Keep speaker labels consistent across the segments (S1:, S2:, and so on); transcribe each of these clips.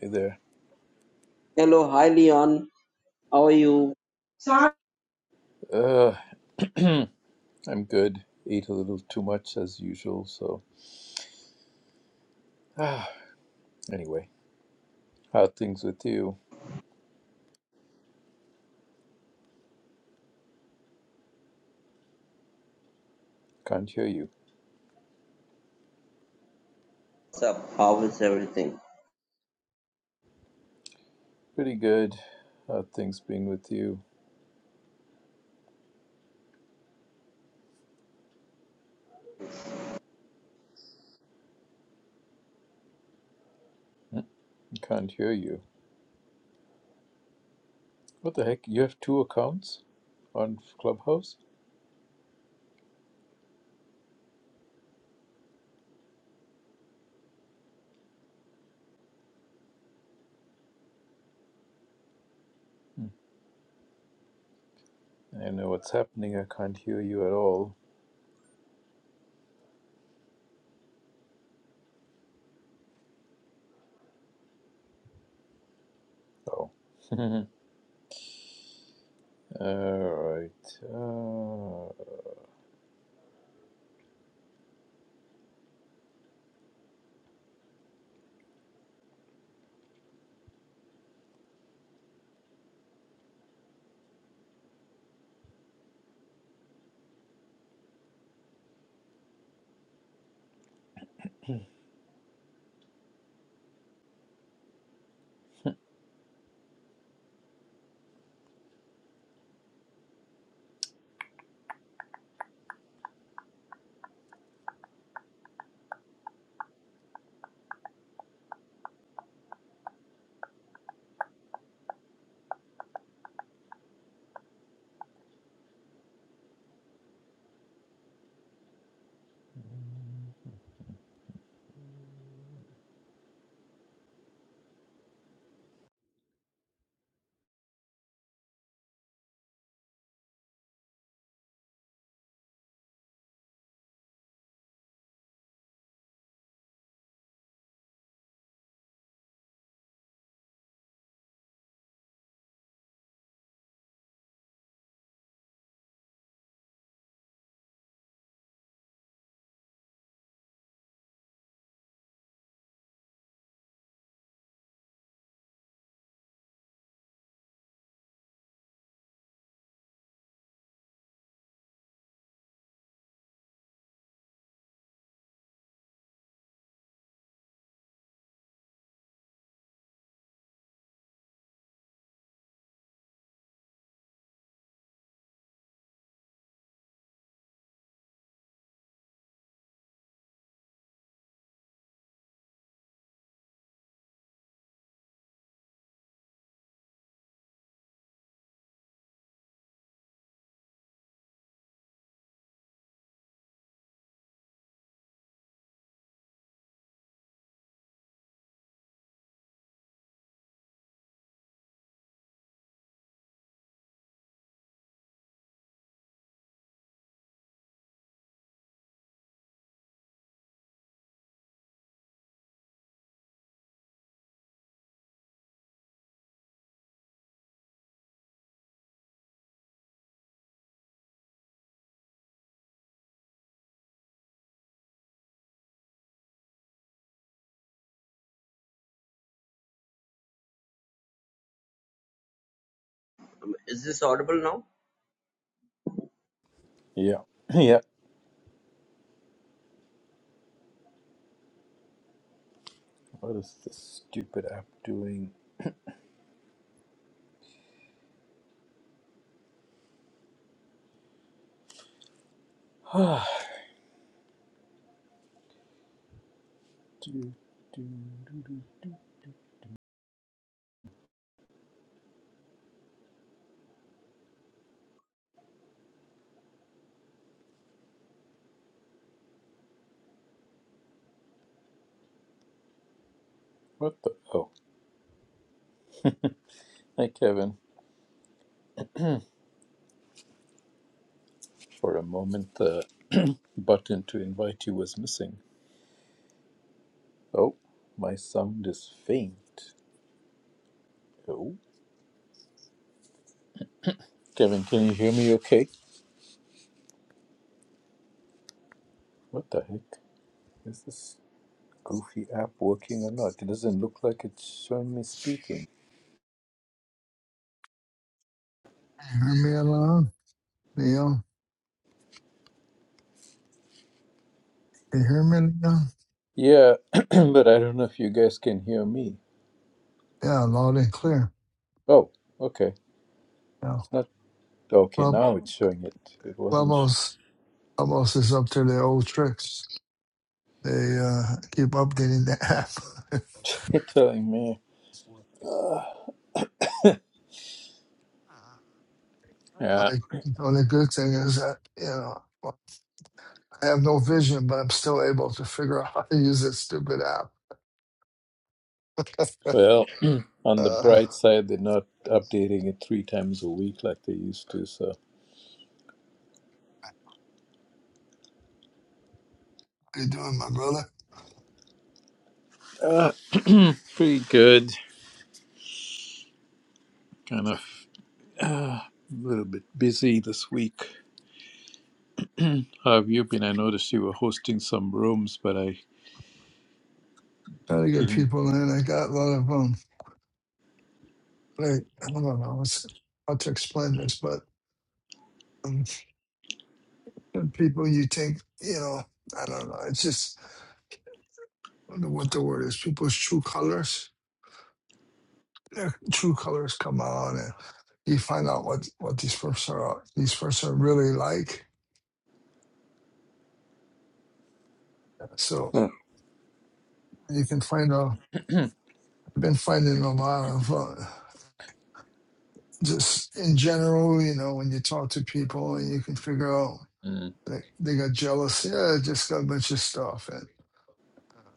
S1: Hey there.
S2: Hello, hi Leon. How are you? Sorry.
S1: Uh, I'm good. Ate a little too much as usual, so. Ah, anyway, how are things with you? Can't hear you.
S2: What's up? How is everything?
S1: Pretty good. How are things been with you? Mm, Can't hear you. What the heck? You have two accounts on Clubhouse? Hmm. I don't know what's happening. I can't hear you at all. Oh. Alright. Uh,
S2: Is this audible now?
S1: yeah. yeah. What is this stupid app doing? do, do, do, do. What the? Oh. Hi, Kevin. For a moment, the button to invite you was missing. Oh, my sound is faint. Oh, Kevin, can you hear me okay? What the heck? Is this goofy app working or not? It doesn't look like it's showing me speaking.
S3: You Hear me Alon? Leo. You hear me, Leo?
S1: Yeah, but I don't know if you guys can hear me.
S3: Yeah, loud and clear.
S1: Oh, okay.
S3: Yeah.
S1: It's not. Okay,
S3: Club,
S1: now it's showing it. It wasn't
S3: Clubhouse, Clubhouse is up to their old tricks. They uh, keep updating the app.
S1: telling me. Yeah,
S3: like, the only good thing is that, you know, well, I have no vision, but I'm still able to figure out how to use this stupid app.
S1: well, on the
S3: uh, how
S1: bright side, they're not updating it three times a week like they used to, so.
S3: you doing, my brother?
S1: Uh, pretty good. Kind of a little bit busy this week. How have you been? I noticed you were hosting some rooms, but I
S3: Try to get
S1: didn't.
S3: people in. I got a lot of um, like I don't know what's, how to explain this, but um, and people you think you know i don't know it's just I don't know what the word is people's true colors their true colors come out and you find out what what these folks are these folks are really like so you can find out i've been finding a lot of uh, just in general you know when you talk to people and you can figure out
S1: Mm,
S3: they they got jealous yeah just got a bunch of stuff and uh,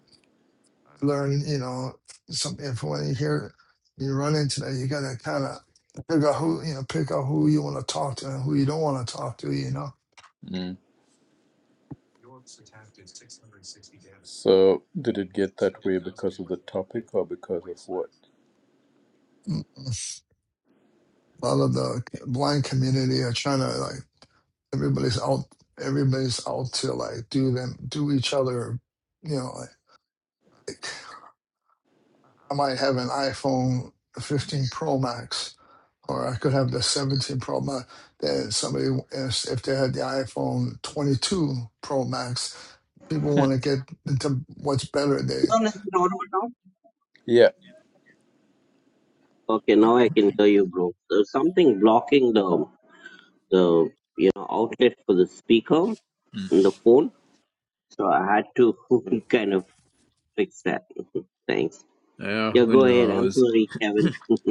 S3: learn, you know, something from when you hear you run into that, you gotta kind of pick out who you know, pick out who you want to talk to and who you don't want to talk to. You know,
S1: mm. So, did it get that way because of the topic or because of what?
S3: Mm, mm. a lot of the blind community are trying to like everybody's out, everybody's out to like do them, do each other. You know, like, like I might have an iPhone 15 Pro Max. Or I could have the 17 Pro Max. Then somebody, if if they had the iPhone 22 Pro Max, people
S1: Hmm.
S3: want to get into what's better. They
S2: Leon, is it audible now?
S1: yeah.
S2: Okay, now I can hear you, bro. There's something blocking the the you know outlet for the speaker in the phone, so I had to kind of fix that. Thanks.
S1: Yeah,
S2: Yeah,
S1: who
S2: go ahead. I'm
S1: knows?
S2: sorry, Kevin.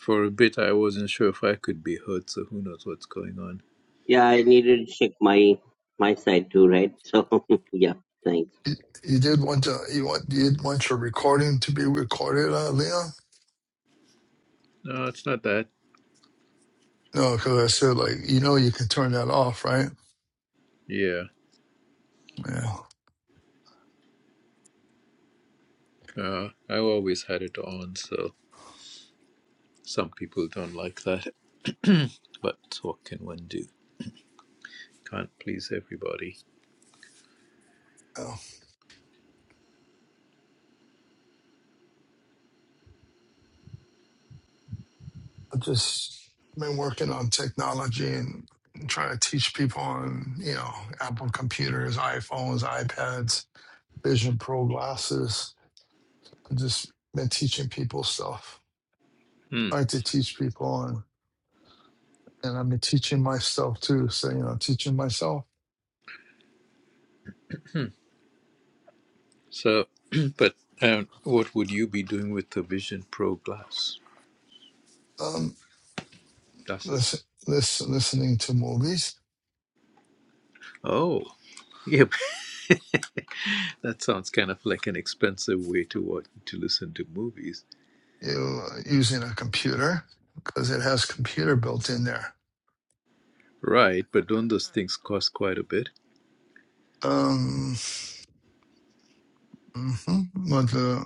S1: For a bit, I wasn't sure if I could be heard. so who knows what's going on.
S2: yeah, I needed to check my my side too, right? So yeah, thanks.
S3: you, you did want to you want you did want your recording to be recorded, uh, Leon?
S1: No, it's not that.
S3: No, because I said like you know you can turn that off, right?
S1: Yeah.
S3: Yeah.
S1: Uh, I always had it on, so some people don't like that. but what can one do? Can't please everybody.
S3: yeah. I just been working on technology and trying to teach people on you know Apple computers, iPhones, iPads, Vision Pro glasses. I've just been teaching people stuff,
S1: Hmm.
S3: trying to teach people on. And I've been teaching myself too. So, you know, teaching myself.
S1: So, but um, what would you be doing with the Vision Pro glass
S3: Um,
S1: glasses?
S3: listen, listen, listening to movies
S1: Oh, yeah. that sounds kind of like an expensive way to watch to listen to movies,
S3: you, using a computer because it has computer built in there.
S1: right? But don't those things cost quite a bit?
S3: Um, mhm. Well, the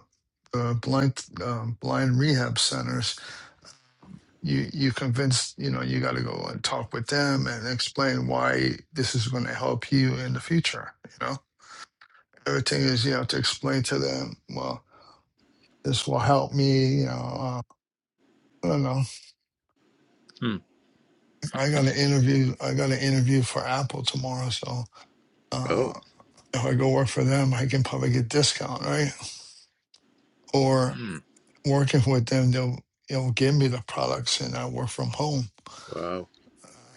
S3: the blind um, blind rehab centers, you you convince you know you got to go and talk with them and explain why this is going to help you in the future. You know, everything is you have to explain to them. Well, this will help me. You know, uh, I don't know.
S1: Hmm.
S3: I got an interview. I got an interview for Apple tomorrow, so. uh,
S1: Oh.
S3: if I go work for them, I can probably get discount, right? Or
S1: Hmm.
S3: working with them, they'll they'll give me the products, and I work from home.
S1: Wow.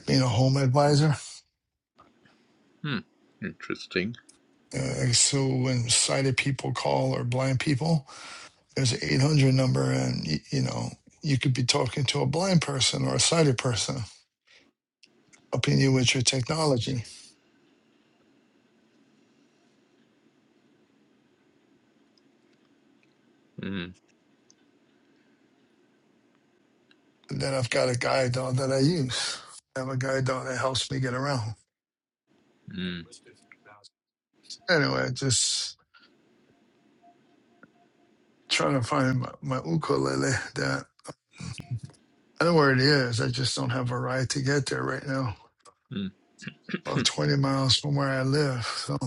S3: Being a home advisor,
S1: Hmm. Interesting.
S3: uh, so when sighted people call or blind people, there's an 800 number, and y- you know you could be talking to a blind person or a sighted person, helping you with your technology.
S1: Hmm.
S3: And then I've got a guide dog that I use. I have a guide dog that helps me get around.
S1: Hmm.
S3: Anyway, just trying to find my, my ukulele that I know where it is. I just don't have a ride to get there right now.
S1: Hmm.
S3: About 20 miles from where I live. So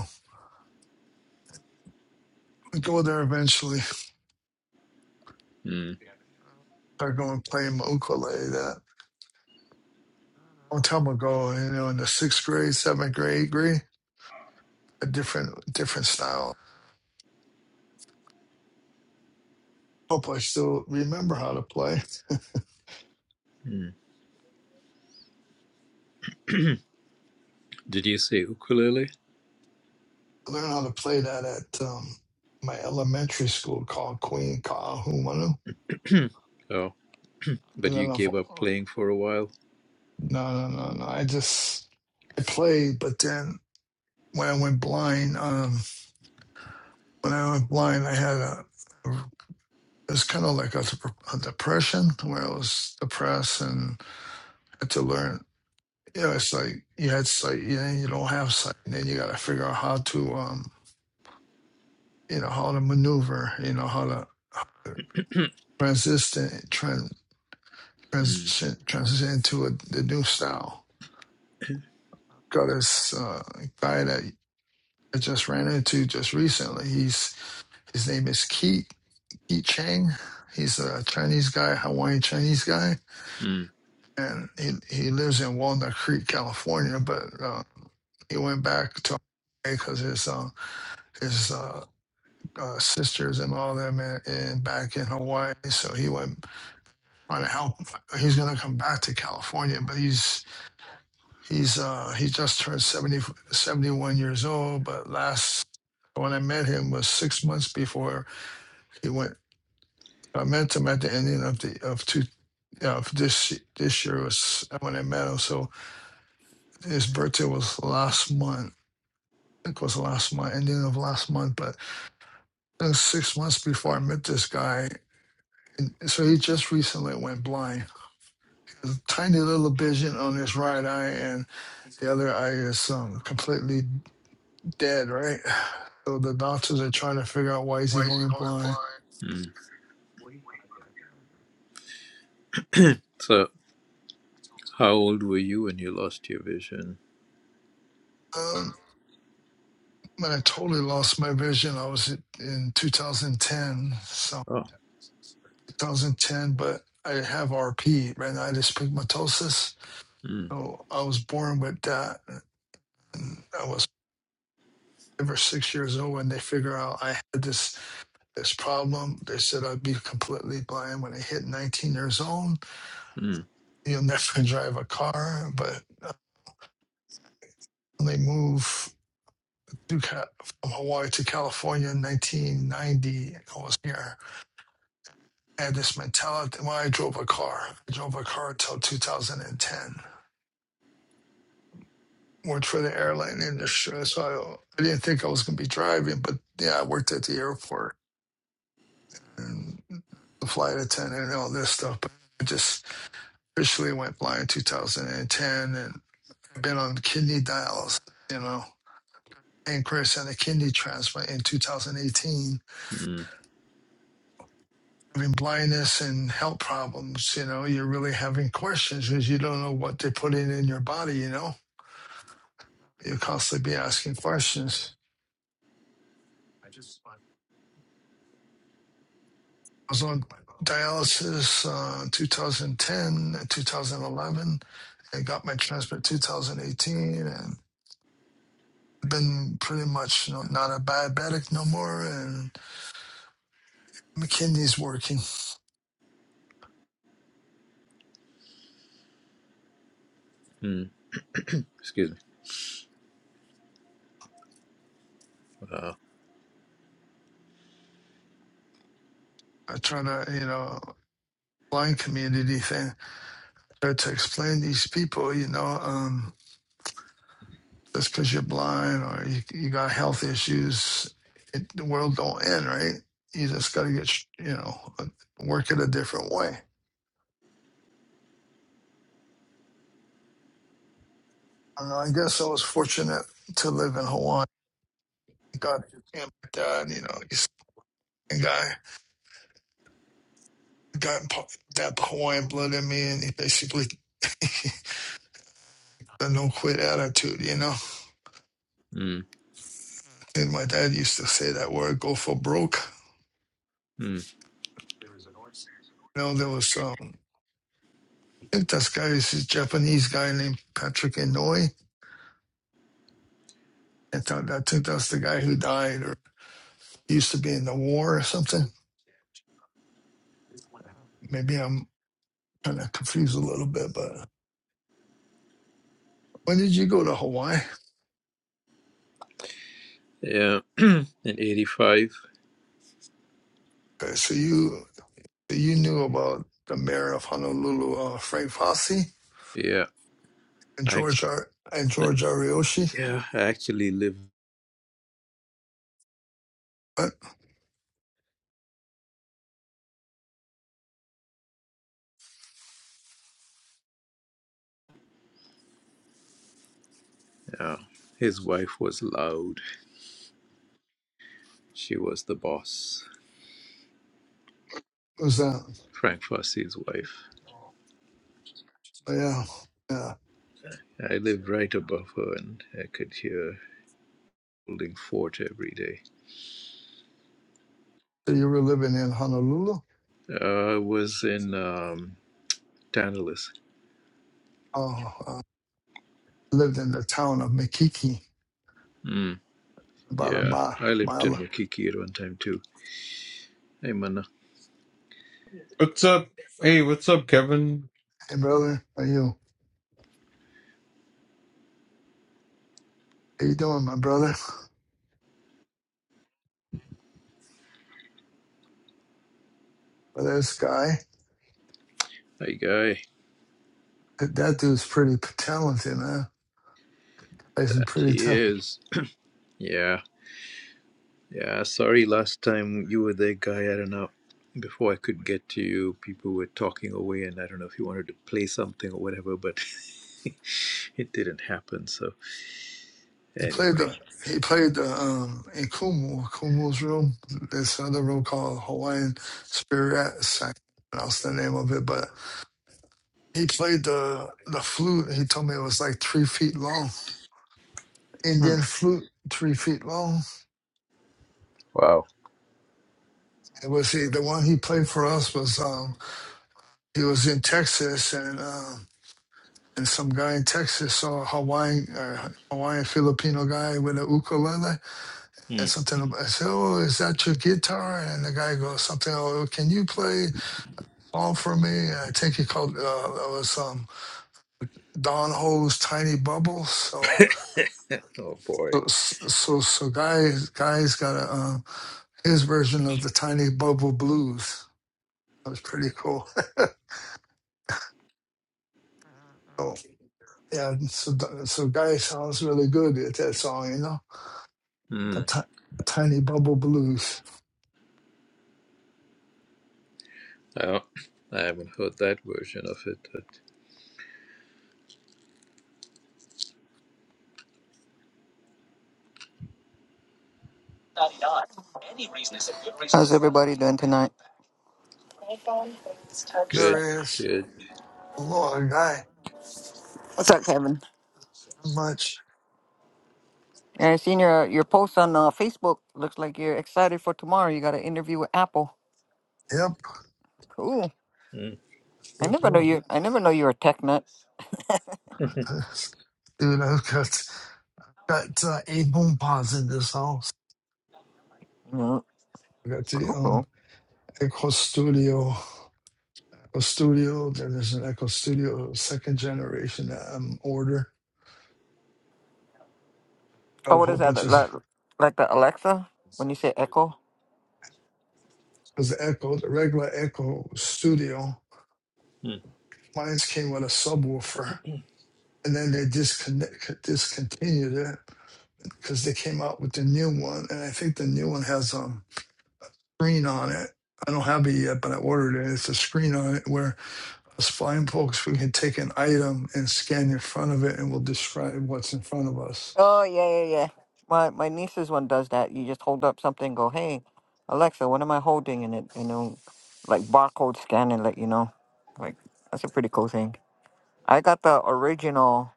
S3: I go there eventually.
S1: Hmm.
S3: I go and play my ukulele that a long time ago, you know, in the sixth grade, seventh grade, eighth grade, a different different style. Hope I still remember how to play.
S1: Hmm. Did you say ukulele?
S3: I learned how to play that at um, my elementary school called Queen Kahumanu.
S1: Oh, but
S3: and
S1: you
S3: then
S1: gave
S3: I.
S1: up playing for a while.
S3: No, no, no, no. I just I played, but then when I went blind, um, when I went blind, I had a it was kind of like a, a depression where I was depressed and had to learn. You know, it's like you had sight, you know, you don't have sight, and then you got to figure out how to, um, you know, how to maneuver, you know, how to transition, trans,
S1: Hmm.
S3: transition, transition to a, the new style. Got this uh, guy that I just ran into just recently. He's His name is Keith Keith Chang. He's a Chinese guy, Hawaiian Chinese guy, and he he lives in Walnut Creek, California. But uh, he went back to Hawaii because his uh, his uh, uh, sisters and all them in, in back in Hawaii. So he went trying to help. He's gonna come back to California, but he's he's uh, he just turned 70 71 years old. But last when I met him was six months before he went. I met him at the ending of the of two. Yeah, for this y- this year was when I won that medal. So his birthday was last month. I think it was last month, ending of last month, but it was six months before I met this guy. And so he just recently went blind. There's a tiny little vision on his right eye, and the other eye is um, completely dead, right? So the doctors are trying to figure out why is he going blind.
S1: Hmm. Hmm. How old were you when you lost your vision?
S3: Um, when I totally lost my vision, I was in 2010. So.
S1: Oh,
S3: 2010, but I have RP, retinitis pigmentosus.
S1: mm,
S3: So I was born with that. And I was five or six years old when they figure out I had this this problem. They said I'd be completely blind when I hit 19 years old.
S1: mm,
S3: You'll never drive a car, but I only move to from Hawaii to California in 1990. I was here. I had this mentality. Well, I drove a car. I drove a car till 2010 worked for the airline industry, so I, I didn't think I was going to be driving. But yeah, I worked at the airport and the flight attendant and all this stuff. But I just officially went blind in 2010, and I've been on kidney dialysis, you know, pancreas and a kidney transplant in 2018.
S1: mm,
S3: Having blindness and health problems, you know, you're really having questions because you don't know what they're putting in your body. You know, you constantly be asking questions. I was on. dialysis uh, 2010, 2011. I got my transplant 2018 and I've been pretty much you know, not a diabetic no more. And McKinney's working.
S1: mm. excuse me. Wow.
S3: I try to, you know, blind community thing, try to explain to these people, you know, um, just because you're blind or you, you got health issues, it, the world don't end, right? You just got to get, you know, work it a different way. Uh, I guess I was fortunate to live in Hawaii God can't die, you know, he's a guy got po- that Hawaiian blood in me and he basically a no quit attitude, you know.
S1: Mm,
S3: And my dad used to say that word, go for broke.
S1: mm.
S3: You know, there was um I think this guy is this Japanese guy named Patrick Inouye. I thought I think that's the guy who died or used to be in the war or something. Maybe I'm kinda confused a little bit, but when did you go to Hawaii?
S1: Yeah, in '85.
S3: Okay, so you so you knew about the mayor of Honolulu, uh, Frank Fossey?
S1: Yeah,
S3: and
S1: I,
S3: George Ar and
S1: I,
S3: George Ariyoshi.
S1: yeah, I actually lived.
S3: What
S1: Yeah, his wife was loud. She was the boss.
S3: was that?
S1: Frank Fosse's wife.
S3: But yeah, yeah.
S1: I lived right above her, and I could hear holding fort every day.
S3: So you were living in Honolulu?
S1: Uh, I was in um, Tantalus.
S3: Oh, uh, lived in the town of Makiki,
S1: Mm,
S3: about a
S1: yeah, I
S3: mile.
S1: lived in
S3: mile.
S1: Makiki at one time too. Hey, mana.
S4: What's up? Hey, what's up, Kevin?
S3: Hey, brother, how you? How you doing, my brother? Well, this guy,
S1: Hi guy,
S3: that, that dude's pretty p- talented, man. He's a
S1: that
S3: pretty
S1: he
S3: talented.
S1: is. Yeah, yeah. Sorry, last time you were there, guy. I don't know. Before I could get to you, people were talking away, and I don't know if you wanted to play something or whatever, but it didn't happen. So
S3: He played
S1: anyway,
S3: the. He played the um, in Kumu, Kumu's room. This other room called Hawaiian Spirit Sack. That's the name of it, but He played the the flute. He told me it was like three feet long.
S1: Hmm.
S3: Indian flute, three feet long.
S1: wow.
S3: It was he, the one he played for us was um he was in Texas and um and some guy in Texas saw a Hawaiian uh, Hawaiian Filipino guy with a ukulele
S1: Hmm.
S3: and something. about- I said, "Oh, is that your guitar?" And the guy goes something. Oh, can you play all for me? And I think he called uh, it was um Don Ho's Tiny Bubbles. So
S1: Oh boy.
S3: so so, so guys guys got a. Um, his version of the Tiny Bubble Blues. That was pretty cool. so, yeah, so so guy sounds really good at that song, you know,
S1: Hmm.
S3: the ti- Tiny Bubble Blues.
S1: Well, I haven't heard that version of it. But
S5: How's everybody doing tonight?
S1: good,
S3: There is
S1: good.
S3: a lot of guy.
S5: What's up, Kevin?
S3: Much.
S5: Yeah, I seen your your post on uh, Facebook. Looks like you're excited for tomorrow. You got an interview with Apple.
S3: Yep.
S5: Cool. I
S3: Yep.
S5: never know
S3: Yep.
S5: you. I never know you're a tech nut.
S1: Hmm.
S3: Dude, I've got got uh, eight home pods in this house.
S5: Mm,
S3: I got the
S5: Cool.
S3: um
S5: cool.
S3: Echo Studio, Echo Studio. Then there's an Echo Studio second generation um, order. Got
S5: Oh,
S3: a
S5: what
S3: whole
S5: is that?
S3: bunch
S5: Like,
S3: of
S5: like like the Alexa when you say Echo?
S3: Because the Echo, the regular Echo Studio, mine came with a subwoofer, and then they disconnect, discontinued it because they came out with the new one, and I think the new one has a screen on it. I don't have it yet, but I ordered it. It's a screen on it where us blind folks we can take an item and scan in front of it, and we'll describe what's in front of us.
S5: Oh yeah, yeah, yeah. My my niece's one does that. You just hold up something, go, hey, Alexa, what am I holding? And it and it'll like barcode scan and let you know. Like that's a pretty cool thing. I got the original.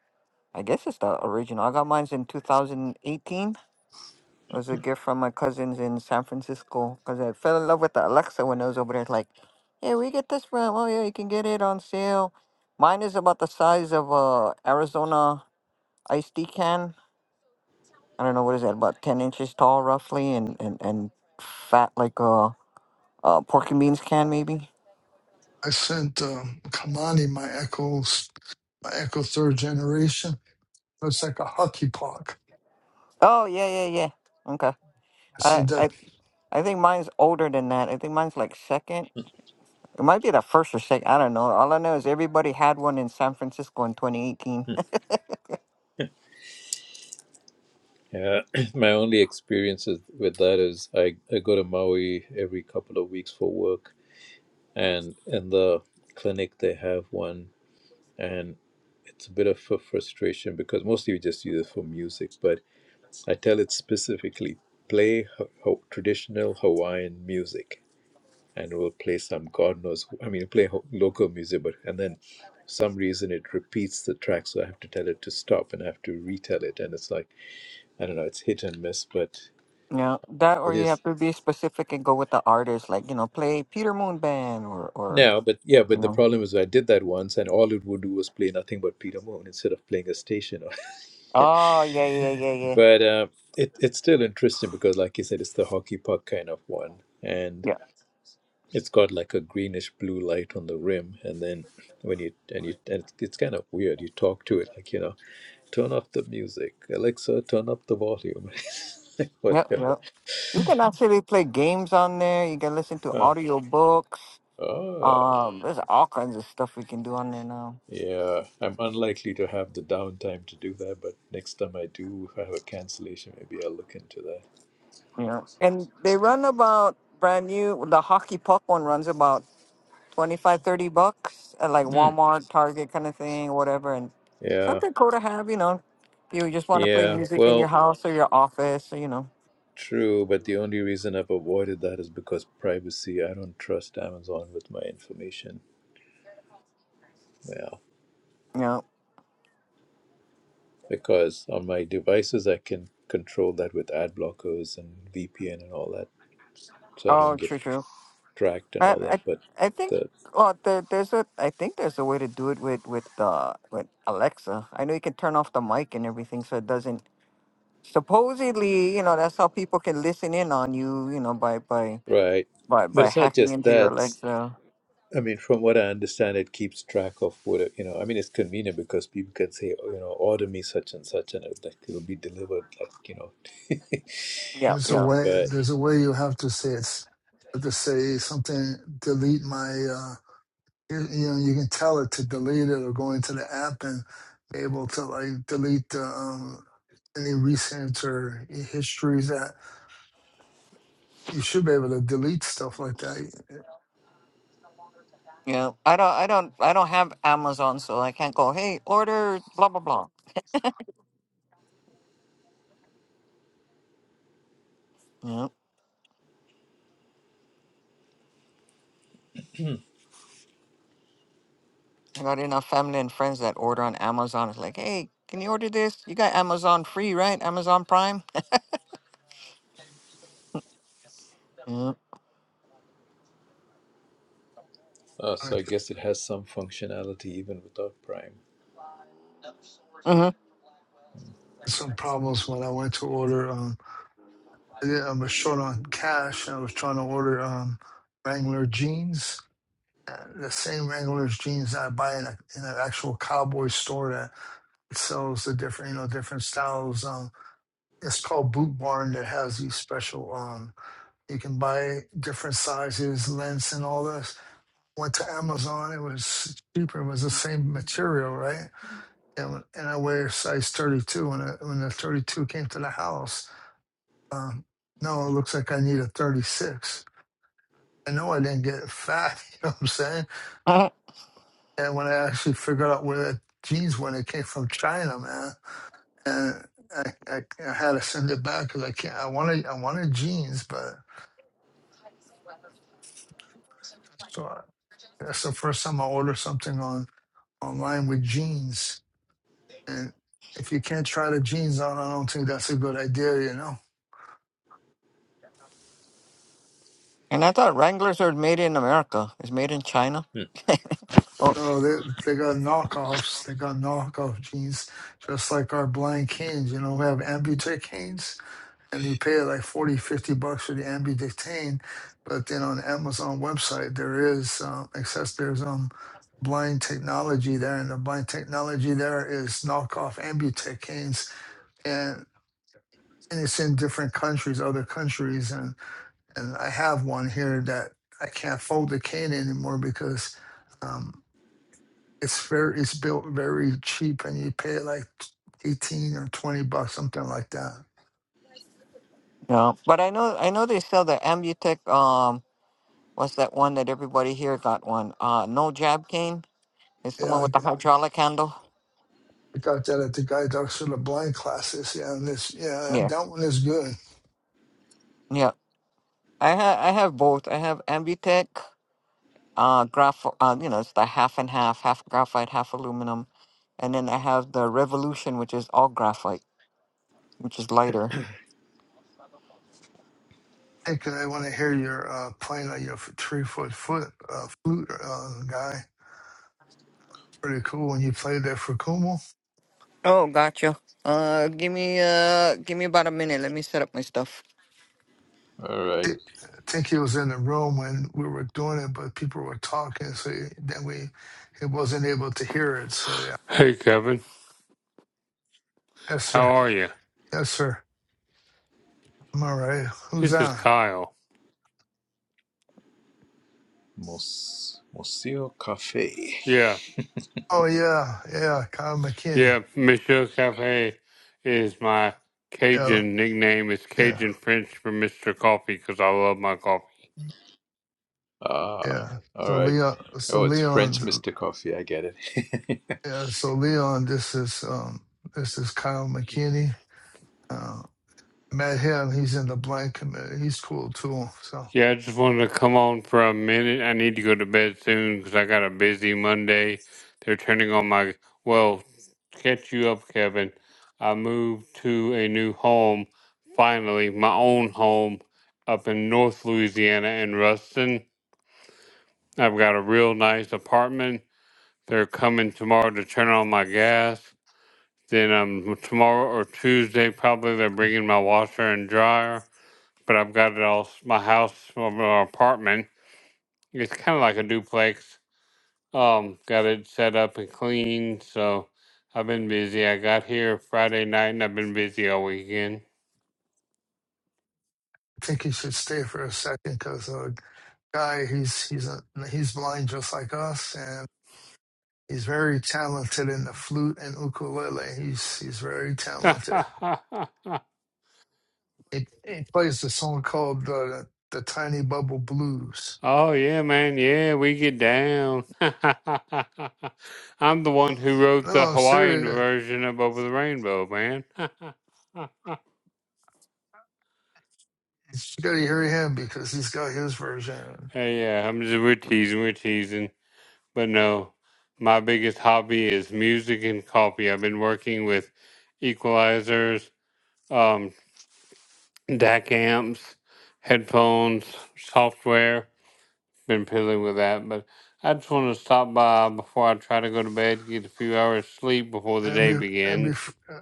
S5: I guess it's the original. I got mine's in 2018. It was a gift from my cousins in San Francisco because I fell in love with the Alexa when I was over there. It's like, yeah, we get this from. Oh yeah, you can get it on sale. Mine is about the size of a Arizona iced tea can. I don't know what is that, about 10 inches tall roughly, and and and fat like a, a pork and beans can maybe.
S3: I sent um, Kamani my Echo, my Echo third generation. It's like a hockey puck.
S5: Oh yeah, yeah, yeah. Okay.
S3: I
S5: I
S3: sent that.
S5: I I think mine's older than that. I think mine's like second. It might be the first or second. I don't know. All I know is everybody had one in San Francisco in 2018. you
S1: Yeah, my only experiences with that is I, I go to Maui every couple of weeks for work, and in the clinic they have one, and it's a bit of a frustration because mostly we just use it for music, but I tell it specifically play ho- ho- traditional Hawaiian music, and we'll play some God knows, I mean, play ho- local music, but and then for some reason it repeats the track, so I have to tell it to stop and I have to retell it, and it's like I don't know, it's hit and miss, but
S5: know, that or
S1: it
S5: you
S1: is.
S5: have to be specific and go with the artist, like, you know, play Peter Moon Band or, or
S1: No, but yeah,
S5: you
S1: but the
S5: know.
S1: problem is I did that once, and all it would do was play nothing but Peter Moon instead of playing a station.
S5: Oh, yeah, yeah, yeah, yeah.
S1: but uh, it it's still interesting because, like you said, it's the hockey puck kind of one, and
S5: Yeah.
S1: it's got like a greenish blue light on the rim, and then when you and you and it's, it's kind of weird. You talk to it like you know, turn off the music, Alexa, turn up the volume,
S5: Yep,
S1: whatever.
S5: yep. You can actually play games on there. You can listen to
S1: Oh,
S5: audio books.
S1: oh.
S5: Um, there's all kinds of stuff we can do on there now.
S1: Yeah, I'm unlikely to have the downtime to do that, but next time I do if I have a cancellation, maybe I'll look into that.
S5: You know, and they run about brand new. The hockey puck one runs about 25, 30 bucks at like
S1: Mm.
S5: Walmart, Target kind of thing, whatever. And
S1: Yeah,
S5: something cool to have, you know. If you just want to play
S1: yeah,
S5: music in your
S1: well,
S5: house or your office, or, you know.
S1: true, but the only reason I've avoided that is because privacy. I don't trust Amazon with my information. Yeah,
S5: Yeah.
S1: because on my devices, I can control that with ad blockers and VPN and all that, so I
S5: Oh,
S1: don't get
S5: true, true.
S1: tracked and
S5: I,
S1: all that.
S5: I,
S1: But
S5: I think.
S1: the
S5: Well, there, there's a. I think there's a way to do it with with uh with Alexa. I know you can turn off the mic and everything, so it doesn't. Supposedly, you know, that's how people can listen in on you. You know, by by
S1: right,
S5: by
S1: but
S5: by
S1: it's not
S5: hacking
S1: just
S5: into your
S1: that.
S5: Alexa.
S1: I mean, from what I understand, it keeps track of what you know. I mean, it's convenient because people can say, oh, you know, order me such and such, and it, like it'll be delivered, like you know.
S5: Yeah,
S3: There's a
S5: yeah.
S3: way.
S1: but
S3: There's a way you have to say it's. You have to say something. Delete my. Uh, you, you know, you can tell it to delete it or go into the app and be able to like delete the, um, any recent or histories that you should be able to delete stuff like that.
S5: Yeah, I don't, I don't, I don't have Amazon, so I can't go. Hey, order blah blah blah. Yeah, I got enough family and friends that order on Amazon. It's like, hey, can you order this? You got Amazon free, right? Amazon Prime. Yeah.
S1: uh, so I
S3: Like
S1: guess it has some functionality even without Prime.
S5: Mm-hmm.
S3: some problems when I went to order. Um, I, did, I was short on cash and I was trying to order um, Wrangler jeans. uh, The same Wrangler's jeans that I buy in, a, in an actual cowboy store sells the different, you know, different styles. Um, it's called Boot Barn that has these special. Um, you can buy different sizes, lengths, and all this. Went to Amazon. It was cheaper. It was the same material, right? And and I wear size 32. When I, when the 32 came to the house, um, no, it looks like I need a 36. I know I didn't get fat. You know what I'm saying?
S5: Uh-huh.
S3: And when I actually figured out where that jeans went, it came from China, man and I, I, I had to send it back because I can't. I wanted I wanted jeans, but so I, that's the first time I ordered something on online with jeans. And if you can't try the jeans on, I don't think that's a good idea, you know.
S5: And I thought Wranglers are made in America. It's made in China.
S1: Hmm.
S5: oh,
S3: So they they got knockoffs. They got knockoff jeans, just like our blind canes. You know, we have amputee canes. and you pay like 40, 50 bucks for the ambidectane but then on the amazon website there is um, access there's um blind technology there and the blind technology there is knockoff ambutecanes and and it's in different countries other countries and and i have one here that i can't fold the cane anymore because um it's very it's built very cheap and you pay like 18 or 20 bucks something like that
S5: no, but I know, I know they sell the Ambutech. Um, what's that one that everybody here got one? Uh, no jab cane. It's the one
S3: yeah
S5: with the hydraulic handle.
S3: I got that at the Guide Dogs for the Blind classes. Yeah, and this, yeah,
S5: Yeah,
S3: that one is good.
S5: yeah. I have I have both. I have Ambitech, uh, graph. Uh, you know, it's the half and half, half graphite, half aluminum, and then I have the Revolution, which is all graphite, which is lighter.
S3: Because I want to hear your uh, playing on your three foot foot uh, flute uh, guy. pretty cool when you played that for Kumo.
S5: Oh, gotcha. Uh, give me uh, give me about a minute. Let me set up my stuff.
S1: All right,
S3: I think he was in the room when we were doing it, but people were talking, so he, then we he wasn't able to hear it. So yeah,
S6: Hey Kevin,
S3: yes
S6: how
S3: sir,
S6: are you?
S3: yes sir. I'm all right. Who's
S6: This is
S3: on?
S6: Kyle.
S1: Mos- Museo Cafe.
S6: Yeah,
S3: Oh yeah, yeah, Kyle McKinney.
S6: yeah. Monsieur Cafe is my
S3: Yeah,
S6: Cajun nickname. It's
S3: yeah,
S6: Cajun French for Mister Coffee because I love my coffee.
S1: Ah,
S3: yeah.
S1: all
S3: So
S1: right.
S3: Leon, so
S1: Oh, it's French
S3: Leon.
S1: Mister Coffee. I get it.
S3: Yeah, so Leon, this is um, this is Kyle McKinney. Uh, Matt Hill, he's in the blind committee. He's cool too. So I
S6: Yeah, I just wanted to come on for a minute. I need to go to bed soon because I got a busy Monday. They're turning on my well. to Catch you up, Kevin. I moved to a new home finally, my own home up in North Louisiana in Ruston I've got a real nice apartment. They're coming tomorrow to turn on my gas. Then um, tomorrow or Tuesday, probably they're bringing my washer and dryer. But I've got it all, my house or my apartment. It's kind of like a duplex. Um, got it set up and clean. So I've been busy. I got here Friday night and I've been busy all weekend.
S3: think he should stay for a second because uh, guy, he's he's a, he's blind just like us, and he's very talented in the flute and ukulele. He's he's very talented. He, he plays the song called uh, the Tiny Bubble Blues.
S6: Oh yeah, man. Yeah, we get down. I'm the one who
S3: No,
S6: wrote the
S3: I'm
S6: Hawaiian
S3: serious.
S6: version of Over the Rainbow, man.
S3: You gotta hear him because he's got his version.
S6: hey, yeah, I'm just we're teasing, we're teasing. But no, my biggest hobby is music and coffee. I've been working with equalizers, um, DAC amps, headphones, software. been fiddling with that, but I just want to stop by before I try to go to bed, get a few hours sleep before the
S3: And
S6: day
S3: be, and be,
S6: begins.
S3: uh,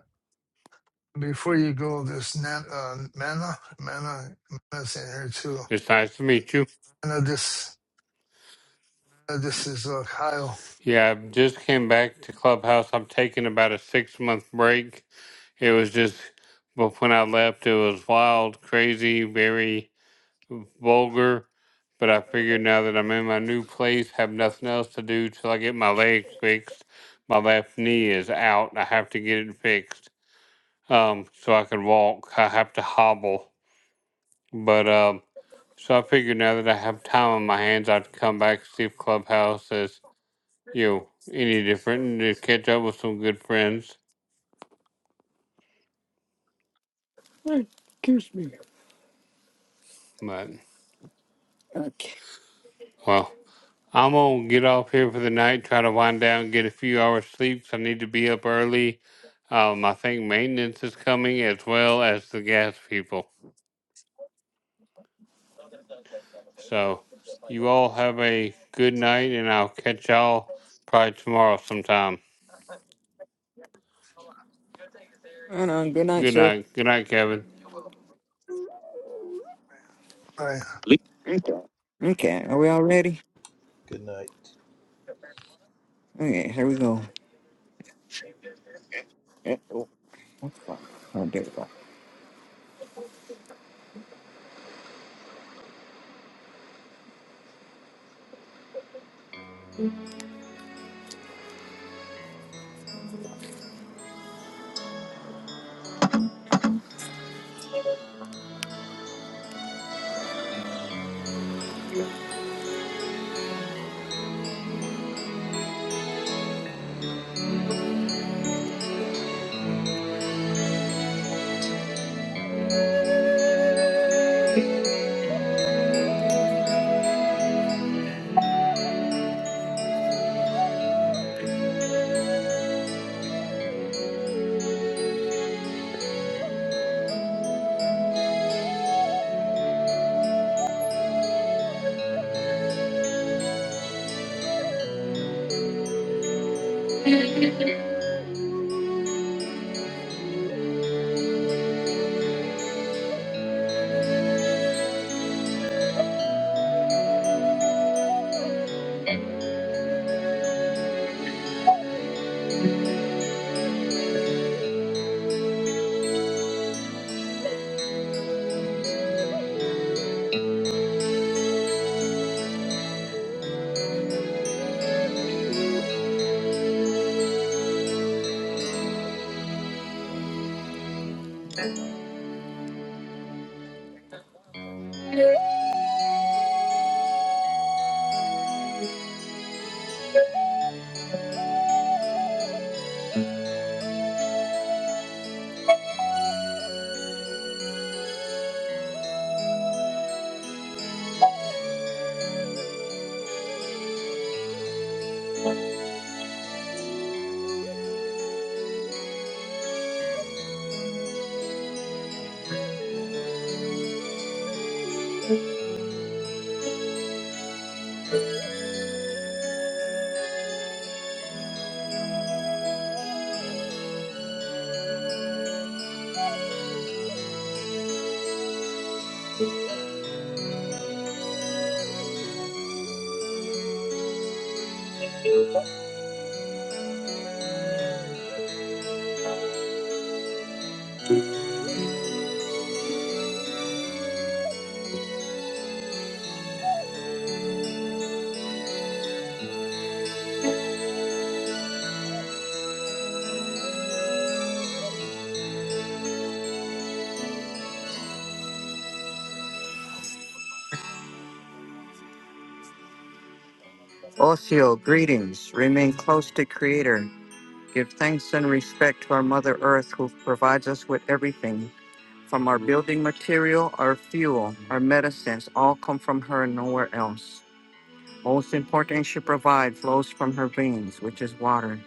S3: Before you go, this nan, uh, Mana, Mana, Mana's in here too.
S6: It's nice to meet you.
S3: Mana, this, uh, this is uh, Kyle.
S6: Yeah, I just came back to Clubhouse. I'm taking about a six month break. It was just, but when I left, it was wild, crazy, very vulgar. But I figured now that I'm in my new place, have nothing else to do till I get my leg fixed. My left knee is out. I have to get it fixed. um, so I could walk. I have to hobble. But um, so I figured now that I have time on my hands, I'd come back see if Clubhouse is you know any different and to catch up with some good friends. But well, I'm gonna get off here for the night. Try to wind down, get a few hours sleep. 'cause I need to be up early. Um, I think maintenance is coming as well as the gas people. So you all have a good night, and I'll catch y'all probably tomorrow sometime.
S5: Right on. Good night,
S6: Good
S5: sir.
S6: night. Good night, Kevin.
S3: Right.
S5: Okay, are we all ready?
S1: Good night.
S5: Okay, here we go. Eh, Oh, what's that? Oh, there we go. Osio, greetings. Remain close to Creator. Give thanks and respect to our Mother Earth, who provides us with everything from our building material, our fuel, our medicines, all come from her and nowhere else. Most important, she provides flows from her veins, which is water.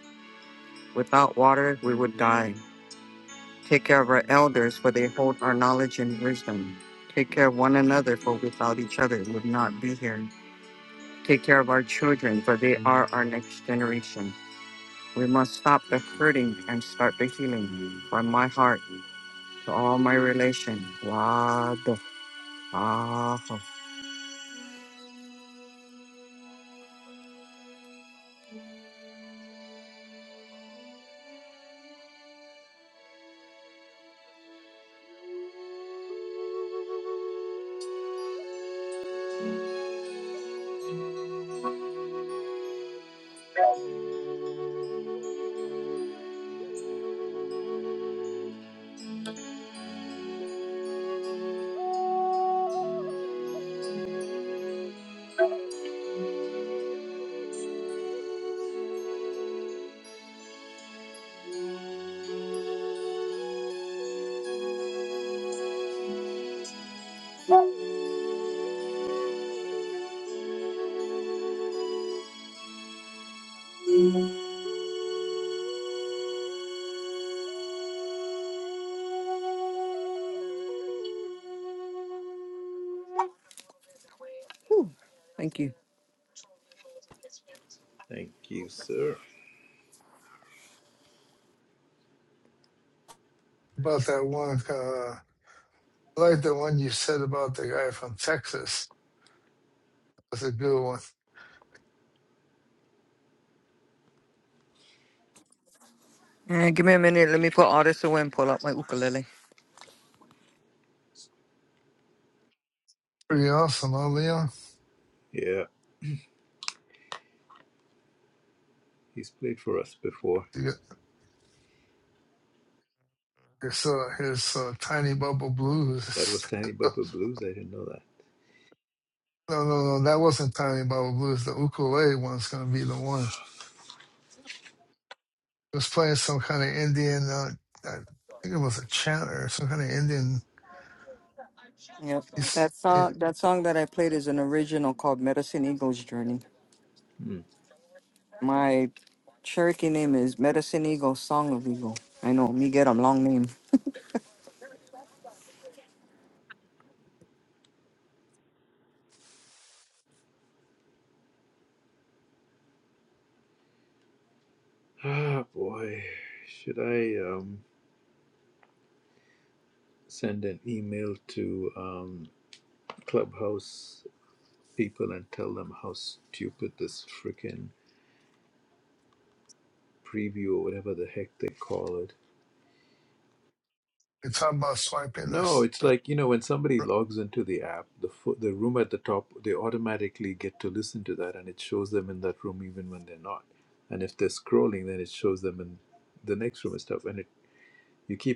S5: Without water, we would die. Take care of our elders, for they hold our knowledge and wisdom. Take care of one another, for without each other, we would not be here. Take care of our children, for they are our next generation. We must stop the hurting and start the healing. From my heart, to all my relation. wado, Father. Whew. Thank you.
S1: Thank you, sir.
S3: About that one, uh, I like the one you said about the guy from Texas. That's a good one.
S5: And give me a minute. Let me put all this away and pull out my ukulele.
S3: Pretty awesome, huh, Leon?
S1: Yeah, he's played for us before.
S3: You- It's, uh, his uh, Tiny Bubble
S1: That was
S3: Blues.
S1: Tiny Bubba Blues. I didn't know that.
S3: No, no, no, that wasn't Tiny Bubble Blues. The ukulele one's going to be the one. He was playing some kind of Indian, uh, I think it was a chant or some kind of Indian.
S5: Yep.
S3: piece.
S5: That song, that song that I played is an original called Medicine Eagle's Journey.
S1: Hmm.
S5: My Cherokee name is Medicine Eagle, Song of Eagle. I know, me get a long name.
S1: Ah, boy. Should I um, send an email to um, Clubhouse people and tell them how stupid this freaking preview or whatever the heck they call it?
S3: you talk about swiping
S1: No,
S3: this.
S1: it's
S3: The,
S1: like, you know, when somebody
S3: uh,
S1: logs into the app, the, fo- the room at the top, they automatically get to listen to that and it shows them in that room even when they're not. And if they're scrolling, then it shows them in the next room and stuff. And it, you keep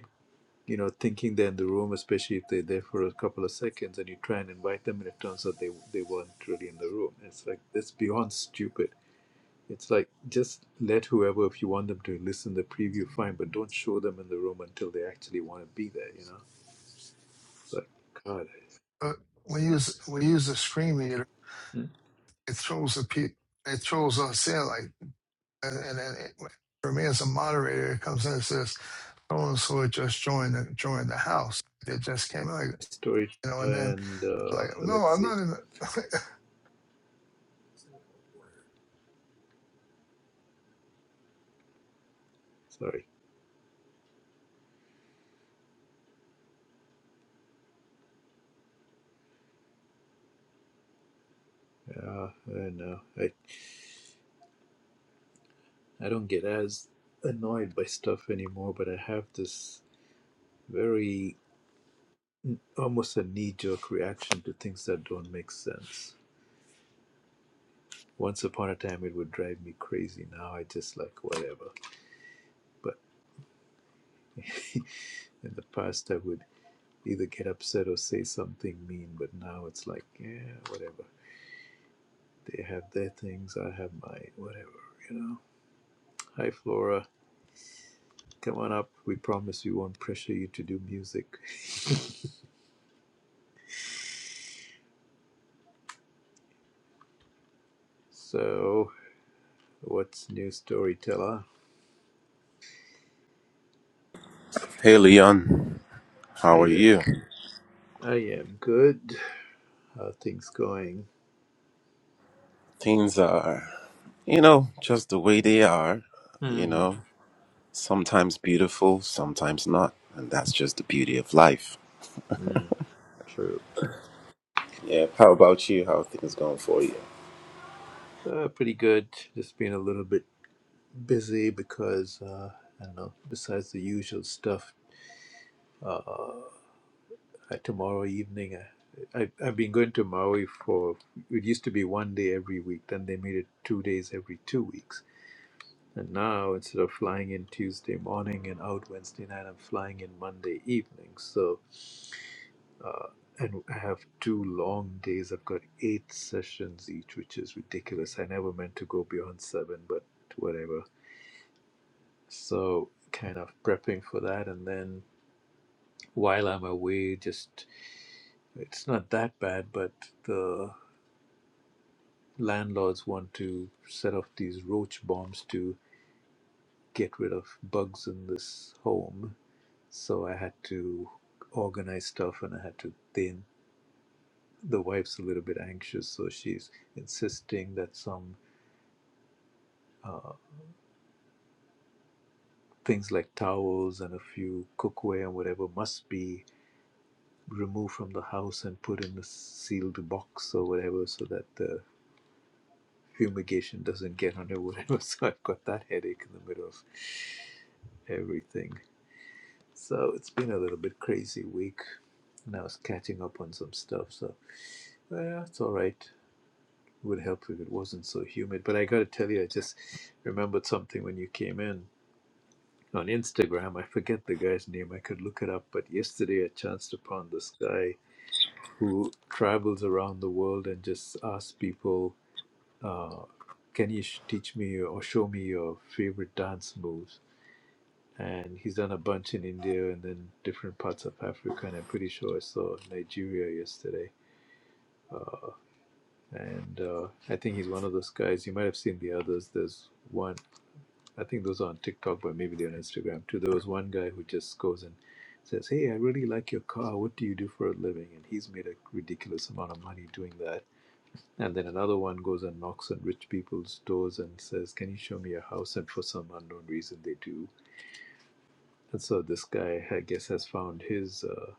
S1: you know, thinking they're in the room, especially if they're there for a couple of seconds and you try and invite them and it turns out they, they weren't really in the room. It's like, it's beyond stupid. It's like, just let whoever, if you want them to listen to the preview, fine, but don't show them in the room until they actually want to be there, you know? It's like, God.
S3: uh, we use we use the screen reader.
S1: Hmm.
S3: It throws the pe- it throws us in like, and, and then it, for me as a moderator, it comes in and says, "So and so just joined the, joined the house. They just came in," like
S1: Story
S3: you know." And then
S1: and uh,
S3: like, no, I'm
S1: Alexei.
S3: not in. The,
S1: Sorry. Uh, I know. I, I don't get as annoyed by stuff anymore, but I have this very almost a knee jerk reaction to things that don't make sense. Once upon a time, it would drive me crazy. Now I just like whatever. But in the past, I would either get upset or say something mean, but now it's like, yeah, whatever. They have their things, I have mine, whatever, you know. Hi, Flora. Come on up. We promise we won't pressure you to do music. So, what's new, storyteller?
S7: Hey Leon, how
S1: Hi
S7: are
S1: there.
S7: you?
S1: I am good. How are things going?
S7: Things are, you know, just the way they are, you
S1: hmm
S7: know, sometimes beautiful, sometimes not. And that's just the beauty of life.
S1: Mm, true.
S7: Yeah, how about you? How are things going for you?
S1: Uh, pretty good. Just being a little bit busy because uh, I don't know. Besides the usual stuff, uh, I- tomorrow evening I, I I've been going to Maui for. It used to be one day every week. Then they made it two days every two weeks. And now instead of flying in Tuesday morning and out Wednesday night, I'm flying in Monday evening. So, uh, and I have two long days. I've got eight sessions each, which is ridiculous. I never meant to go beyond seven, but whatever so kind of prepping for that and then while i'm away just it's not that bad but the landlords want to set off these roach bombs to get rid of bugs in this home so i had to organize stuff and i had to then the wife's a little bit anxious so she's insisting that some uh, things like towels and a few cookware and whatever must be remove from the house and put in a sealed box or whatever so that the fumigation doesn't get on or whatever. So I've got that headache in the middle of everything. So it's been a little bit crazy week and I was catching up on some stuff. So well, it's all right. It Would help if it wasn't so humid. But I got to tell you, I just remembered something when you came in on Instagram. I forget the guy's name. I could look it up. But yesterday I chanced upon this guy. who travels around the world and just asks people, uh, "Can you sh- teach me or show me your favorite dance moves?" And he's done a bunch in India and then different parts of Africa, and I'm pretty sure I saw Nigeria yesterday. Uh, and uh, I think he's one of those guys. You might have seen the others. There's one. I think those are on TikTok, but maybe they're on Instagram too. There was one guy who just goes and says, "Hey, I really like your car. What do you do for a living?" And he's made a ridiculous amount of money doing that And then another one goes and knocks on rich people's doors and says, Can you show me a house? And for some unknown reason, they do. And so this guy, I guess, has found his uh,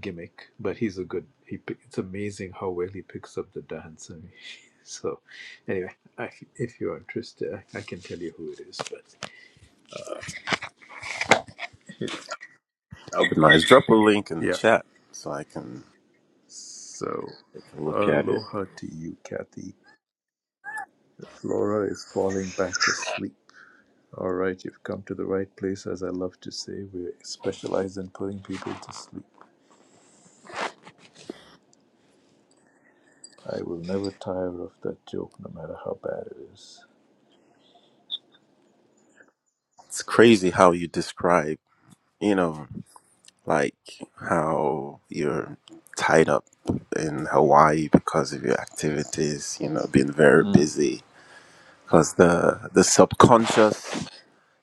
S1: gimmick, but he's a good. He, it's amazing how well he picks up the dance. I mean, so, anyway, I, if you're interested, I, I can tell you who it is. But
S7: That'll be nice. Drop a link in the
S1: yeah,
S7: chat so I can,
S1: so
S7: I can look at it.
S1: aloha to you, Kathy. Flora is falling back asleep. All right, you've come to the right place. As I love to say, we specialize in putting people to sleep. I will never tire of that joke, no matter how bad it is.
S7: It's crazy how you describe, you know, like how you're tied up in Hawaii because of your activities, you know, being very
S1: Mm,
S7: busy because the the subconscious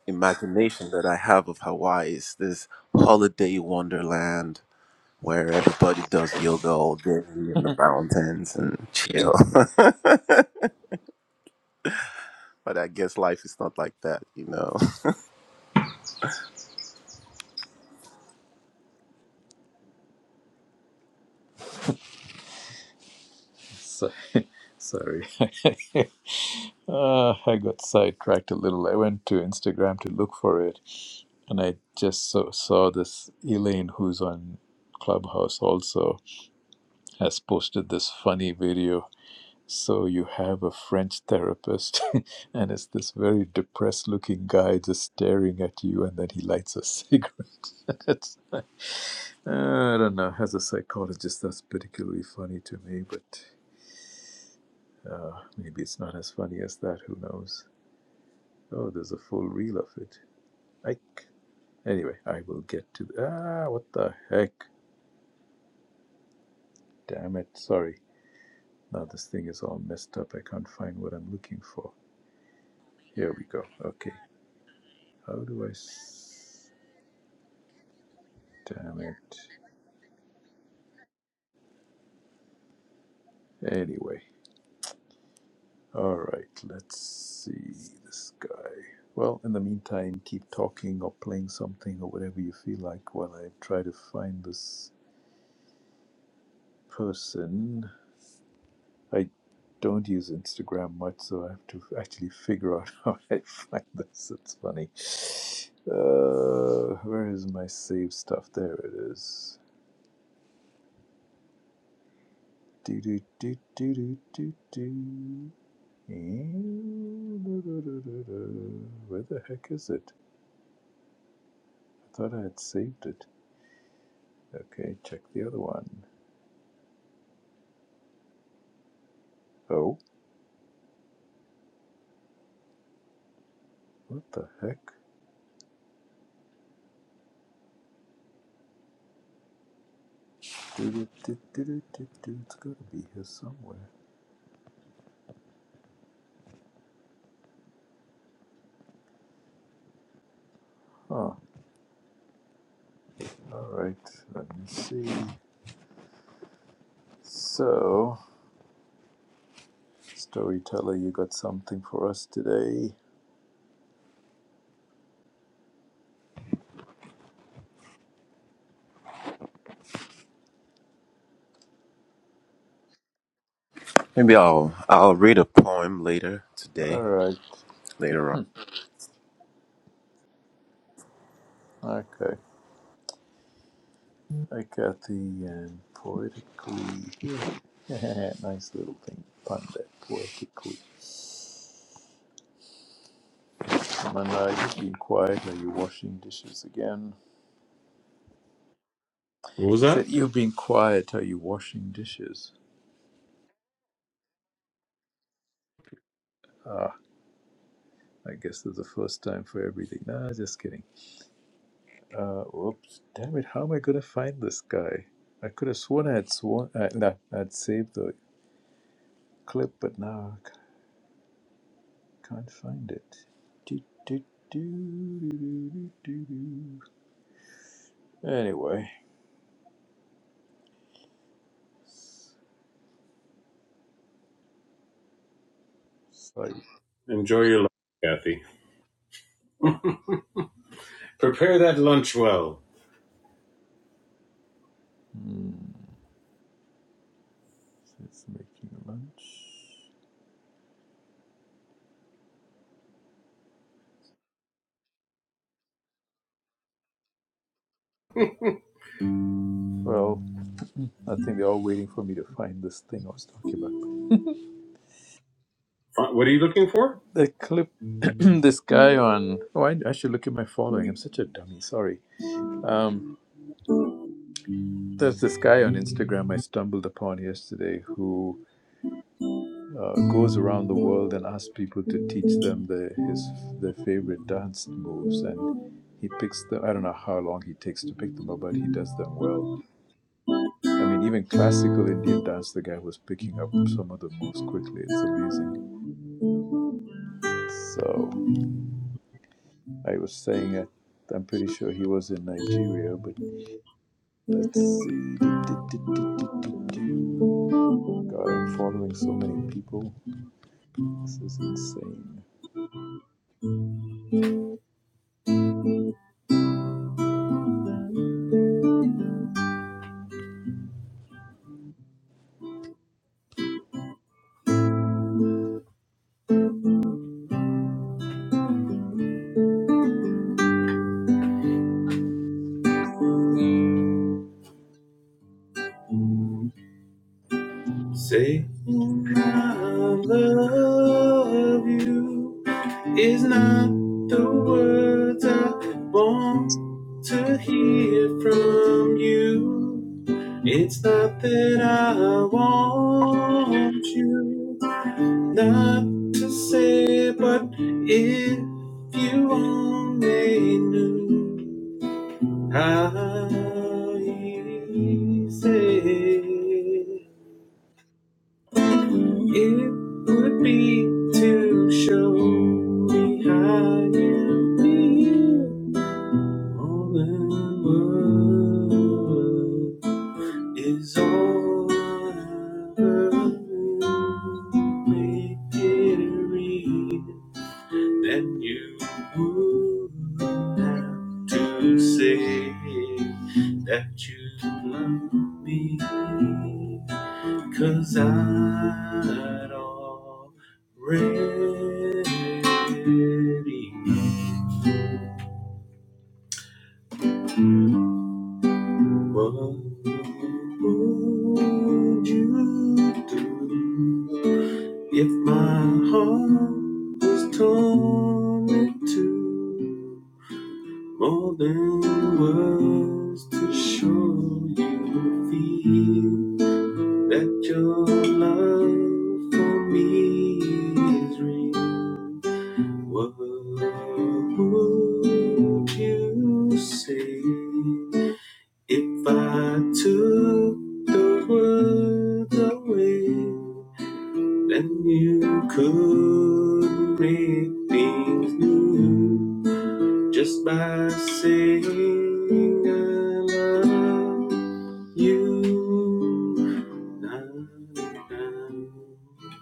S7: imagination that I have of Hawaii is this holiday wonderland where everybody does yoga all day in the mountains and chill. but I guess life is not like that, you know.
S1: so- sorry. Ah, I got sidetracked a little. I went to Instagram to look for it, and I just so, saw this Elaine, who's on Clubhouse also, has posted this funny video So you have a French therapist, and it's this very depressed looking guy just staring at you, and then he lights a cigarette. It's like- uh, I don't know. As a psychologist, that's particularly funny to me, but uh, maybe it's not as funny as that. Who knows? Oh, there's a full reel of it. I, c- anyway, I will get to. The- Ah, what the heck? Damn it. Sorry. Now this thing is all messed up. I can't find what I'm looking for. Here we go. Okay. How do I? S- Damn it. Anyway, all right. Let's see this guy. Well, in the meantime, keep talking or playing something or whatever you feel like while I try to find this person. I don't use Instagram much, so I have to actually figure out how I find this. It's funny. Uh, where is my save stuff? There it is. Do do do do do do do. Eh, Where the heck is it? I thought I had saved it. Okay, check the other one. Oh, what the heck? It's gotta be here somewhere. Huh, alright, let me see. So, storyteller, you got something for us today?
S7: Maybe I'll I'll read a poem later today,
S1: Alright,
S7: later on.
S1: okay. I got the um, poetically. nice little thing, pun there, poetically. Manai, you've been quiet. Are you washing dishes again?
S4: What was
S1: I
S4: that?
S1: said, You've been quiet. Are you washing dishes? Ah, I guess there's a first time for everything. Nah, just kidding. Uh, whoops. Damn it. How am I going to find this guy? I could have sworn I had sworn. I, no, I'd saved the clip, but now I c- can't find it. Do, do, do, do, do, do, do, do. Anyway, it's like,
S4: Enjoy your lunch, Kathy. Prepare that lunch well.
S1: hmm, so it's making lunch. Well, I think they're all waiting for me to find this thing I was talking about.
S4: What are you looking for?
S1: The clip, this guy on. Oh, I, I should look at my following. I'm such a dummy. Sorry. Um, there's this guy on Instagram I stumbled upon yesterday who uh, goes around the world and asks people to teach them the, his their favorite dance moves, and he picks them. I don't know how long he takes to pick them up, but he does them well. I mean, even classical Indian dance, the guy was picking up some of the moves quickly. It's amazing. So I was saying uh, I'm pretty sure he was in Nigeria, but let's see. Do, do, do, do, do, do, do. God, I'm following so many people. This is insane.
S4: Say, "And I love you is not the words I want to hear from you. It's not that I want you. Not to say, but if you only knew how easy it would be to show me how you feel. All the world is all over. Make it real. then you would have to say that you love me, i I'd already know what would you do if my heart was torn in two? More than words to show you feel that your love for me is real. What would you say if I took the words away? Then you could make things new just by saying I love you. Na, na, na.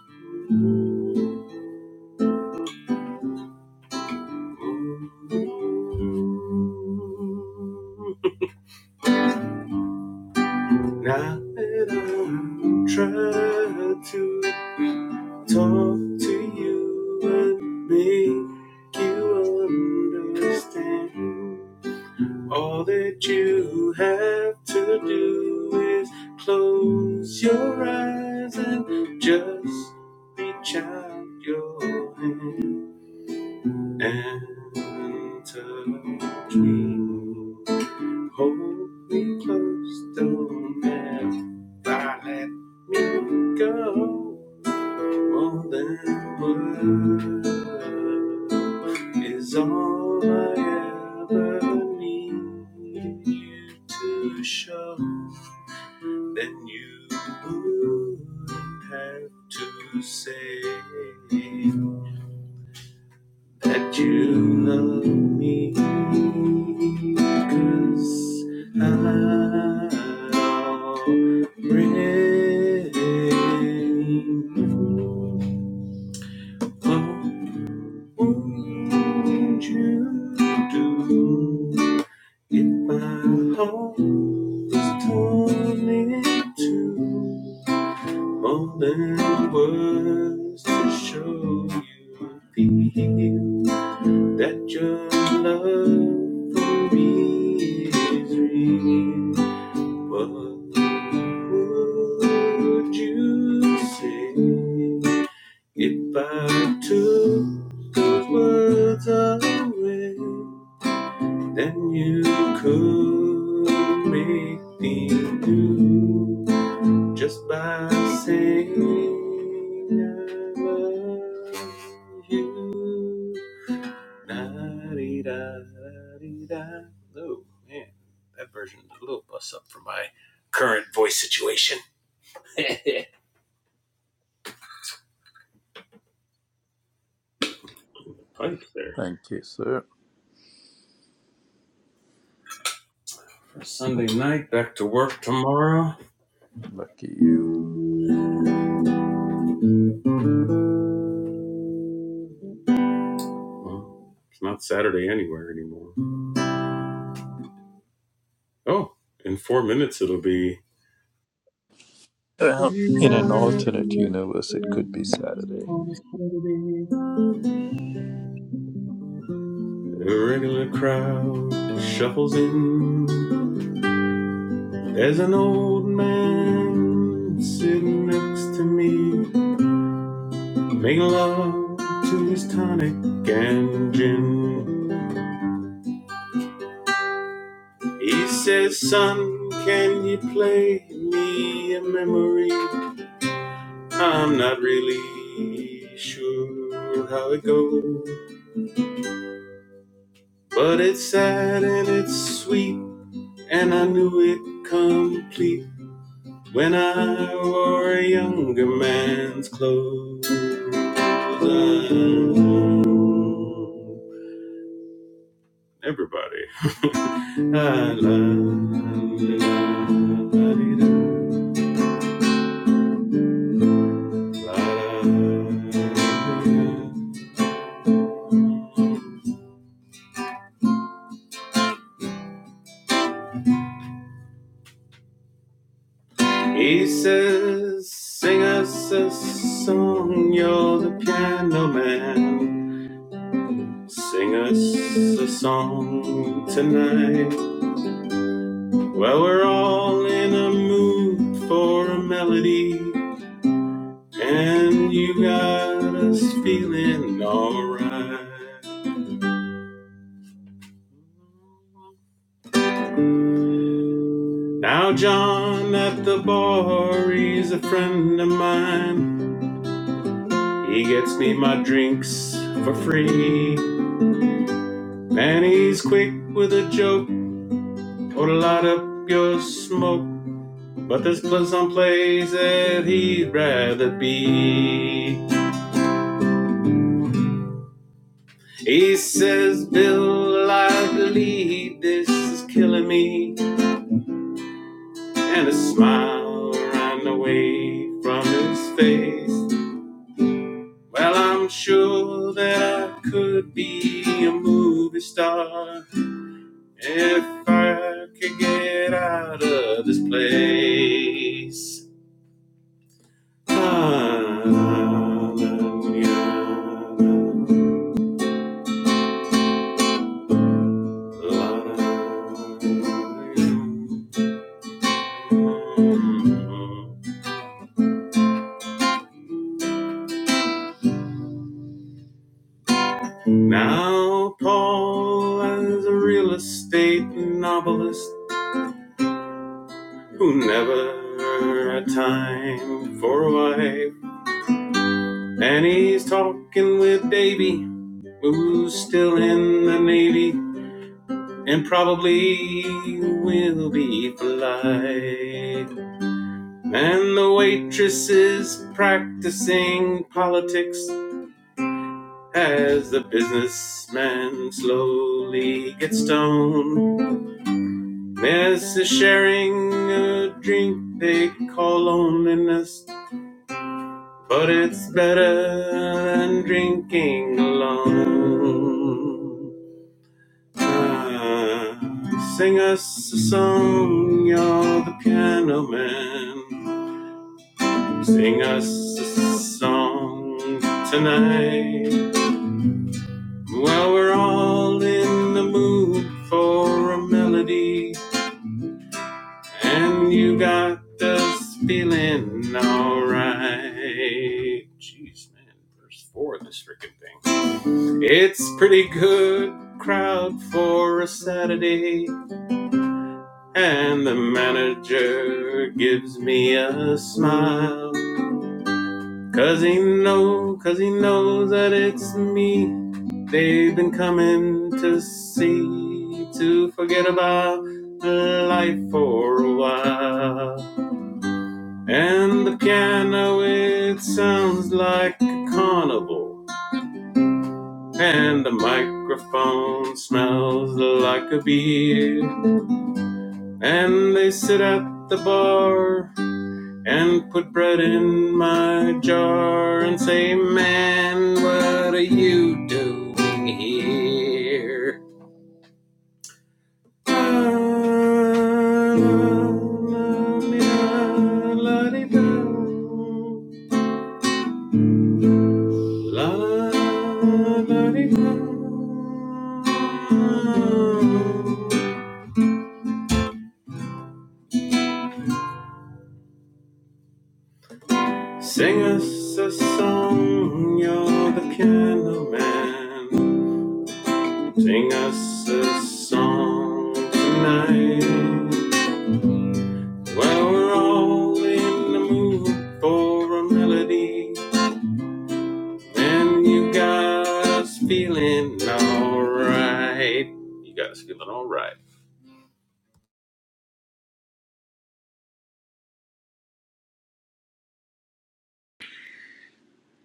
S4: Now that I'm trying to talk to you and make you understand. All that you have to do is close your eyes and just reach out your hand and touch me. Hold me close, don't ever let me go. Moving blue is all I ever need you to show. Then you wouldn't have to say that you love me, 'cause I already know. Won't you do if my heart is torn in two? more than words to show you feel that your love for me is real? What would you say? If I took those words away, then you could make me do just by saying I love you. Na-di-da-da-di-da. Oh man, that version is a little bust up for my current voice situation. Pipe there.
S1: Thank you, sir.
S4: Sunday night, back to work tomorrow.
S1: Lucky you.
S4: Well, it's not Saturday anywhere anymore. Oh, in four minutes it'll be.
S1: Well, in an alternate universe, it could be Saturday.
S4: Irregular crowd shuffles in. There's an old man sitting next to me, making love to his tonic and gin. He says, "Son, can you play me a memory?" I'm not really sure how it goes, but it's sad and it's sweet, and I knew it complete when I wore a younger man's clothes. Everybody. la, la, la, la, la, la, la. He says, Sing us a song, you're the piano man. Sing us a song tonight. Well, we're all in a mood for a melody, and you got us feeling alright. Now, John at the bar, he's a friend of mine. He gets me my drinks for free. And he's quick with a joke Or light up your smoke. But there's pl- some place that he'd rather be. He says, Bill, I believe this is killing me. And a smile ran away from his face. Well, I'm sure that I could be a movie star if I could get out of this place. Now Paul is a real estate novelist who never had time for a wife. And he's talking with Davy, who's still in the Navy and probably will be for life. And the waitress is practicing politics as the businessman slowly gets stoned. This is sharing a drink they call loneliness, but it's better than drinking alone. Ah, sing us a song, you're the piano man. Sing us a song tonight. Well, we're all in the mood for a melody, and you got us feeling alright. Jeez, man, verse four of this freaking thing. It's pretty good crowd for a Saturday, and the manager gives me a smile. Cause he know, cause he knows that it's me they've been coming to see to forget about life for a while. And the piano it sounds like a carnival. And the microphone smells like a beer. And they sit at the bar and put bread in my jar and say, Man, what are you doing here? Sing us a song, you're the piano man. Sing us a song tonight. Well, we're all in the mood for a melody, and you got us feeling alright. You got us feeling alright.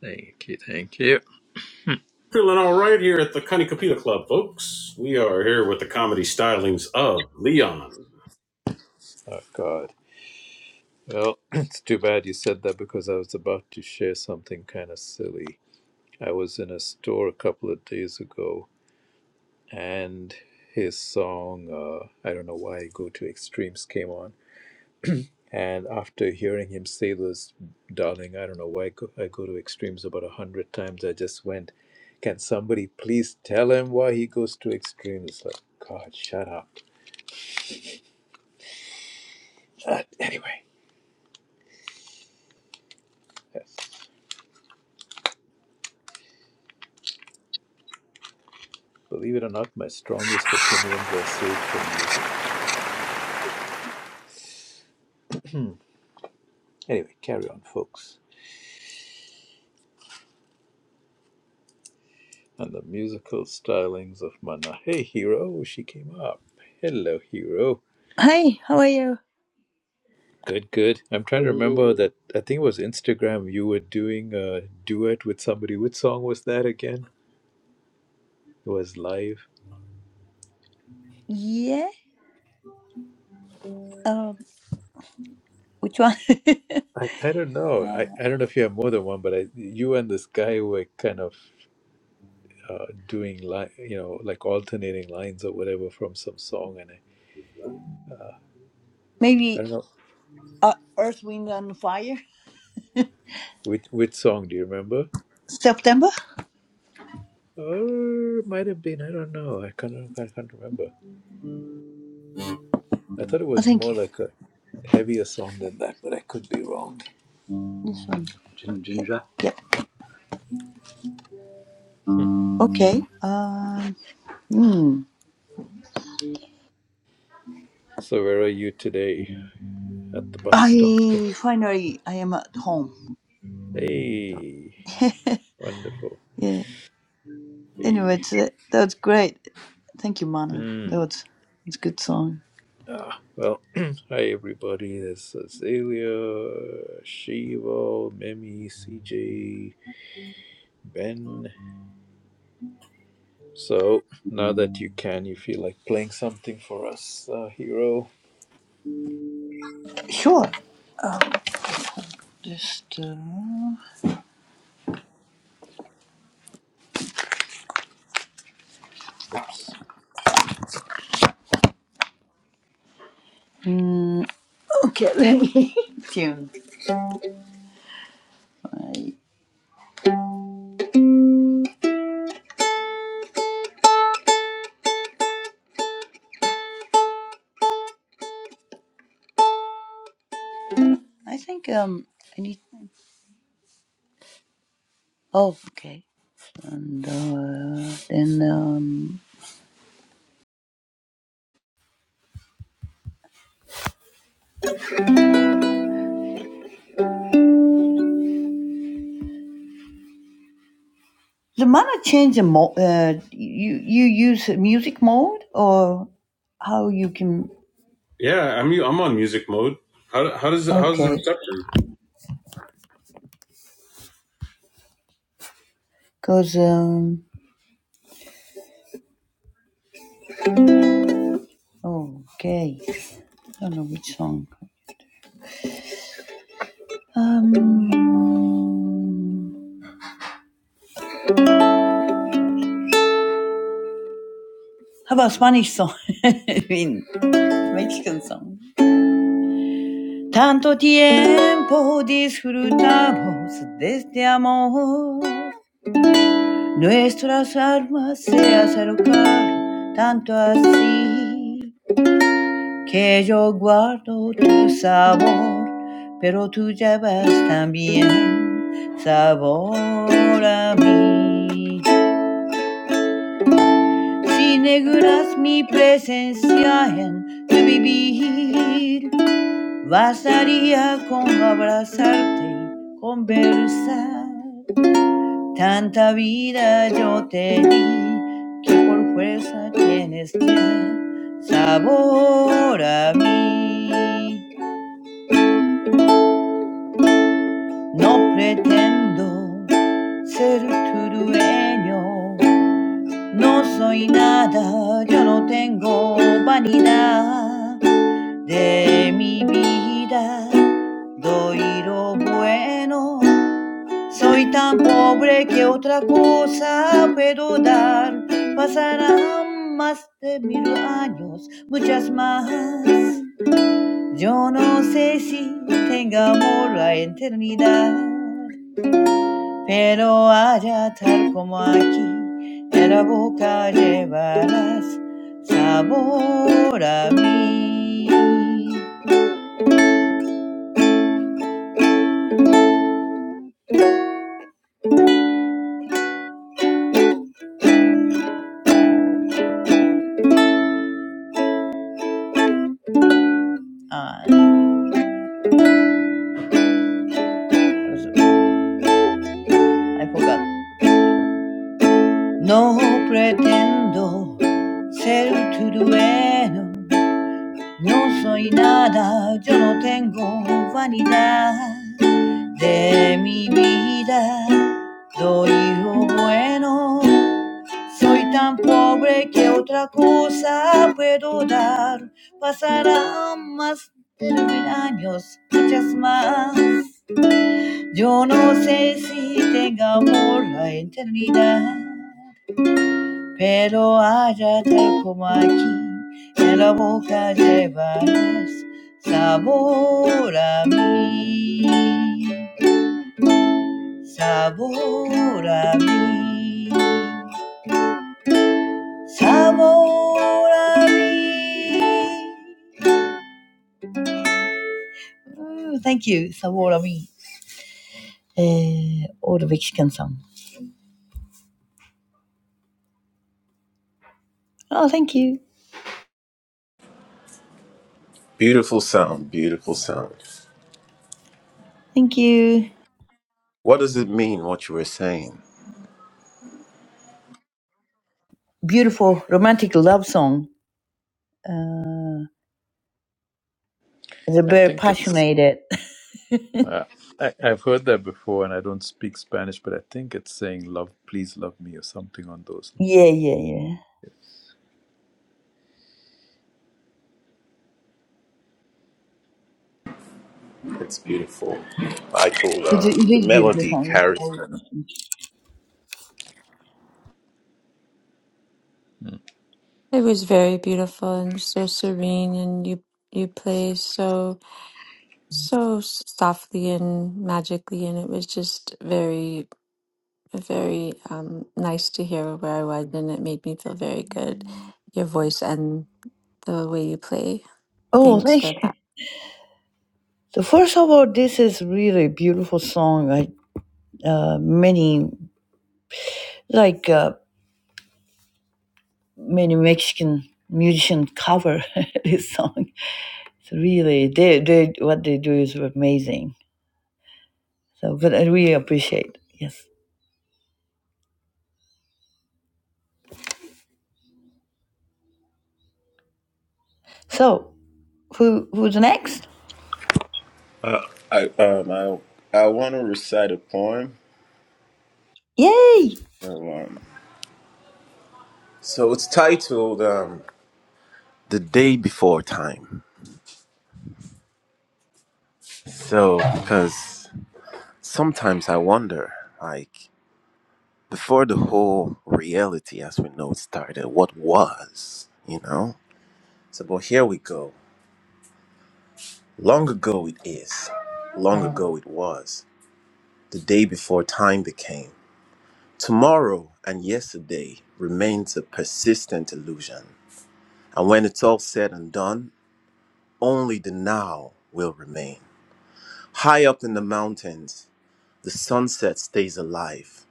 S1: Thank you, thank you.
S4: Feeling alright here at the Connie Capita Club, folks. We are here with the comedy stylings of Leon.
S1: Oh, God. Well, it's too bad you said that because I was about to share something kind of silly. I was in a store a couple of days ago and his song uh, i don't know why i go to extremes came on and after hearing him say this darling i don't know why go- i go to extremes about a hundred times i just went can somebody please tell him why he goes to extremes like god shut up but anyway believe it or not my strongest opinions are saved for music anyway carry on folks and the musical stylings of mana hey hero she came up hello hero
S8: Hi, how are you?
S1: Good, good. I'm trying to remember that. I think it was Instagram. You were doing a duet with somebody. Which song was that again? It was live.
S8: Yeah. Um, which one?
S1: I, I don't know. I,
S8: uh,
S1: I don't know if you have more than one, but I, you and this guy were kind of uh, doing li- you know, like alternating lines or whatever from some song. And I, I
S8: maybe
S1: don't know
S8: uh, Earth, Wind, and Fire.
S1: which which song do you remember?
S8: September.
S1: Oh, it might have been. I don't know. I can't. I can't remember. I thought it
S8: I
S1: was more
S8: think
S1: like a heavier song than that, but I could be wrong.
S8: this one. Gin- Ginger. Yep.
S1: Hmm.
S8: Okay. Um. Hmm.
S1: So where are you today? at the bus stop. Oh,
S8: I finally I am at home. So.
S1: Hey, wonderful.
S8: yeah. Anyway,
S1: Hey.
S8: it's, uh, that was great. Thank you, Mana.
S1: Hmm.
S8: That was it's a good song.
S1: Ah, well, hi everybody. This is Azalea, Shivo, Mimi, CJ, Ben. So now that you can, you feel like playing something for us, uh, hero.
S8: Sure. Just. Uh,
S1: Oops.
S8: mm, okay. Let me tune. I think um I need Oh, okay. And uh, then um, the mana change the mo- uh, you you use music mode or how you can
S4: Yeah, I'm I'm on music mode. How how does how is the
S8: okay
S4: reception?
S8: because um okay I don't know which song um how about Spanish song I mean Mexican song Tanto tiempo disfrutamos de este amor Nuestras almas se acercaron tanto así que yo guardo tu sabor, pero tú llevas también sabor a mí. Si negras mi presencia en tu vivir, bastaría con abrazarte, conversar Tanta vida yo te di que por fuerza tienes ya sabor a mí. No pretendo ser tu dueño, no soy nada, yo no tengo vanidad de mi vida. Doy lo bueno Soy tan pobre que otra cosa puedo dar. Pasarán más de mil años, muchas más. Yo no sé si tenga amor la eternidad, pero allá tal como aquí, en la boca llevarás sabor a mí. Ah, I forgot. No pretendo ser tu dueño, no soy nada, yo no tengo vanidad de mi vida. Doy lo bueno, soy tan pobre que otra cosa puedo dar. Pasarán más de mil años, muchas más. Yo no sé si tenga amor la eternidad. pero hállate como aquí, en la boca llevarás sabor a mí, sabor a mí, sabor a mí. thank you, sabor a mí. Eh, all the Mexican song. Oh, thank you,
S7: Beautiful sound, beautiful sound.
S8: thank you.
S7: What does it mean? What you were saying?
S8: Beautiful romantic love song. Uh, they're
S1: I
S8: very
S1: think it's.
S8: passionate. yeah,
S1: Uh, I, I've heard that before, and I don't speak Spanish, but I think it's saying "love, please love me" or something on those.
S8: yeah, yeah.
S7: It's beautiful. I call
S8: It,
S7: uh,
S8: it
S7: the
S8: is beautiful
S7: melody
S8: song. It's
S7: carries.
S8: all
S1: lines.
S9: It was very beautiful and so serene, and you you play so so softly and magically, and it was just very very um, nice to hear where I was, and it made me feel very good. Your voice and the way you play.
S8: Oh,
S9: Thanks
S8: thank
S9: for
S8: you.
S9: that.
S8: So first of all, this is really beautiful song. I, uh, many, like uh, many Mexican musician cover this song. It's really, they, they, what they do is amazing. So, but I really appreciate. Yes. So, who, who's next?
S7: Uh, I um I I want to recite a poem.
S8: Yay!
S7: So, um, so it's titled um "The Day Before Time." So because sometimes I wonder, like before the whole reality as we know it started, what was, you know? So but here we go. Long ago it is. Long ago it was. The day before time became. Tomorrow and yesterday remains a persistent illusion. And when it's all said and done. only the now will remain. High up in the mountains, the sunset stays alive.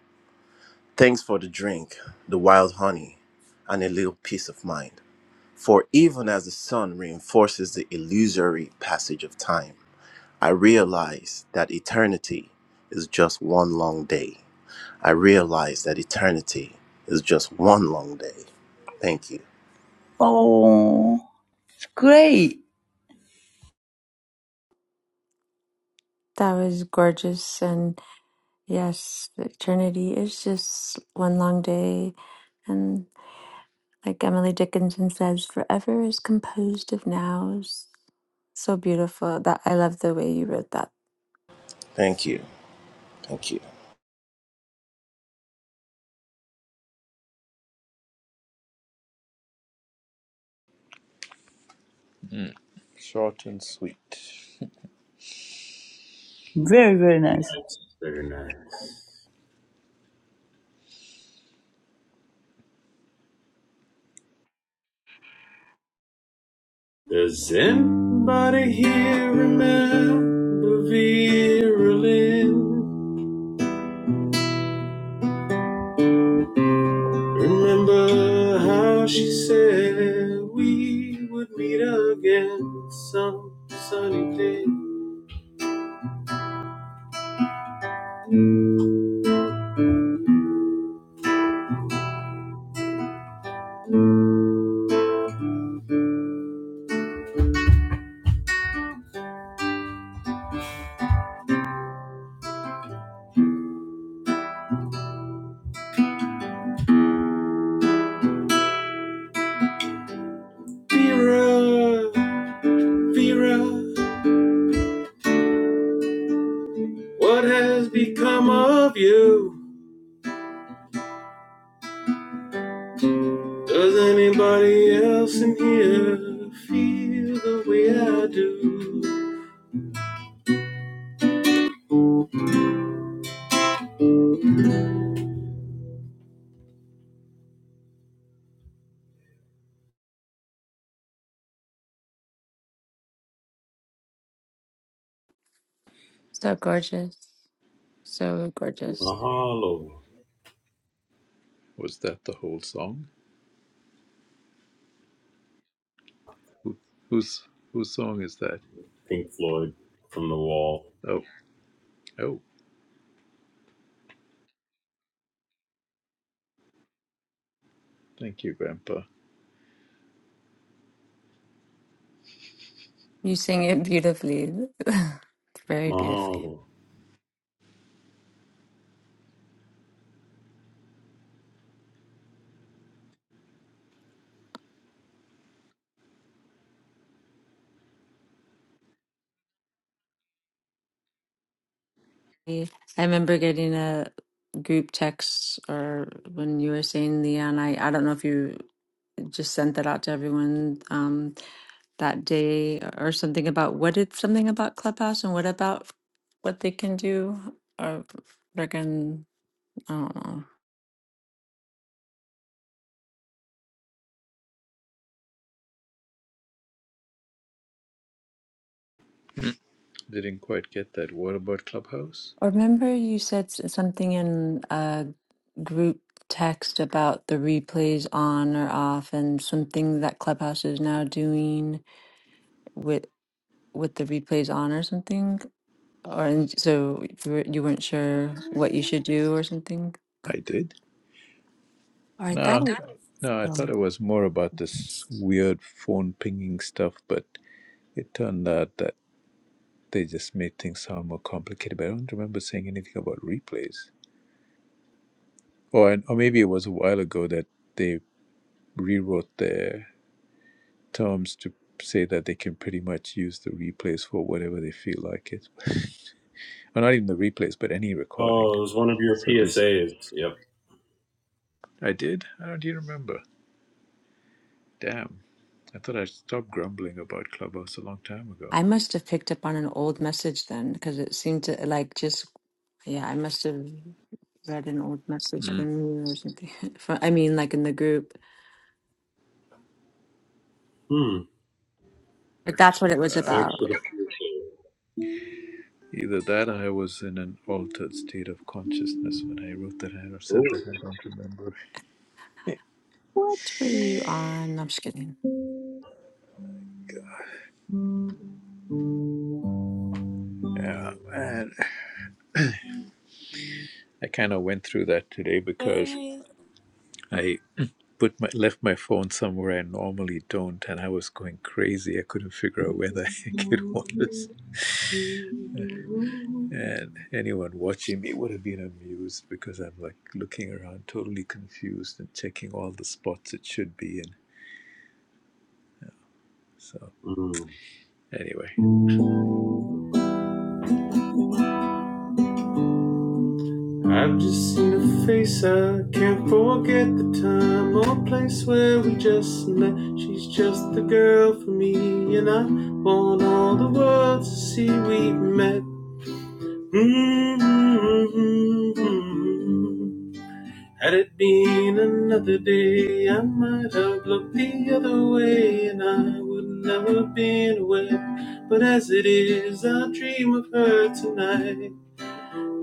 S7: Thanks for the drink, the wild honey, and a little peace of mind. For even as the sun reinforces the illusory passage of time, I realize that eternity is just one long day. I realize that eternity is just one long day. Thank you.
S8: Oh, it's great.
S9: That was gorgeous, and yes, eternity is just one long day, and. Like Emily Dickinson says, forever is composed of nows. So beautiful. That I love the way you wrote that.
S7: Thank you. Thank you.
S1: Mm, mm. Short and sweet.
S8: Very, very nice.
S4: Nice, very nice. Does anybody here remember Vera Lynn? Remember how she said we would meet again some sunny day? Vera, Vera, what has become of you? Does anybody else in here feel the way I do?
S9: So gorgeous. So gorgeous.
S4: Mahalo,
S1: Was that the whole song? Who, whose whose song is that?
S4: Pink Floyd from the wall.
S1: Oh, oh, thank you, Grandpa.
S9: You sing it beautifully. Very beautifully.
S4: Mahalo.
S9: I remember getting a group text or when you were saying Leon, I, I don't know if you just sent that out to everyone um that day or something about what it's something about Clubhouse and what about what they can do or they can Oh,
S1: Didn't quite get that. What about Clubhouse?
S9: I remember you said s- something in a group text about the replays on or off, and something that Clubhouse is now doing with with the replays on or something. Or and so you were- you weren't sure what you should do or something.
S1: I did.
S9: Or I
S1: No,
S9: thought I,
S1: no, I thought
S9: um,
S1: it was more about this weird phone pinging stuff, but it turned out that they just made things sound more complicated. But I don't remember saying anything about replays, or or maybe it was a while ago that they rewrote their terms to say that they can pretty much use the replays for whatever they feel like it. Well, not even the replays, but any recording.
S4: Oh, it was one of your
S1: So does
S4: PSAs. Yep.
S1: I did? I don't you remember. Damn. I thought I stopped grumbling about Clubhouse a long time ago.
S9: I must have picked up on an old message then, because it seemed to like just yeah, I must have read an old message
S1: Mm.
S9: from you or something. From, I mean, like in the group.
S4: Hmm.
S9: But that's what it was
S1: Uh,
S4: Thanks
S9: about.
S4: for
S1: well,
S4: the
S1: either that or I was in an altered state of consciousness when I wrote that I or
S4: PSA.
S1: said that I don't remember.
S9: What were you on? No, I'm just kidding.
S1: Yeah, man. I kind of went through that today because
S10: Hey,
S1: I put my left my phone somewhere I normally don't, and I was going crazy. I couldn't figure out where the heck it was. And anyone watching me would have been amused because I'm like looking around totally confused and checking all the spots it should be in. So,
S4: Mm.
S1: anyway.
S4: I've just seen a face, I can't forget the time or place where we just met. She's just the girl for me, and I want all the world to see we met. Mm-hmm. Had it been another day, I might have looked the other way and I would never have been aware. But as it is, I dream of her tonight.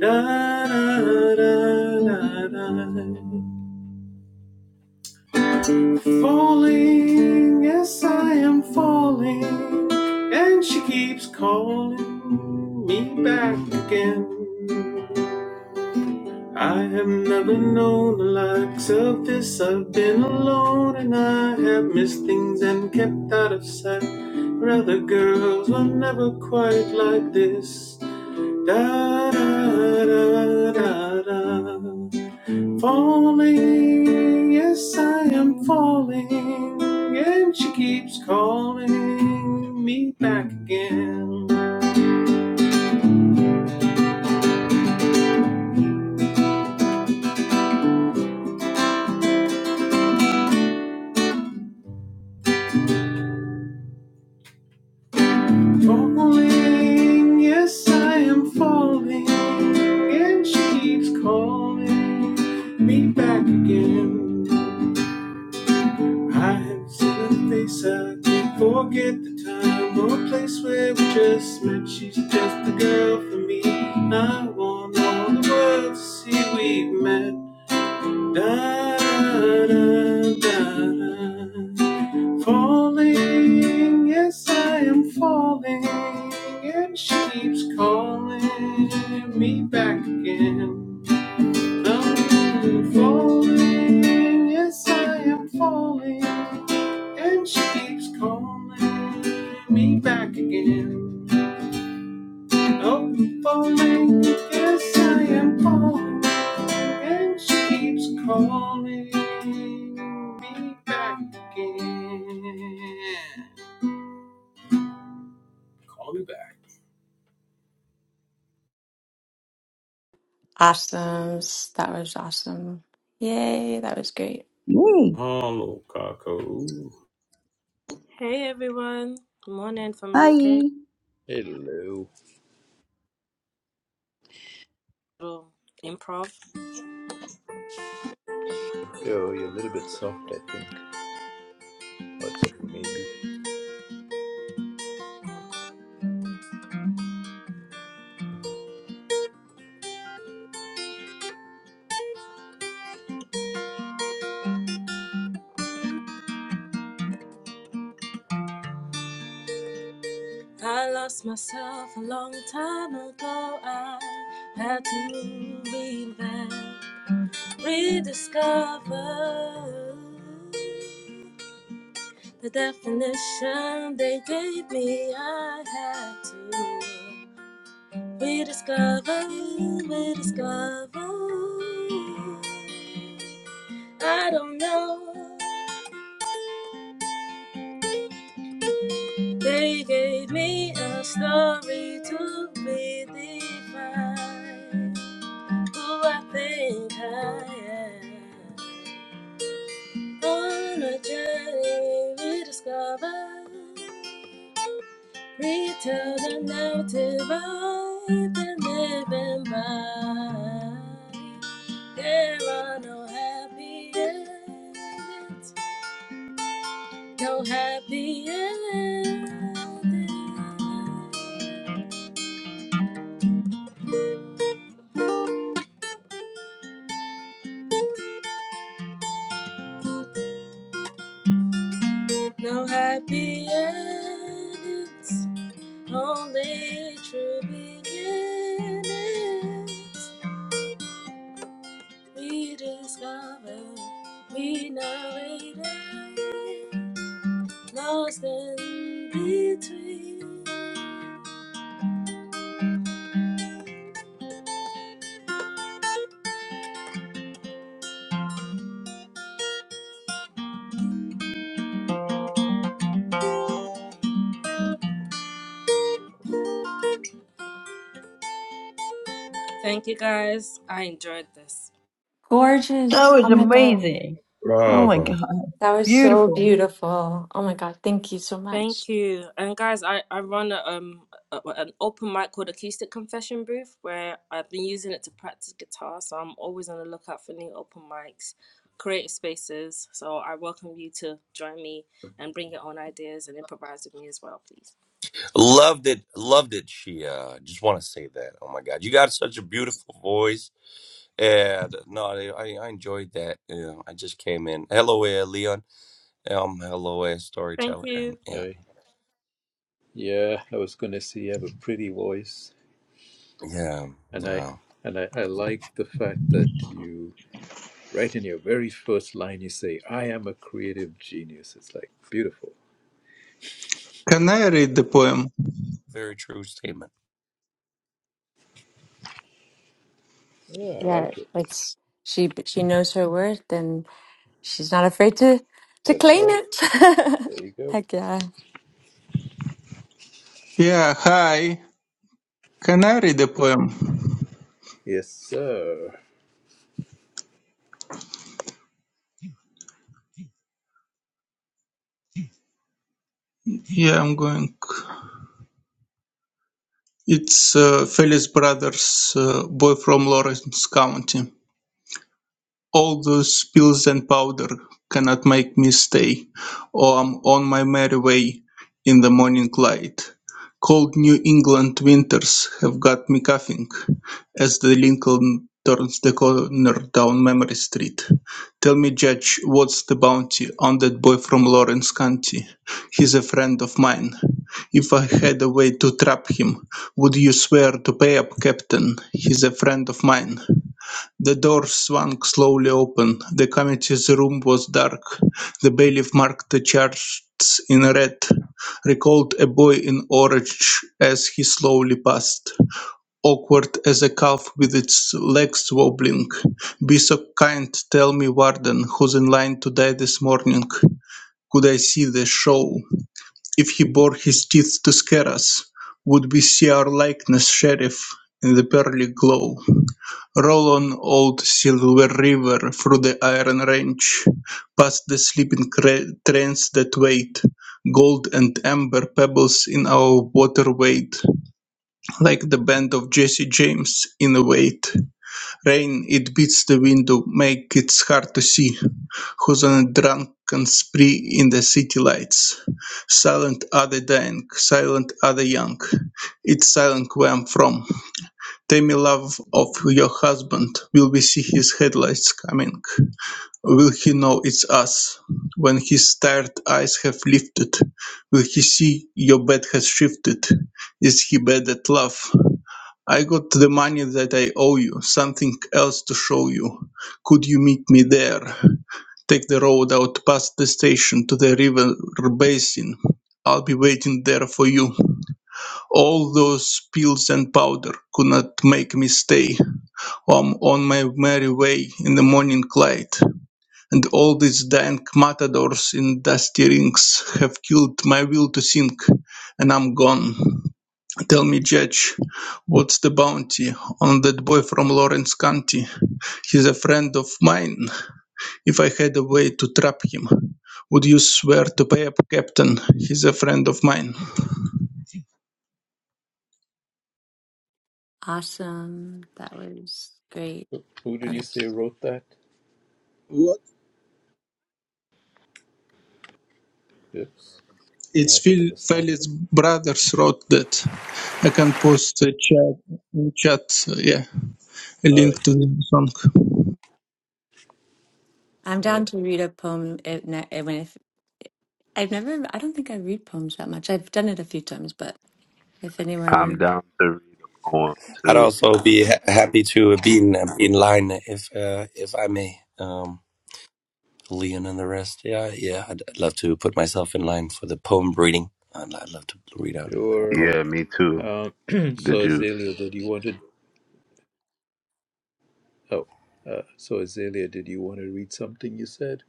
S4: Da da da da da. Falling, yes, I am falling, and she keeps calling me back again. I have never known the likes of this. I've been alone and I have missed things and kept out of sight. Rather, girls were never quite like this. Da da da da da. Falling, yes, I am falling. And she keeps calling me back again. Falling, yes, I am falling. And she keeps calling me back again. I have seen a face, I can't forget the time or place where we just met. She's just the girl for me. and I want all the world to see we've met. Da-da-da. Falling, yes, I am falling, and she keeps calling me back again. I'm falling, yes, I am falling, and she keeps calling me back again. Oh, falling, yes, I am falling. And she keeps calling me back again. Calling me back.
S9: Awesome. That was awesome. Yay, that was great.
S8: Yay!
S4: Hello, Kako.
S10: hey everyone. Morning from UK.
S8: Hi.
S1: Hello.
S10: Little improv.
S1: Oh, you're a little bit soft, I think. Oh, it's me, maybe.
S10: I lost myself a long time ago. I had to reinvent, rediscover the definition they gave me. I had to rediscover, rediscover. I don't know. They gave me a story to redefine who I think I am. On a journey we discover, retell the narrative I've been living by. There are no happy endings, no happy endings. No happy endings, only true beginnings. We discover, we narrated, lost in between. Thank you guys. I enjoyed this.
S8: That
S9: Gorgeous.
S8: was
S9: Oh my God.
S8: amazing. Oh my God.
S9: That was so
S8: Beautiful.
S9: beautiful. Oh my God. Thank you so much.
S10: Thank you. And guys, I, I run a, um a, an open mic called Acoustic Confession Booth where I've been using it to practice guitar. So I'm always on the lookout for new open mics, creative spaces. So I welcome you to join me and bring your own ideas and improvise with me as well, please.
S11: Loved it, loved it, Shia. Just want to say that. Oh my God, you got such a beautiful voice, and no, I, I I enjoyed that. Yeah, I just came in. Hello, uh, Leon. Um, hello, uh,
S10: Thank
S11: storyteller,
S10: you.
S11: and yeah,
S1: I, yeah, I was going to say you have a pretty voice,
S11: yeah,
S1: and I
S11: yeah.
S1: and I, I like the fact that you, right in your very first line, you say, "I am a creative genius." It's like beautiful.
S12: Can I read the poem?
S11: Very true statement.
S1: Yeah, I
S9: Yeah,
S1: like it.
S9: it's she she knows her worth and she's not afraid to to
S1: That's
S9: claim
S1: right.
S9: it.
S1: There you go.
S9: Heck yeah.
S12: Yeah, hi. Can I read the poem?
S1: Yes, sir.
S12: Yeah, I'm going. It's uh, Felice Brothers, uh, boy from Lawrence County. All those pills and powder cannot make me stay, or I'm on my merry way in the morning light. Cold New England winters have got me coughing as the Lincoln turns the corner down Memory Street. Tell me, Judge, what's the bounty on that boy from Lawrence County? He's a friend of mine. If I had a way to trap him, would you swear to pay up, Captain? He's a friend of mine. The door swung slowly open. The committee's room was dark. The bailiff marked the charts in red, recalled a boy in orange as he slowly passed, awkward as a calf with its legs wobbling. Be so kind, tell me, Warden, who's in line to die this morning. Could I see the show? If he bore his teeth to scare us, would we see our likeness, Sheriff, in the pearly glow? Roll on, old Silver River, through the iron range, past the sleeping trains that wait, gold and amber pebbles in our water wait, like the band of Jesse James in a wait. Rain, it beats the window, make it hard to see, who's on a drunken spree in the city lights. Silent are the dying, silent are the young, it's silent where I'm from. Tammy love of your husband, will we see his headlights coming? Will he know it's us? When his tired eyes have lifted, will he see your bed has shifted? Is he bad at love? I got the money that I owe you, something else to show you. Could you meet me there? Take the road out past the station to the river basin. I'll be waiting there for you. All those pills and powder could not make me stay. I'm on my merry way in the morning light, and all these dank matadors in dusty rings have killed my will to think, and I'm gone. Tell me, Judge, what's the bounty on that boy from Lawrence County? He's a friend of mine. If I had a way to trap him, would you swear to pay up, Captain? He's a friend of mine.
S9: Awesome. That was great.
S1: Who did you
S9: Um,
S1: say wrote that?
S12: What?
S1: Oops, what
S12: It's
S1: happened to
S12: Phil
S1: the sound?
S12: Felix Brothers wrote that. I can post the chat. Chat. Yeah. a
S1: All right,
S12: link to the song.
S9: I'm
S1: uh,
S9: down to read a poem if, ne- when if I've never I don't think I read poems that much. I've done it a few times, but If
S13: I'm
S9: anyone,
S13: down to read a poem
S11: I'd
S13: too.
S11: also be ha- happy to be in be in line if uh, if I may. Um, Leon and the rest. Yeah, yeah. I'd, I'd love to put myself in line for the poem reading. I'd, I'd love to read out a
S1: sure.
S11: poem.
S13: Yeah, me too.
S1: Um,
S13: The
S1: so
S13: juice.
S1: Azalea, did you want to? Oh, uh, so Azalea, did you want to read something? You said.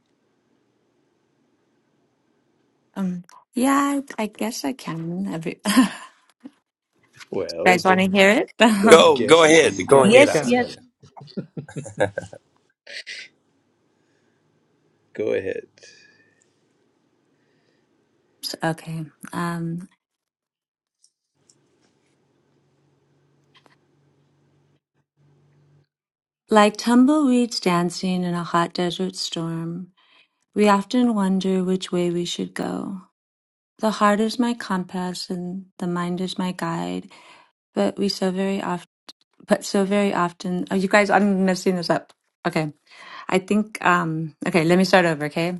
S9: Um, yeah, I, I guess I can. Every you
S1: Well,
S9: guys want to
S1: don't
S9: hear it?
S1: don't
S11: Go, go
S1: guess either.
S11: ahead,
S1: You
S11: go
S1: can, you
S11: ahead,
S8: Yes,
S1: can
S11: Ansel.
S8: yes.
S1: Go ahead.
S9: okay, um, like tumbleweeds dancing in a hot desert storm, we often wonder which way we should go. The heart is my compass and the mind is my guide, but we so very often, but so very often. Oh, you guys, I'm messing this up. Okay, I think. Um, okay, let me start over. Okay,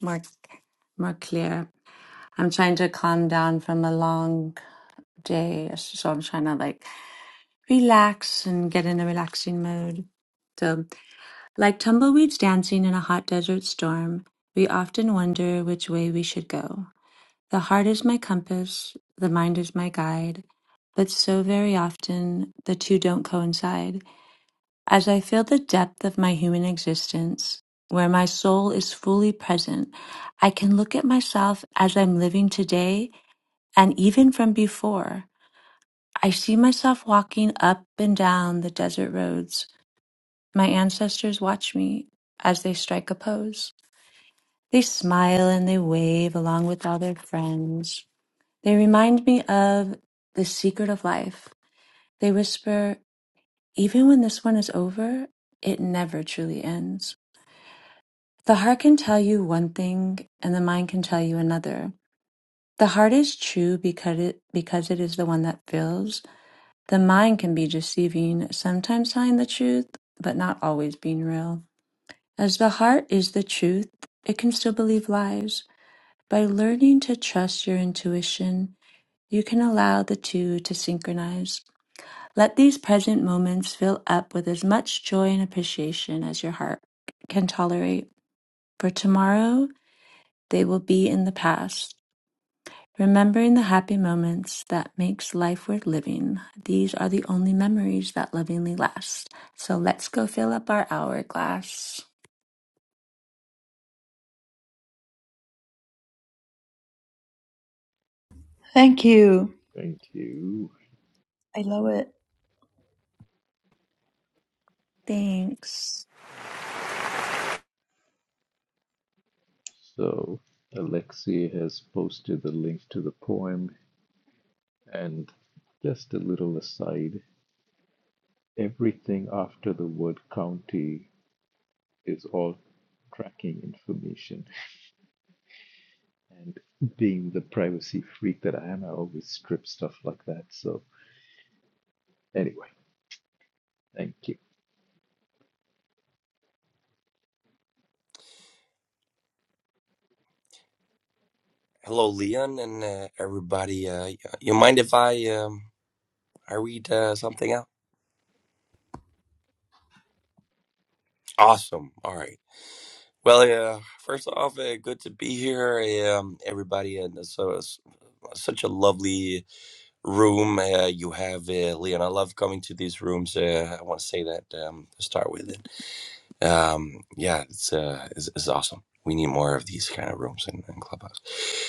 S9: more, more clear. I'm trying to calm down from a long day, so I'm trying to like relax and get in a relaxing mode. So, like tumbleweeds dancing in a hot desert storm, we often wonder which way we should go. The heart is my compass, the mind is my guide, but so very often the two don't coincide. As I feel the depth of my human existence, where my soul is fully present, I can look at myself as I'm living today and even from before. I see myself walking up and down the desert roads. My ancestors watch me as they strike a pose. They smile and they wave along with all their friends. They remind me of the secret of life. They whisper, even when this one is over, it never truly ends. The heart can tell you one thing and the mind can tell you another. The heart is true because it, because it is the one that feels The mind can be deceiving, sometimes hiding the truth, but not always being real. As the heart is the truth, it can still believe lies. By learning to trust your intuition, you can allow the two to synchronize. Let these present moments fill up with as much joy and appreciation as your heart can tolerate, for tomorrow they will be in the past. Remembering the happy moments that makes life worth living. These are the only memories that lovingly last. So let's go fill up our hourglass.
S8: Thank you.
S1: Thank you.
S8: I love it.
S9: Thanks.
S1: So, Alexei has posted the link to the poem, and just a little aside everything after the word county is all tracking information. And being the privacy freak that I am, I always strip stuff like that. So anyway, thank you.
S11: Hello, Leon, and uh, everybody. Uh, y- you mind if I um, I read uh, something out? Awesome. All right. Well, uh, first off, uh, good to be here, um, everybody, and so it's such a lovely room uh, you have, uh, Leon. I love coming to these rooms. Uh, I want to say that um, to start with it. Um, yeah, it's, uh, it's it's awesome. We need more of these kind of rooms in, in Clubhouse.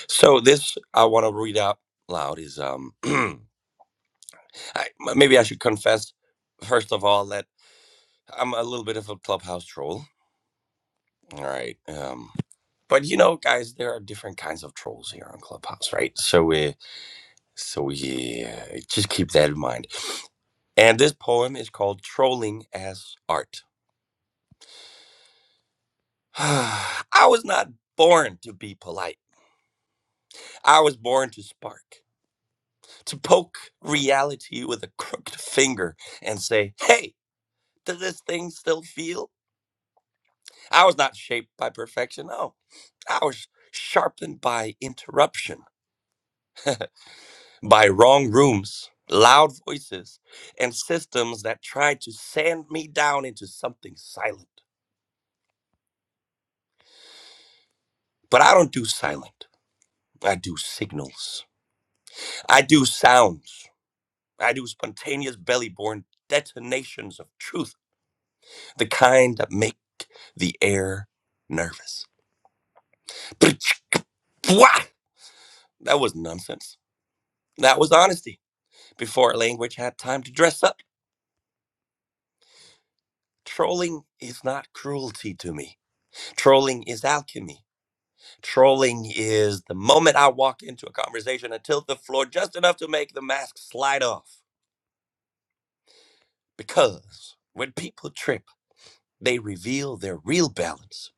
S11: So this I want to read out loud is um. I, m- maybe I should confess first of all that I'm a little bit of a clubhouse troll. All right, um, but you know, guys, there are different kinds of trolls here on Clubhouse, right? So we, so we uh, just keep that in mind. And this poem is called "Trolling as Art." I was not born to be polite. I was born to spark, to poke reality with a crooked finger and say, "Hey, does this thing still feel?" I was not shaped by perfection. No, I was sharpened by interruption, by wrong rooms, loud voices, and systems that tried to sand me down into something silent. But I don't do silent. I do signals. I do sounds. I do spontaneous belly-born detonations of truth, the kind that make the air nervous. Wah! That was nonsense. That was honesty. Before language had time to dress up, trolling is not cruelty to me. Trolling is alchemy. Trolling is the moment I walk into a conversation, I tilt the floor just enough to make the mask slide off. Because when people trip, they reveal their real balance.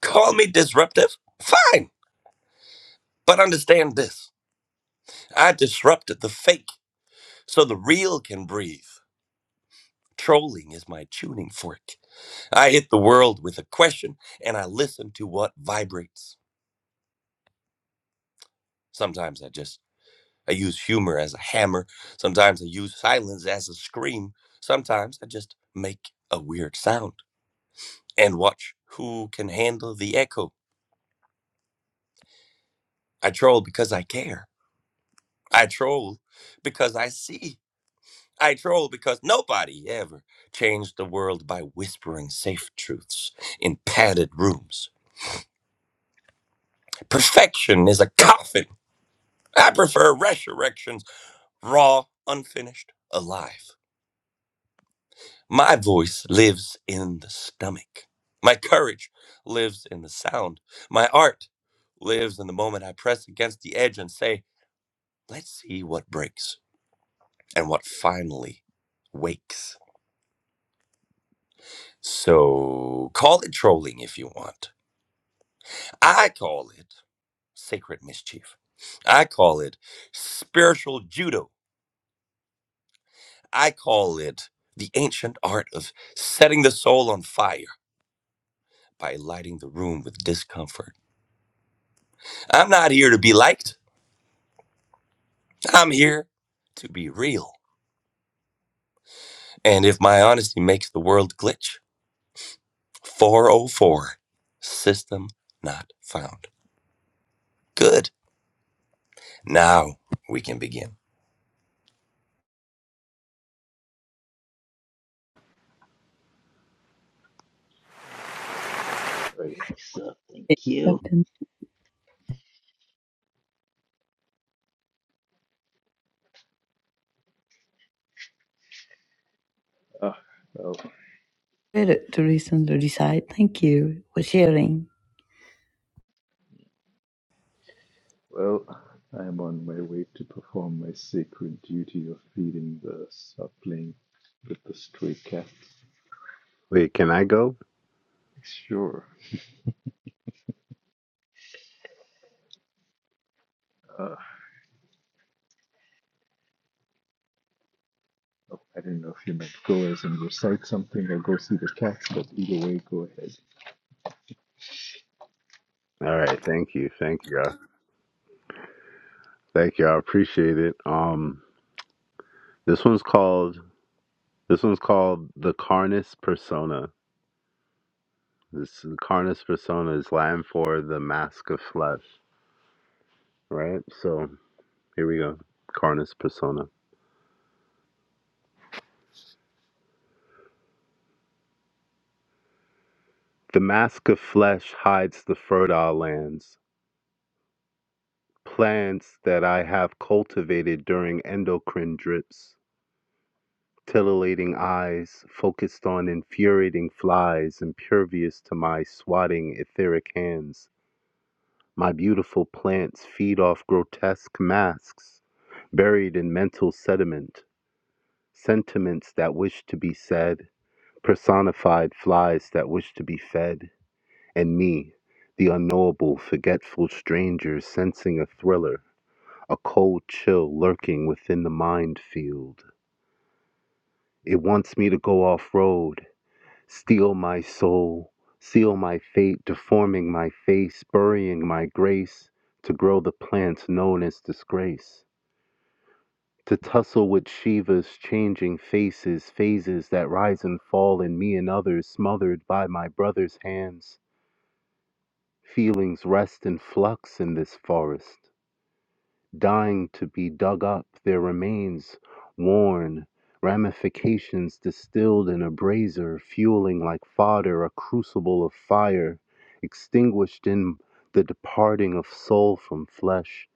S11: Call me disruptive? Fine. But understand this I disrupted the fake so the real can breathe. Trolling is my tuning fork. I hit the world with a question and I listen to what vibrates. Sometimes I just I use humor as a hammer. Sometimes I use silence as a scream. Sometimes I just make a weird sound and watch who can handle the echo. I troll because I care. I troll because I see. I troll because nobody ever changed the world by whispering safe truths in padded rooms. Perfection is a coffin. I prefer resurrections, raw, unfinished, alive. My voice lives in the stomach. My courage lives in the sound. My art lives in the moment I press against the edge and say, let's see what breaks and what finally wakes. So call it trolling if you want. I call it sacred mischief. I call it spiritual judo. I call it the ancient art of setting the soul on fire by lighting the room with discomfort. I'm not here to be liked. I'm here to be real. And if my honesty makes the world glitch, 404 system not found. Good. Now we can begin.
S1: Very nice. Uh, thank
S8: I've
S1: you.
S8: been
S1: Ah, well,
S8: read it to listen to decide. Thank you for sharing.
S1: well, I am on my way to perform my sacred duty of feeding the sapling with the stray cats.
S13: Wait, can I go?
S1: Sure. Uh, oh, I didn't know if you meant go as and recite something or go see the cats, but either way, go ahead.
S13: All right, thank you. Thank you. all Thank you. I appreciate it. Um this one's called this one's called The Carnus Persona. This the Carnus Persona is Latin for the mask of flesh, right? So, here we go. Carnus Persona. The mask of flesh hides the fertile lands, plants that I have cultivated during endocrine drips. Titillating eyes focused on infuriating flies, impervious to my swatting etheric hands. My beautiful plants feed off grotesque masks, buried in mental sediment, sentiments that wish to be said, personified flies that wish to be fed, and me, the unknowable, forgetful stranger sensing a thriller, a cold chill lurking within the mind field. It wants me to go off road. Steal my soul, seal my fate, deforming my face, burying my grace, to grow the plants known as disgrace. To tussle with Shiva's changing faces, phases that rise and fall in me and others, smothered by my brother's hands. Feelings rest in flux in this forest. Dying to be dug up, their remains worn, ramifications distilled in a brazier, fueling like fodder a crucible of fire, extinguished in the departing of soul from flesh.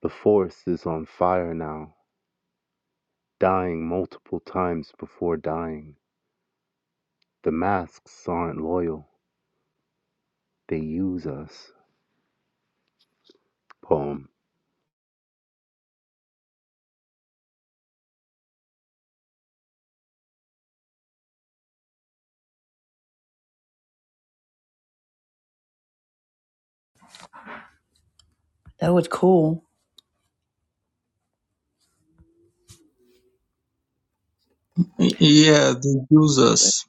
S13: The forest is on fire now, dying multiple times before dying. The masks aren't loyal, they use us. Poem.
S8: That was cool.
S12: Yeah, the users.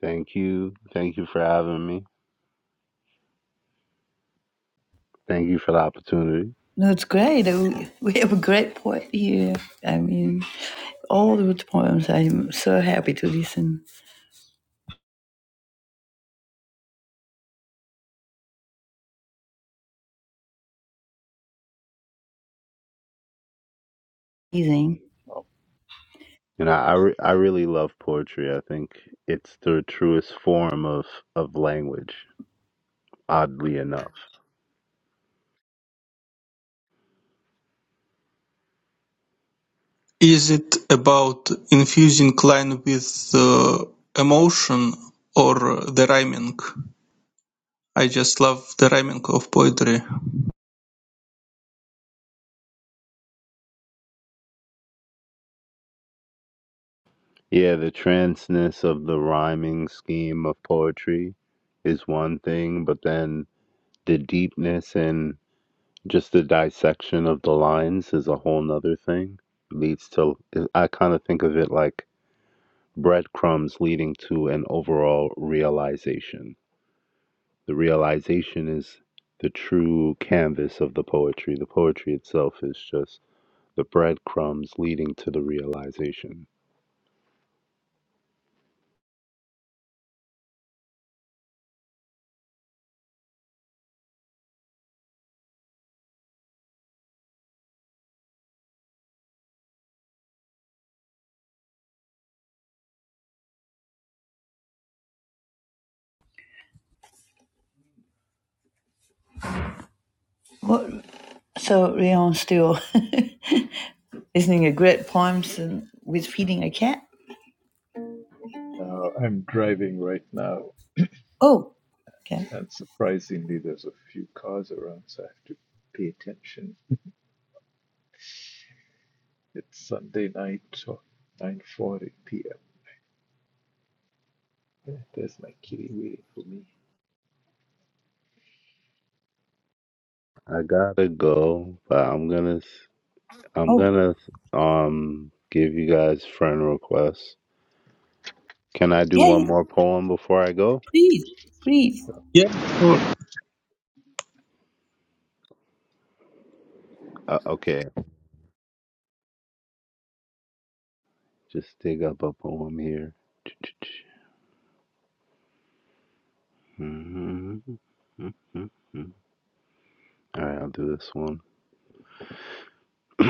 S13: Thank you. Thank you for having me. Thank you for the opportunity.
S8: No, it's great. We we have a great poet here. I mean, all the poems. I'm so happy to listen. Amazing.
S13: And I, I, re- I really love poetry. I think it's the truest form of, of language, oddly enough.
S12: Is it about infusing line with uh, emotion or the rhyming? I just love the rhyming of poetry.
S13: Yeah, the transness of the rhyming scheme of poetry is one thing, but then the deepness and just the dissection of the lines is a whole nother thing. Leads to, I kind of think of it like breadcrumbs leading to an overall realization. The realization is the true canvas of the poetry. The poetry itself is just the breadcrumbs leading to the realization.
S8: What? So Rion still listening to great poems and with feeding a cat.
S1: Uh, I'm driving right now.
S8: Oh, okay.
S1: And surprisingly, there's a few cars around, so I have to pay attention. It's Sunday night, 9:40 p.m. Yeah, there's my kitty waiting for me.
S13: I gotta go, but I'm gonna i I'm
S8: Oh,
S13: gonna um give you guys friend requests. Can I do
S8: yeah. yeah.
S13: one more poem before I go?
S8: Please, please.
S12: Yeah, sure.
S13: Uh, okay, just dig up a poem here. All right, I'll do this one.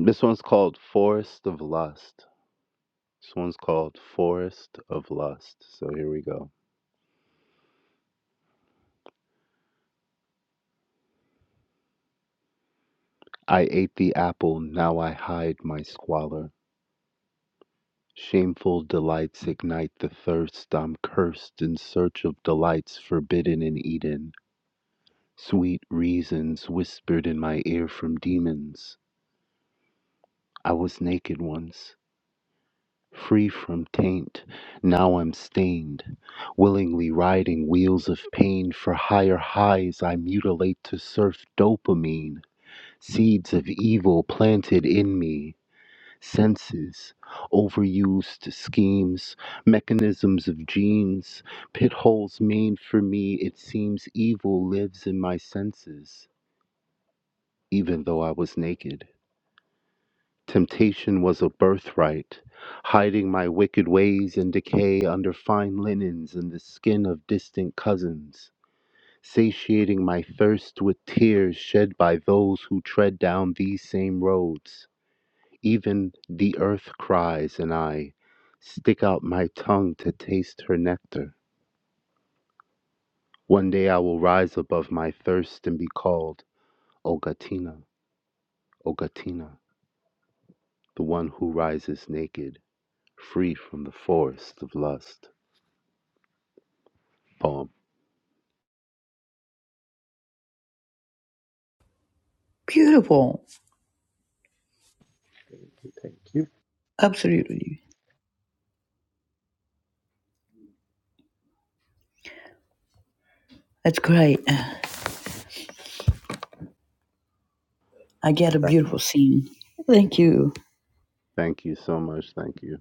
S13: this one's called Forest of Lust. This one's called Forest of Lust. So here we go. I ate the apple, now I hide my squalor. Shameful delights ignite the thirst. I'm cursed in search of delights forbidden in Eden. Sweet reasons whispered in my ear from demons. I was naked once, free from taint. Now I'm stained. Willingly riding wheels of pain for higher highs, I mutilate to surf dopamine. Seeds of evil planted in me, senses, overused schemes, mechanisms of genes, pit holes made for me. It seems evil lives in my senses, even though I was naked. Temptation was a birthright, hiding my wicked ways and decay under fine linens and the skin of distant cousins, satiating my thirst with tears shed by those who tread down these same roads. Even the earth cries, and I stick out my tongue to taste her nectar. One day I will rise above my thirst and be called Ogatina, Ogatina, the one who rises naked, free from the forest of lust. Poem.
S8: Beautiful.
S1: Okay, Thank you.
S8: Absolutely. That's great. I get a
S13: Thank
S8: beautiful scene. Thank you.
S13: thank you so much. Thank you.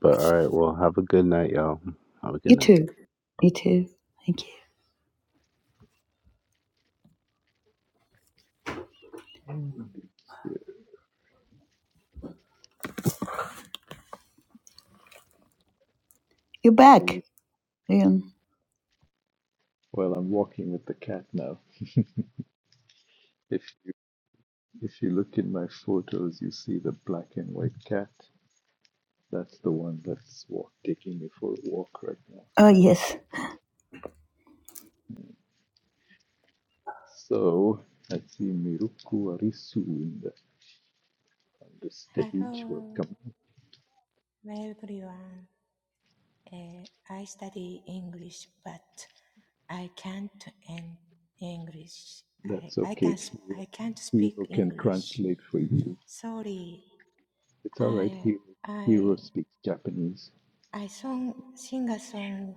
S13: But all right, well, have a good night, y'all. Have a good
S8: You
S13: night.
S8: too. You too. Thank you.
S1: And
S8: You're back, Liam.
S1: Well, I'm walking with the cat now. If you if you look in my photos, you see the black and white cat. That's the one that's walk, taking me for a walk right now.
S8: Oh, yes.
S1: So I see Miruku Arisu in the, on the stage.
S14: Hello,
S1: Welcome.
S14: everyone. Eh, I study English, but I can't in English. I,
S1: That's
S14: I can
S1: okay.
S14: sp-
S1: Hero,
S14: I can't speak
S1: Hero can
S14: English.
S1: translate for you.
S14: Sorry.
S1: It's all right.
S14: I
S1: Hero, Hero
S14: I
S1: speaks Japanese.
S14: I song sing a song,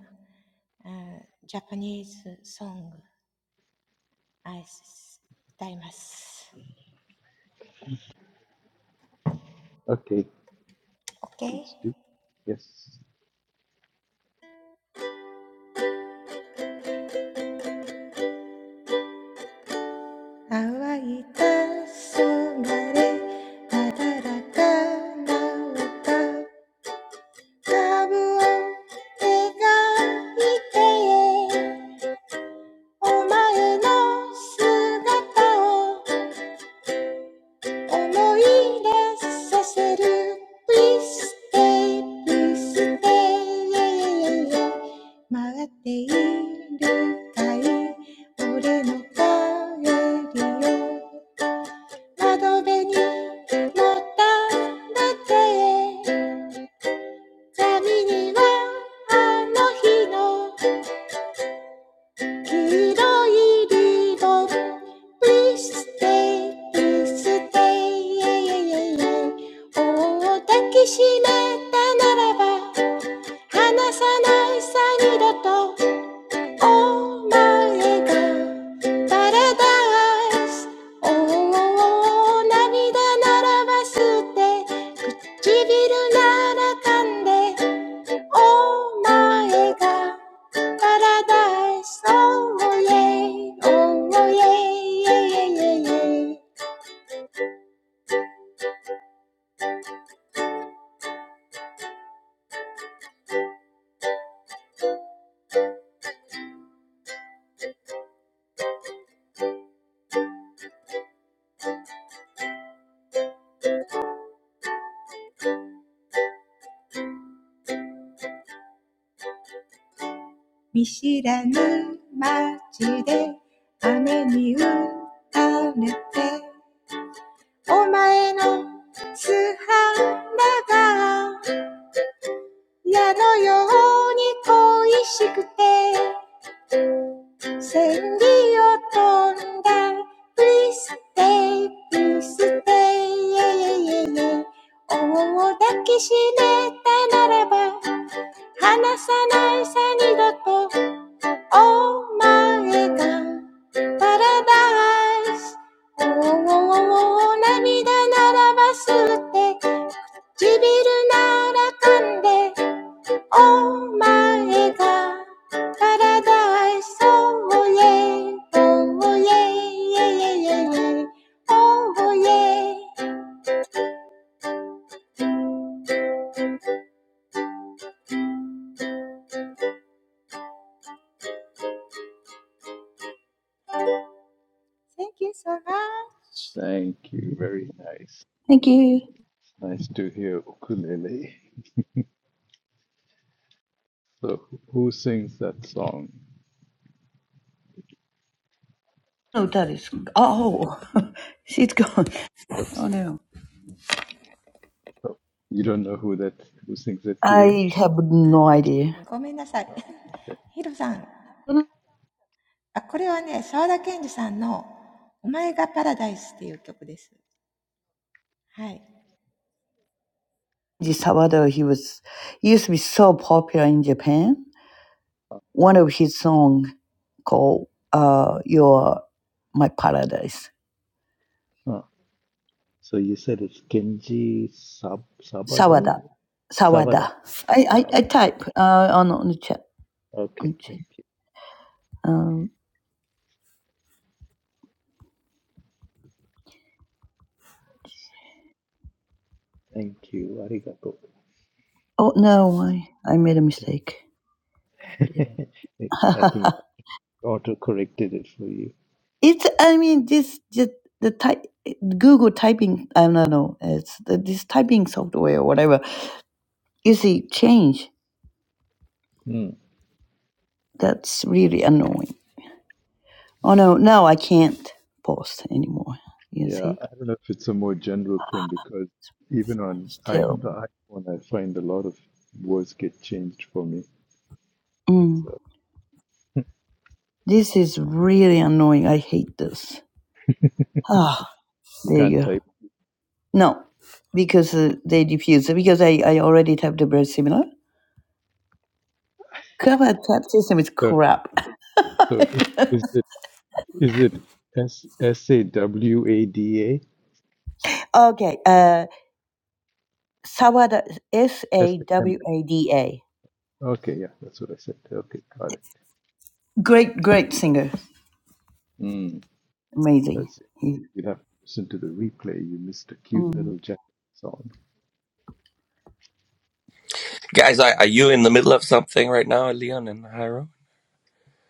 S14: uh, Japanese song. I s- 歌います。Okay.
S1: Okay, please do. Yes,
S14: 乾いた空へ Please stay, please stay. Yeah, yeah, yeah. I want to see your face again. Please stay, please stay. Yeah, yeah, yeah. I want to see your face again. Please stay, please stay. Yeah, yeah, yeah. 기다리던 Please stay, please stay, yeah, yeah, yeah, yeah. 오, 닦기 심했다 날아봐 하나사 날산이다 Oh my God, paradise. Oh, oh, oh, 涙ならば捨て、唇なら噛んで。Oh my God, paradise. Oh, oh, yeah. Oh, oh, yeah, yeah, yeah, yeah, yeah. 見知らぬ街で雨に打たれてお前の素肌が矢のように恋しくて千里を飛んだ Please stay, please stay. Oh, if you hold me tight, then I won't let go. Oh my God, paradise. Oh, oh, oh, oh, 涙ならば吸って、唇なら噛んで。Oh my God, paradise. Oh oh, yeah, oh oh, yeah, yeah, yeah, yeah, yeah. Oh oh, yeah. Thank you so much.
S1: thank you. Very nice.
S8: Thank you.
S1: Nice to hear ukulele. So, who sings that song?
S8: No, that is. Oh, she's gone.
S1: Oops.
S8: Oh, no.
S1: Oh, you don't know who that who sings that hero?
S8: I have no idea.
S1: Oh, okay.
S14: ごめんなさい。ヒロさん。あ、これはね、沢田研二さんのお前がパラダイスっていう曲です。はい。
S8: Ji Sawada, he was, he used to be so popular in Japan.
S1: Ah,
S8: One of his song called uh, Your My Paradise
S1: ah. So you said it's Kenji Sab Sabado?
S8: Sawada.
S1: Sabada.
S8: Sawada. I,
S1: Ah,
S8: I, I
S1: okay.
S8: type uh, on, on the chat. On
S1: Okay.
S8: the
S1: Thank
S8: chat.
S1: you.
S8: Um,
S1: Thank you. Arigato.
S8: oh, no, I, I made a mistake. Yeah.
S1: It, I think it auto-corrected it for you.
S8: it's, I mean, this, just the type, Google typing, I don't know, it's the, this typing software or whatever. You see, change.
S1: Hmm.
S8: That's really annoying. Oh, no, now I can't post anymore. You
S1: Yeah, I
S8: see?
S1: don't know if it's a more general thing because even on
S8: It's
S1: I,
S8: terrible.
S1: the iPhone, I find a lot of words get changed for me.
S8: Mm.
S1: So
S8: This is really annoying. I hate this. Ah,
S1: you
S8: there you
S1: can't
S8: go.
S1: type.
S8: No, because uh, they diffuse. So, Because I, I already typed the very similar. Cover type system is
S1: So,
S8: crap.
S1: so i- is it is it S S A W A D A
S8: okay, uh, Sawada S
S1: S
S8: A
S1: A M?
S8: W A D A.
S1: Okay, yeah, that's what I said. Okay, got it.
S8: Great, great singer.
S1: Mm.
S8: Amazing.
S1: That's it.
S8: He-
S1: You'd have to listen to the replay. You missed a cute
S8: mm.
S1: little Jack song.
S11: Guys, are, are you in the middle of something right now, Leon and Hiro?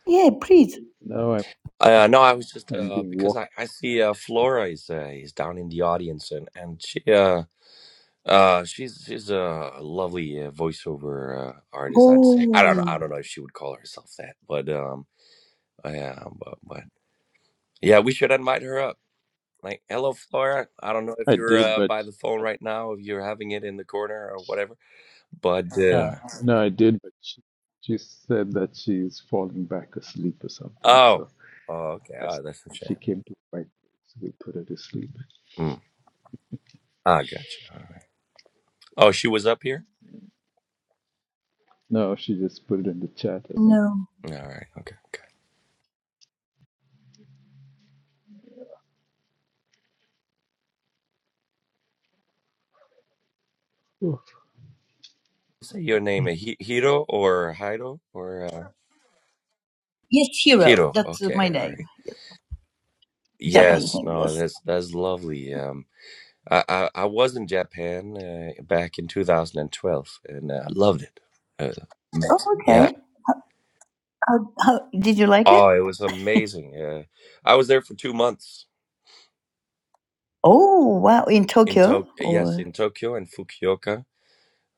S8: Yeah, please.
S1: No, I'm
S11: Uh, no, I was
S1: I'm
S11: just
S1: I'm
S11: uh,
S1: being
S11: because
S1: walked.
S11: I, I see uh, Flora is uh, is down in the audience and and she uh, uh, she's she's a lovely uh, voiceover uh, artist. I'd say I don't know I
S8: Oh
S11: don't know if she would call herself that, but um, yeah, but, but Yeah, we should invite her up. Like, hello, Flora. I don't know if
S1: I
S11: you're
S1: did,
S11: uh,
S1: but.
S11: by the phone right now, if you're having it in the corner or whatever. But
S1: Yeah,
S11: uh,
S1: no, I did, but she, she said that she's falling back asleep or something.
S11: oh,
S1: So
S11: oh, okay.
S1: as
S11: Oh, that's a shame.
S1: she came to the right place, we put her to sleep.
S11: Mm. Ah, gotcha. All right. Oh, she was up here.
S1: No, she just put it in the chat, I think.
S8: no.
S11: All right. Okay.
S1: Oh,
S11: Say your name, uh, Hi- Hiro or Hiro or uh,
S8: Yes, Hiro.
S11: Hiro.
S8: That's uh, my
S11: Okay. All
S8: name.
S11: right.
S8: Japanese
S11: Yes.
S8: name.
S11: No.
S8: Yes.
S11: That's that's lovely. Um, I I, I was in Japan uh, back in 2012, and uh, I loved it. Uh,
S8: Oh,
S11: yeah.
S8: okay. How, how, did you like it?
S11: Oh, it was amazing. Uh, I was there for two months
S8: Oh wow! In
S11: in
S8: Tokyo
S11: Tok yes,
S8: or
S11: in Tokyo and Fukuoka,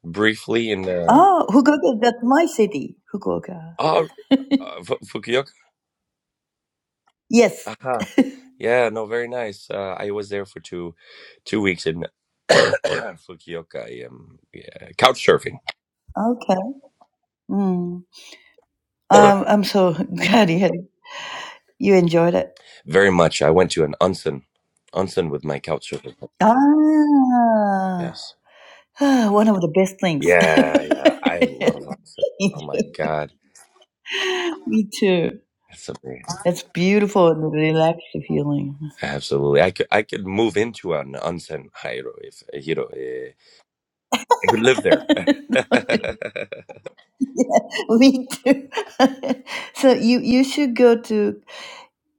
S11: briefly in uh,
S8: oh Fukuoka. That's my city, Fukuoka.
S11: oh, uh, Fu Fukuoka.
S8: Yes.
S11: Aha. Yeah, no, very nice. Uh, I was there for two two weeks in Fukuoka. I, um, yeah, couch surfing.
S8: Okay. Mm. Um, I'm so glad you had, you enjoyed it.
S11: Very much. I went to an onsen, onsen with my couch surfing.
S8: Ah,
S11: Yes.
S8: ah, one of the best things.
S11: Yeah, yeah. I love onsen. Oh my God,
S8: Me too.
S11: that's amazing.
S8: That's beautiful and relaxed feeling.
S11: Absolutely. I could I could move into an onsen hiro if hiro eh, I could live there.
S8: Me too. so you you should go to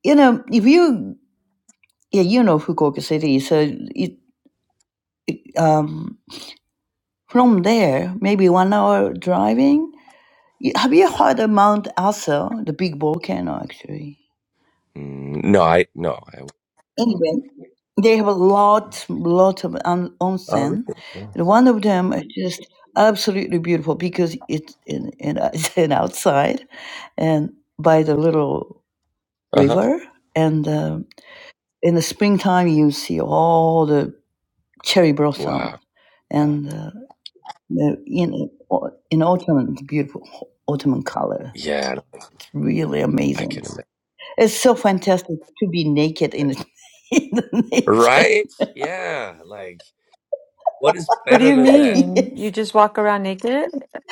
S8: you know if you yeah you know Fukuoka City so it um from there maybe one hour
S11: Mhm.
S8: driving Y- Have you heard of Mount Asa, the big volcano, actually?
S11: Mm, no, I no, I wouldn't there long enough.
S8: Anyway, they have a lot, lot of on-
S11: Oh, really?
S8: onsen.
S11: Yeah.
S8: And one of them is just absolutely beautiful because it's in, in, it's in outside and by the little
S11: Uh-huh.
S8: river. And uh, in the springtime, you see all the cherry blossom.
S11: Wow. Yeah,
S8: And uh, the- in, in autumn, it's beautiful autumn color.
S11: Yeah,
S8: It's really
S11: I
S8: amazing.
S11: can imagine.
S8: It's so fantastic to be naked in, in the nature.
S11: Right? Yeah, like what is
S9: What do
S11: better
S9: you
S11: than that?
S9: mean? You
S8: yes.
S9: just walk around naked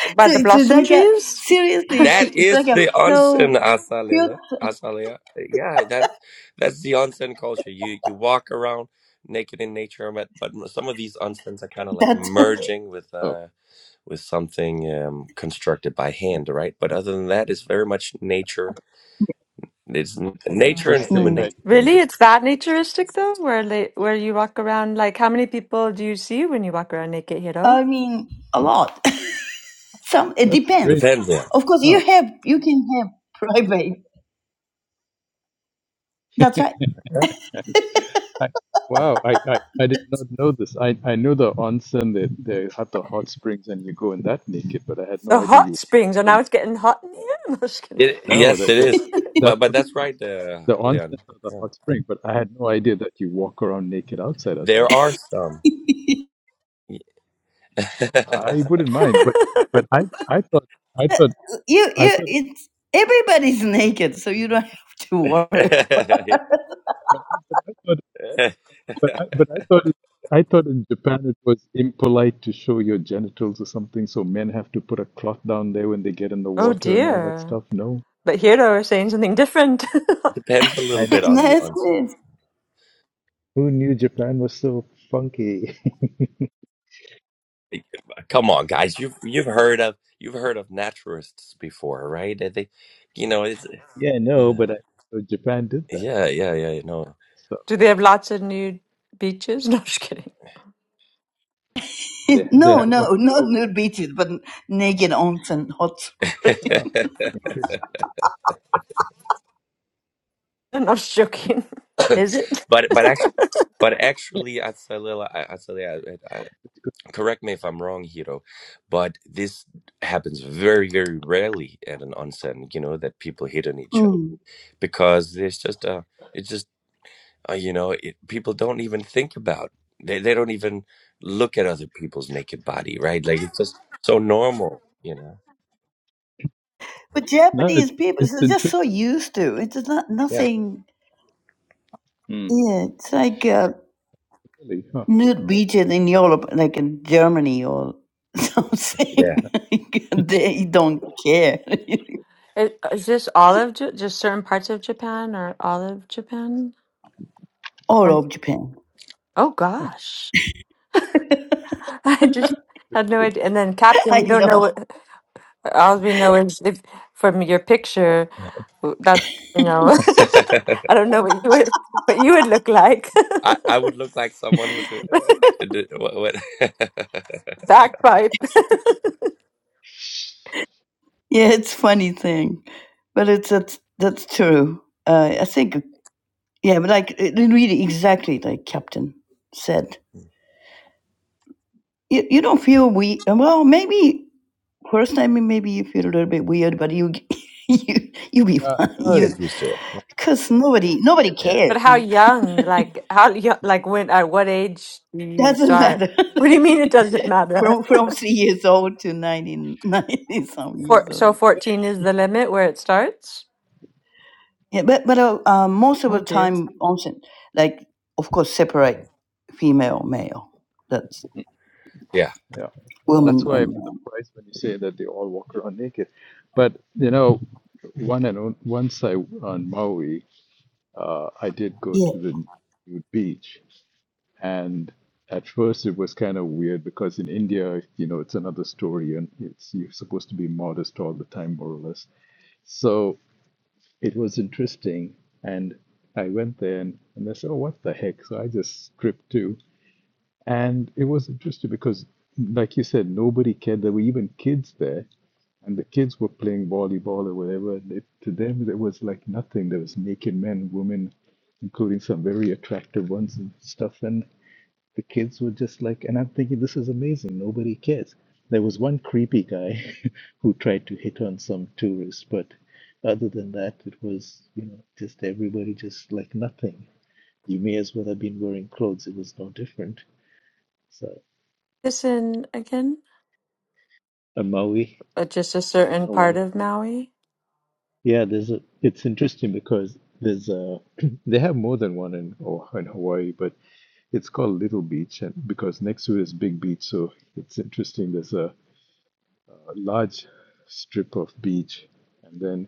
S9: by
S8: So
S9: the
S8: it's
S9: blossom
S8: like a
S9: trees?
S8: seriously,
S11: That
S8: it's like
S11: is
S8: a
S11: the onsen
S8: so cute
S11: asalela. Asalea. Yeah, that that's the onsen culture. You you walk around naked in nature, but but some of these onsens are kind of like
S8: that
S11: merging with
S1: oh,
S11: uh with something um, constructed by hand, right? But
S1: uh,
S11: other than that, it's very much nature. It's n- nature and
S1: interesting.
S11: human
S8: mm,
S1: I,
S11: nature
S9: Really? It's that naturistic though, where la where you walk around like how many people do you see when you walk around naked, Hiro?
S8: I mean a lot. Some it
S1: that's strange.
S8: depends.
S11: depends on.
S8: Of course,
S1: Oh,
S8: you have you can have private. That's right.
S11: Yeah.
S1: I, I, wow, I, I, I did not know this. I, I knew the onsen, they, they have the hot springs and you go in that naked, but I had no
S9: The
S1: idea
S9: hot springs, and
S1: you
S9: now it's getting hot in here? No, just kidding.
S11: It,
S1: No,
S11: yes,
S1: that,
S11: it
S1: that
S11: is.
S1: that's
S11: But but
S1: what
S11: that's
S1: that's
S11: right, uh,
S1: the onset
S11: Leon.
S1: of the
S11: Yeah.
S1: hot spring. But I had no idea that you walk around naked outside of
S11: There
S1: that.
S11: are some.
S1: I wouldn't mind, but but I I thought I thought
S8: You
S1: I
S8: you
S1: thought it,
S8: it's everybody's naked, so you don't have to worry.
S1: but I, but I thought but I but I thought it, I thought in Japan it was impolite to show your genitals or something, so men have to put a cloth down there when they get in the
S9: Oh
S1: water and all that
S9: dear.
S1: stuff. No,
S9: But Hiro is saying something different.
S11: depends a
S1: I
S11: little
S1: know.
S11: bit on the
S8: Yes,
S11: onsen.
S8: yes.
S1: Who knew Japan was so funky?
S11: Come on, guys. You've you've heard of you've heard of naturalists before, right? They, they- you know, it's
S1: yeah, no,
S11: yeah,
S1: but I, but Japan did that.
S11: yeah, yeah, yeah. No,
S1: So
S9: Do they have lots of nude beaches? No, just kidding.
S1: they they
S8: no,
S1: have
S8: no, not
S1: one.
S8: nude beaches, but naked onsen hot.
S1: Oh, interesting.
S9: I'm not joking. Is it?
S11: but but But actually, Atsalila, I- Atsalila, I- I-
S1: It's good.
S11: correct me if I'm wrong, Hiro, but this happens very, very rarely at an onsen. You know that people hit on each other
S8: Mm.
S11: because there's just a, it's just uh you know, it, people don't even think about. They they don't even look at other people's naked body, right? Like it's just so normal, you know.
S8: But
S1: No, it's
S8: Japanese people
S1: it's
S8: are just so
S1: interesting.
S8: used to it. It's not
S11: Yeah,
S8: nothing.
S1: Hmm.
S8: Yeah, it's like uh,
S1: Really, huh?
S8: nude beaches in Europe, like in Germany or
S11: yeah.
S8: something. Like, they don't care.
S9: Is, is this all of Ja- just certain parts of Japan or all of Japan?
S8: All
S9: Or,
S8: of Japan.
S9: oh
S1: huh.
S9: gosh, I just had no
S1: See.
S9: idea. And then captain,
S8: I
S9: we don't know
S8: know.
S9: what. All we know is if, from your picture w- that you know. I don't know what you would what you would look like.
S11: I I would look like someone who do, uh, did- did- what, what?
S9: Backpipe.
S8: Yeah, it's funny thing, but it's that's that's true. Uh, I think yeah, but like it- really exactly like Captain said. You, you don't feel we well maybe First time it maybe you feel a little bit weird, but you you you be
S1: Yeah,
S8: fine.
S1: no,
S11: you
S1: it-
S8: You
S11: get used to it.
S8: because nobody nobody
S11: Yeah,
S9: But
S8: care.
S9: how young? Like how young? Like when? At what age do you
S8: Doesn't
S9: start?
S8: matter.
S9: What do you mean it doesn't matter?
S8: from from three years old to 90 90 some
S9: For,
S8: years old.
S9: so
S1: yeah,
S9: fourteen is the limit where it starts.
S8: Yeah, but but uh, uh, most of
S9: Oh
S8: the
S9: dear.
S8: time onsen, like of course separate female male. That's
S11: yeah.
S1: yeah. That's
S8: woman
S1: why I'm
S8: and man.
S1: surprised when you say that they all walk around naked. But you know, one and on- once I on Maui, uh, I did go to the nude beach, and at first it was kind of weird because in India, you know, it's another story, and it's you're supposed to be modest all the time, more or less. So. it was interesting. And I went there and, and they said, oh, what the heck? So I just stripped too. And it was interesting because, like you said, nobody cared. There were even kids there. And the kids were playing volleyball or whatever. It, to them, there was like nothing. There was naked men, women, including some very attractive ones and stuff. And the kids were just like, and I'm thinking, this is amazing. Nobody cares. There was one creepy guy who tried to hit on some tourists, but other than that, it was, you know, just everybody just like nothing. You may as well have been wearing clothes. It was no different. So,
S9: this in again?
S1: on Maui,
S9: But just a certain part
S1: Hawaii.
S9: of Maui?
S1: Yeah, there's a, it's interesting because there's a, they have more than one in, or in Hawaii, but it's called Little Beach and because next to it is Big Beach. So it's interesting. There's a, a large strip of beach and then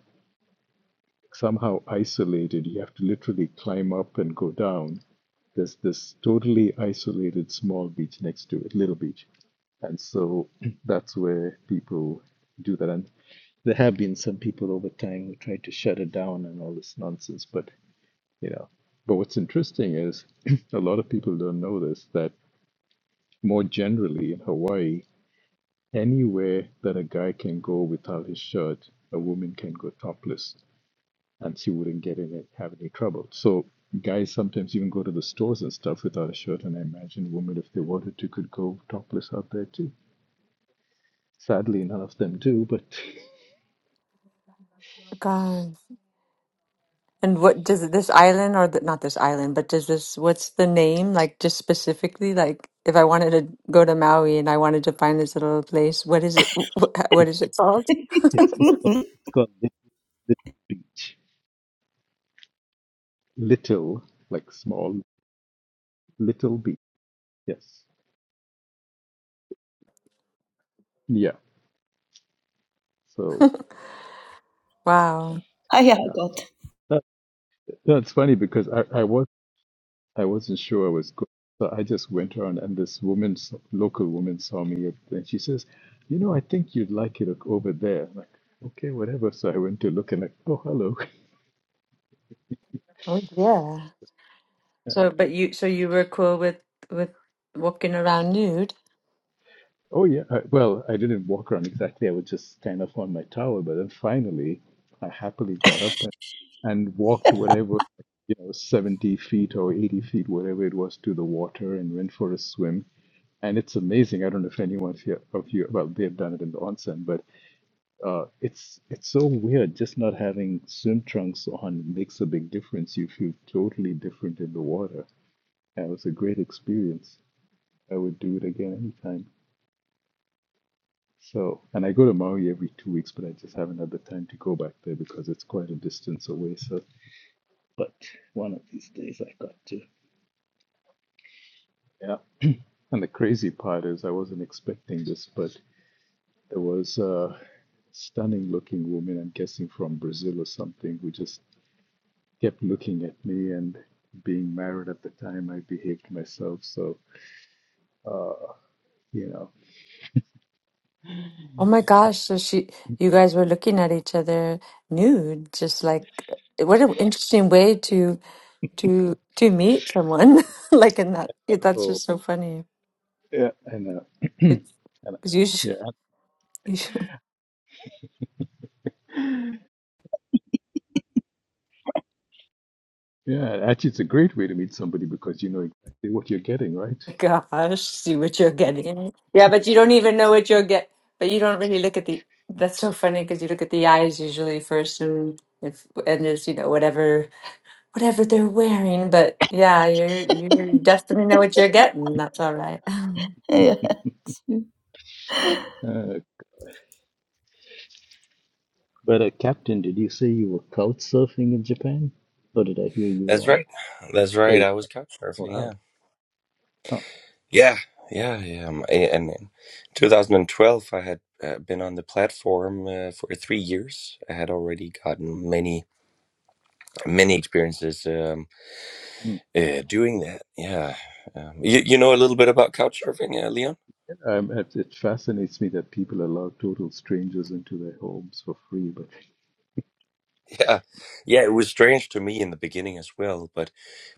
S1: somehow isolated. You have to literally climb up and go down. There's this totally isolated small beach next to it, little beach. And so that's where people do that. And there have been some people over time who tried to shut it down and all this nonsense, but you know. But what's interesting is a lot of people don't know this that more generally in Hawaii, Anywhere that a guy can go without his shirt, a woman can go topless and she wouldn't get in it, have any trouble. So guys sometimes even go to the stores and stuff without a shirt, and I imagine women, if they wanted to, could go topless out there too. Sadly, none of them do, but
S9: Oh God. And what does it- this island or the, not this island, but does this, what's the name? Like just specifically, like if I wanted to go to Maui and I wanted to find this little place, what is it? wh- wh-
S1: it,
S9: What is it called?
S1: it's it's called,
S8: Yeah.
S1: it's called Lit- Little Beach. Little, like small, Little Beach. Yes. Yeah. So
S9: Wow.
S8: I have
S1: yeah,
S8: got.
S1: that, that's funny because I, I was I wasn't sure I was good. So I just went around, and this woman, s- local woman, saw me, and she says, "You know, I think you'd like it o- over there." I'm like, okay, whatever. So I went to look, and like, oh, hello.
S9: Oh, yeah.
S1: Yeah.
S9: So, but you, so you were cool with with walking around nude?
S1: Oh yeah. I, well, I didn't walk around exactly. I was just kind of on my towel, but then finally, I happily got up and, and walked whatever, you know, seventy feet or eighty feet, whatever it was, to the water, and went for a swim. And it's amazing. I don't know if anyone of you, of you well, they've done it in the onsen, but Uh, it's it's so weird. Just not having swim trunks on makes a big difference. You feel totally different in the water. and it was a great experience. I would do it again anytime. So, and I go to Maui every two weeks, but I just haven't had the time to go back there because it's quite a distance away. So, but one of these days I got to. Yeah. And the crazy part is, I wasn't expecting this, but there was a stunning looking woman, I'm guessing from Brazil or something, who just kept looking at me and being married at the time i behaved myself so uh you know
S9: Oh my gosh! So she, you guys were looking at each other nude, just like what an interesting way to to to meet someone. Like in that, yeah, that's
S1: oh
S9: just so funny.
S1: yeah and uh
S9: It's
S1: and
S9: because you, sh-
S1: yeah
S9: you sh-
S1: yeah actually it's a great way to meet somebody because you know exactly what you're getting right
S9: gosh, see what you're getting. Yeah, but you don't even know what you'll get. But you don't really look at the. That's so funny because you look at the eyes usually first, and if and there's you know whatever whatever they're wearing. But yeah, you're you're destined to know what you're getting. That's all right.
S8: Yeah.
S1: uh, But uh, Captain, did you say you were couch surfing in Japan? Or did I hear you
S11: That's right.
S1: wrong?
S11: That's
S1: Oh,
S11: right.
S1: yeah.
S11: I was couch surfing.
S1: wow
S11: Yeah.
S1: Oh,
S11: Yeah. Yeah. Yeah. Um, a- And in 2012, I had uh, been on the platform uh, for three years. I had already gotten many, many experiences um,
S1: mm.
S11: uh, doing that. Yeah. Um, you, you know a little bit about couch surfing, uh, Leon?
S1: um, it, it fascinates me that people allow total strangers into their homes for free but
S11: Yeah. Yeah. It was strange to me in the beginning as well. But,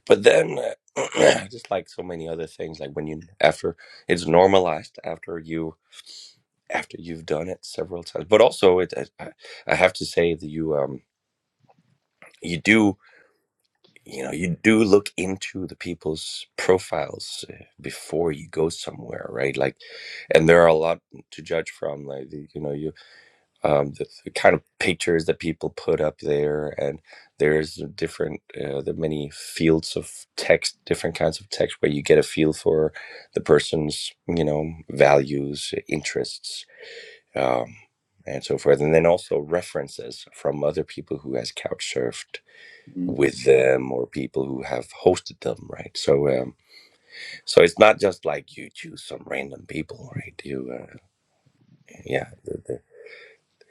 S11: but then, uh, just like so many other things, like when you, after it's normalized, after you, after you've done it several times. But also, it, I, I have to say that you um you do you know you do look into the people's profiles uh, before you go somewhere, right? Like, and there are a lot to judge from. Like the, you know you um the, the kind of pictures that people put up there, and there's a different uh, the many fields of text, different kinds of text where you get a feel for the person's you know values, interests um, and so forth. And then also references from other people who has couch surfed
S1: hmm,
S11: with them or people who have hosted them, right? So, um, so it's not just like you choose some random people, right? You, uh, yeah, there, there-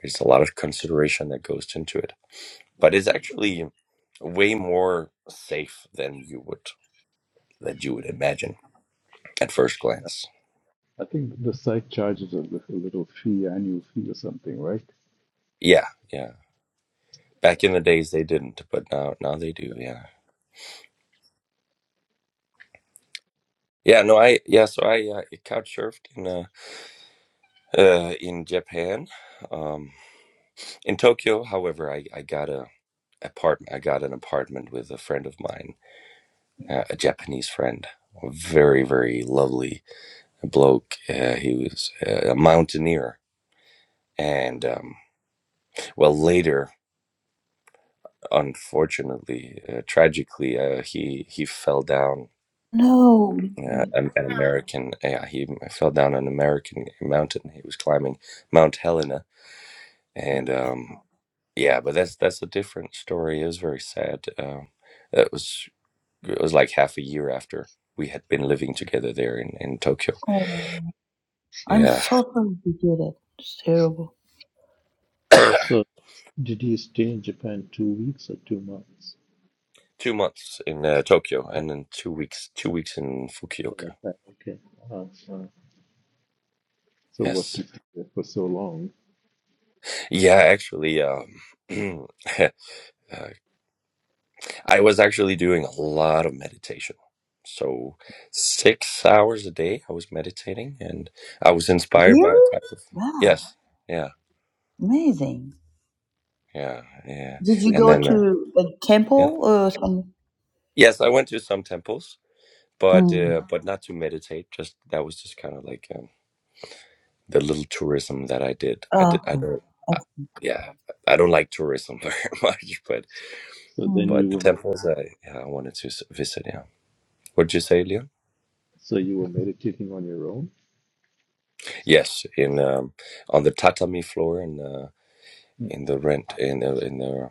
S11: there's a lot of consideration that goes into it, but it's actually way more safe than you would that you would imagine at first glance.
S1: I think the site charges a li- a little fee, annual fee or something, right?
S11: Yeah, yeah. Back in the days, they didn't, but now now they do. Yeah, yeah. No, I yeah. So I uh, couch surfed in. uh, uh, in Japan. Um, in Tokyo, however, I, I got a apartment. I got an apartment with a friend of mine, uh, a Japanese friend, a very very lovely bloke. Uh, he was uh, a mountaineer, and um, well, later, unfortunately, uh, tragically, uh, he he fell down.
S8: No.
S11: Uh,
S1: Mm,
S11: an, an Oh. American, yeah, he fell down an American mountain. He was climbing Mount Helena,
S1: mm.
S11: and um, Yeah, but that's that's a different story. It was very sad. Um, it was it was like half a year after we had been living together there in in Tokyo.
S8: Oh, I'm
S11: Yeah,
S8: so sorry to hear that. It's terrible.
S1: So, did you stay in Japan two weeks or two months?
S11: two months in uh, Tokyo
S1: Uh,
S11: and then two weeks two weeks in
S1: Something
S11: Fukuoka.
S1: like that. Okay. Uh, uh, So what
S11: Yes.
S1: took you there for so long?
S11: Yeah, actually, um, uh, I was actually doing a lot of meditation. So six hours a day, I was meditating, and I was inspired by a
S8: Really?
S11: type of
S8: Wow,
S11: yes, yeah,
S8: amazing.
S11: yeah, yeah,
S8: Did
S1: so,
S8: you
S11: and
S8: go
S1: you,
S11: then. Uh,
S8: to a
S11: yeah.
S8: temple or some?
S11: Yes, I went to some temples, but
S8: Mm.
S11: uh, but not to meditate. Just that was just kind of like um, the little tourism that I did. I
S8: Oh,
S11: did. I don't. I,
S8: okay.
S11: yeah, I don't like tourism very much, but
S1: so then
S8: Mm.
S1: you
S11: but the
S1: were med-
S11: temples I yeah, I wanted to s- visit. Yeah, what did you say, Leon?
S1: so you were meditating on your own.
S11: Yes, in um, on the tatami floor in uh,
S1: mm.
S11: in the rent in the, in the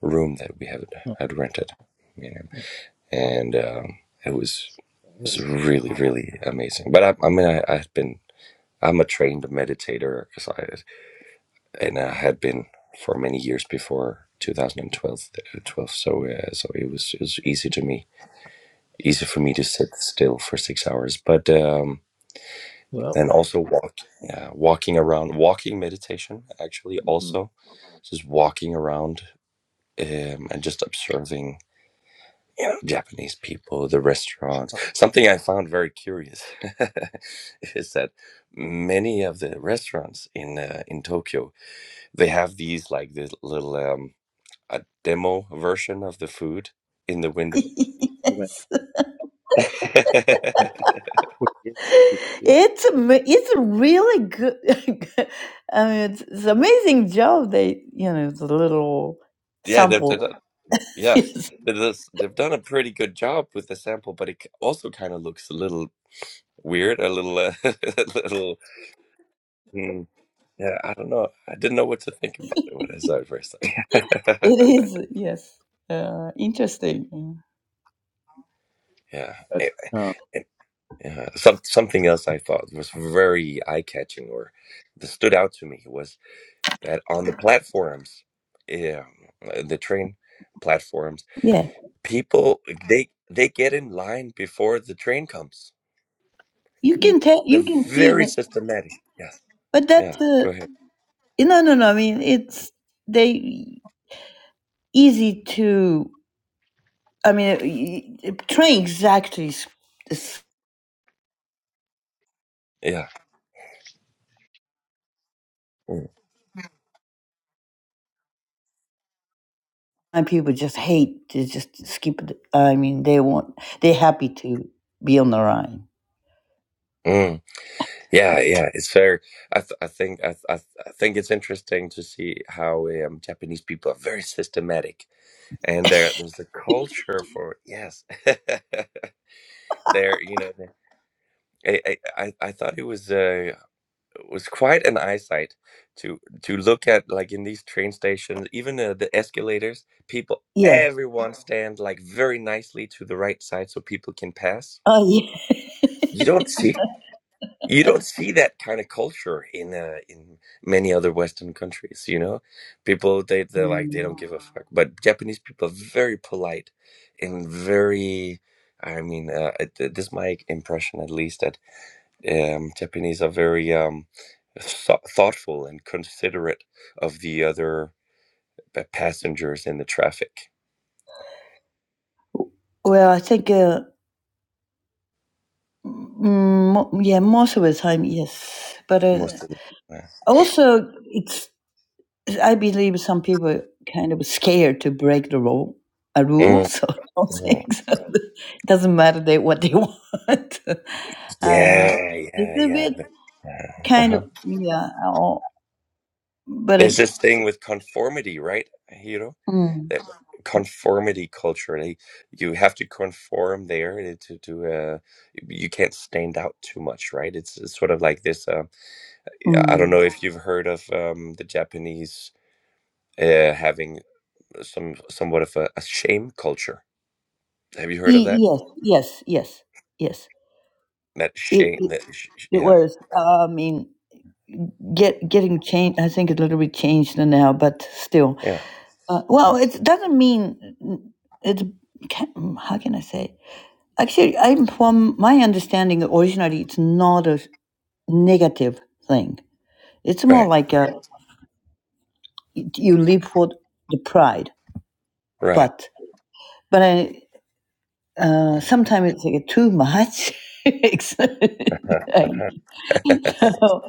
S11: room that we had
S1: Oh,
S11: had rented, you know,
S1: oh,
S11: and um, it was
S1: that
S11: it was
S1: good.
S11: really really amazing. But I, I mean, I, I've been I'm a trained meditator, 'cause I, and I had been for many years before 2012. uh, 12, uh, twelve, so, uh, so it was it was easy to me, easy for me to sit still for six hours. But um,
S1: Well,
S11: and also walk, yeah, walking around, walking meditation actually
S1: Mhm.
S11: also, just walking around um, and just observing. You know, Japanese people, the restaurants.
S1: ah,
S11: Something I found very curious is that many of the restaurants in uh, in Tokyo They have these like this little um a demo version of the food in the window.
S1: you went
S8: yes.
S1: through and you could really stick to
S8: It's ama- it's a really good. I mean, it's, it's amazing job. They you know the little
S11: yeah, they've,
S8: sample.
S11: they've done, yes,
S8: Yes,
S11: they've, thus- they've done a pretty good job with the sample, but it c- also kind of looks a little weird, a little, uh, a little. mm, yeah, I don't know. I didn't know what to think about it when I saw it first time.
S8: it is. Yes, uh, interesting. Mm.
S11: yeah.
S1: that.
S11: It- it-
S1: Um,
S11: yeah, some something else I thought was very eye catching or that stood out to me that on the platforms, yeah, uh, the train platforms,
S8: Yeah,
S11: people they they get in line before the train comes.
S8: you
S1: mm.
S8: can tell.
S11: They're
S8: You can see
S11: very
S8: that,
S11: systematic. Yes.
S8: but that
S11: Yeah. Go
S8: uh,
S11: ahead.
S8: no, no, no. I mean, it's they easy to. I mean, it, it, train exactly. s- s-
S11: Yeah. Mm.
S8: And people just hate. to just skip. it. I mean, they want. They're happy to be on the Rhine.
S11: Mm. Yeah. Yeah. It's fair. I th- I think I, th- I, th- I think it's interesting to see how um, Japanese people are very systematic, and there there's a culture for yes. there you know. the- I, I I I thought it was. Uh, was quite an eyesight to to look at like in these train stations even uh, the escalators people
S8: Yeah.
S11: everyone Mhm. stand like very nicely to the right side so people can pass
S8: Oh yeah.
S11: you don't see you don't see that kind of culture in uh, in many other western countries you know people they they're like they
S8: Mm.
S11: don't give a fuck but japanese people are very polite and very i mean uh, it- this is my impression at least that um, Japanese are very um, thou- thoughtful and considerate of the other p- passengers in the traffic.
S8: well, I think. Uh, Mm, mo- yeah, most of the time, yes. But uh,
S11: Most of the
S8: also, it's I believe some people are kind of scared to break the rule, a rule,
S11: Mm,
S8: so I don't
S11: mm.
S8: think so. it doesn't matter they, what they want. uh,
S11: Yeah, yeah,
S8: it's a
S11: yeah.
S8: bit
S11: the- yeah,
S8: kind
S11: uh-huh.
S8: of yeah, oh, but
S11: There's
S8: it,
S11: this thing with conformity, right, Hiro?
S8: mm,
S11: That conformity culture. They, you have to conform there to, to to, uh, you can't stand out too much, right? It's, it's sort of like this. Uh, I don't
S8: mm.
S11: know if you've heard of um, the Japanese. Uh, having some somewhat of a, a shame culture. Have you heard of
S8: E-
S11: that?
S8: yes, yes, yes, yes.
S11: That
S8: It,
S11: shame.
S8: it
S11: That sh- sh-
S8: it
S11: yeah,
S8: was. I mean, get getting changed. I think a little bit changed now, but still.
S11: yeah,
S8: Uh,
S11: yeah.
S8: well, it doesn't mean it's. Can, how can I say? Actually, I'm from my understanding. Originally, it's not a negative thing. It's more
S11: Right,
S8: like a, you live for the pride,
S11: right.
S8: but but I uh,
S11: Yeah,
S8: sometimes it's like too much. It's-
S11: uh-huh.
S8: I- so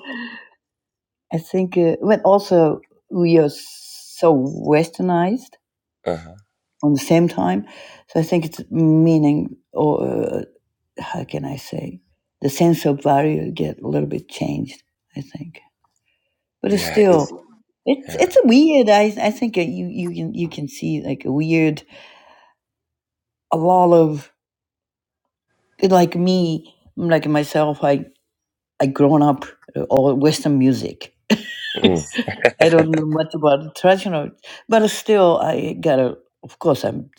S8: I think, uh, but also we are so westernized
S11: uh-huh.
S8: on the same time. So I think it's meaning, or uh, how can I say, the sense of value get a little bit changed, I think. But it's
S11: yeah, it-
S8: still, it's
S11: yeah.
S8: it's a weird. I I think you you can you can see like a weird a lot of like me like myself. I I grown up uh, all Western music.
S11: Mm.
S8: I don't know much about traditional, but still I got a. Of course, I'm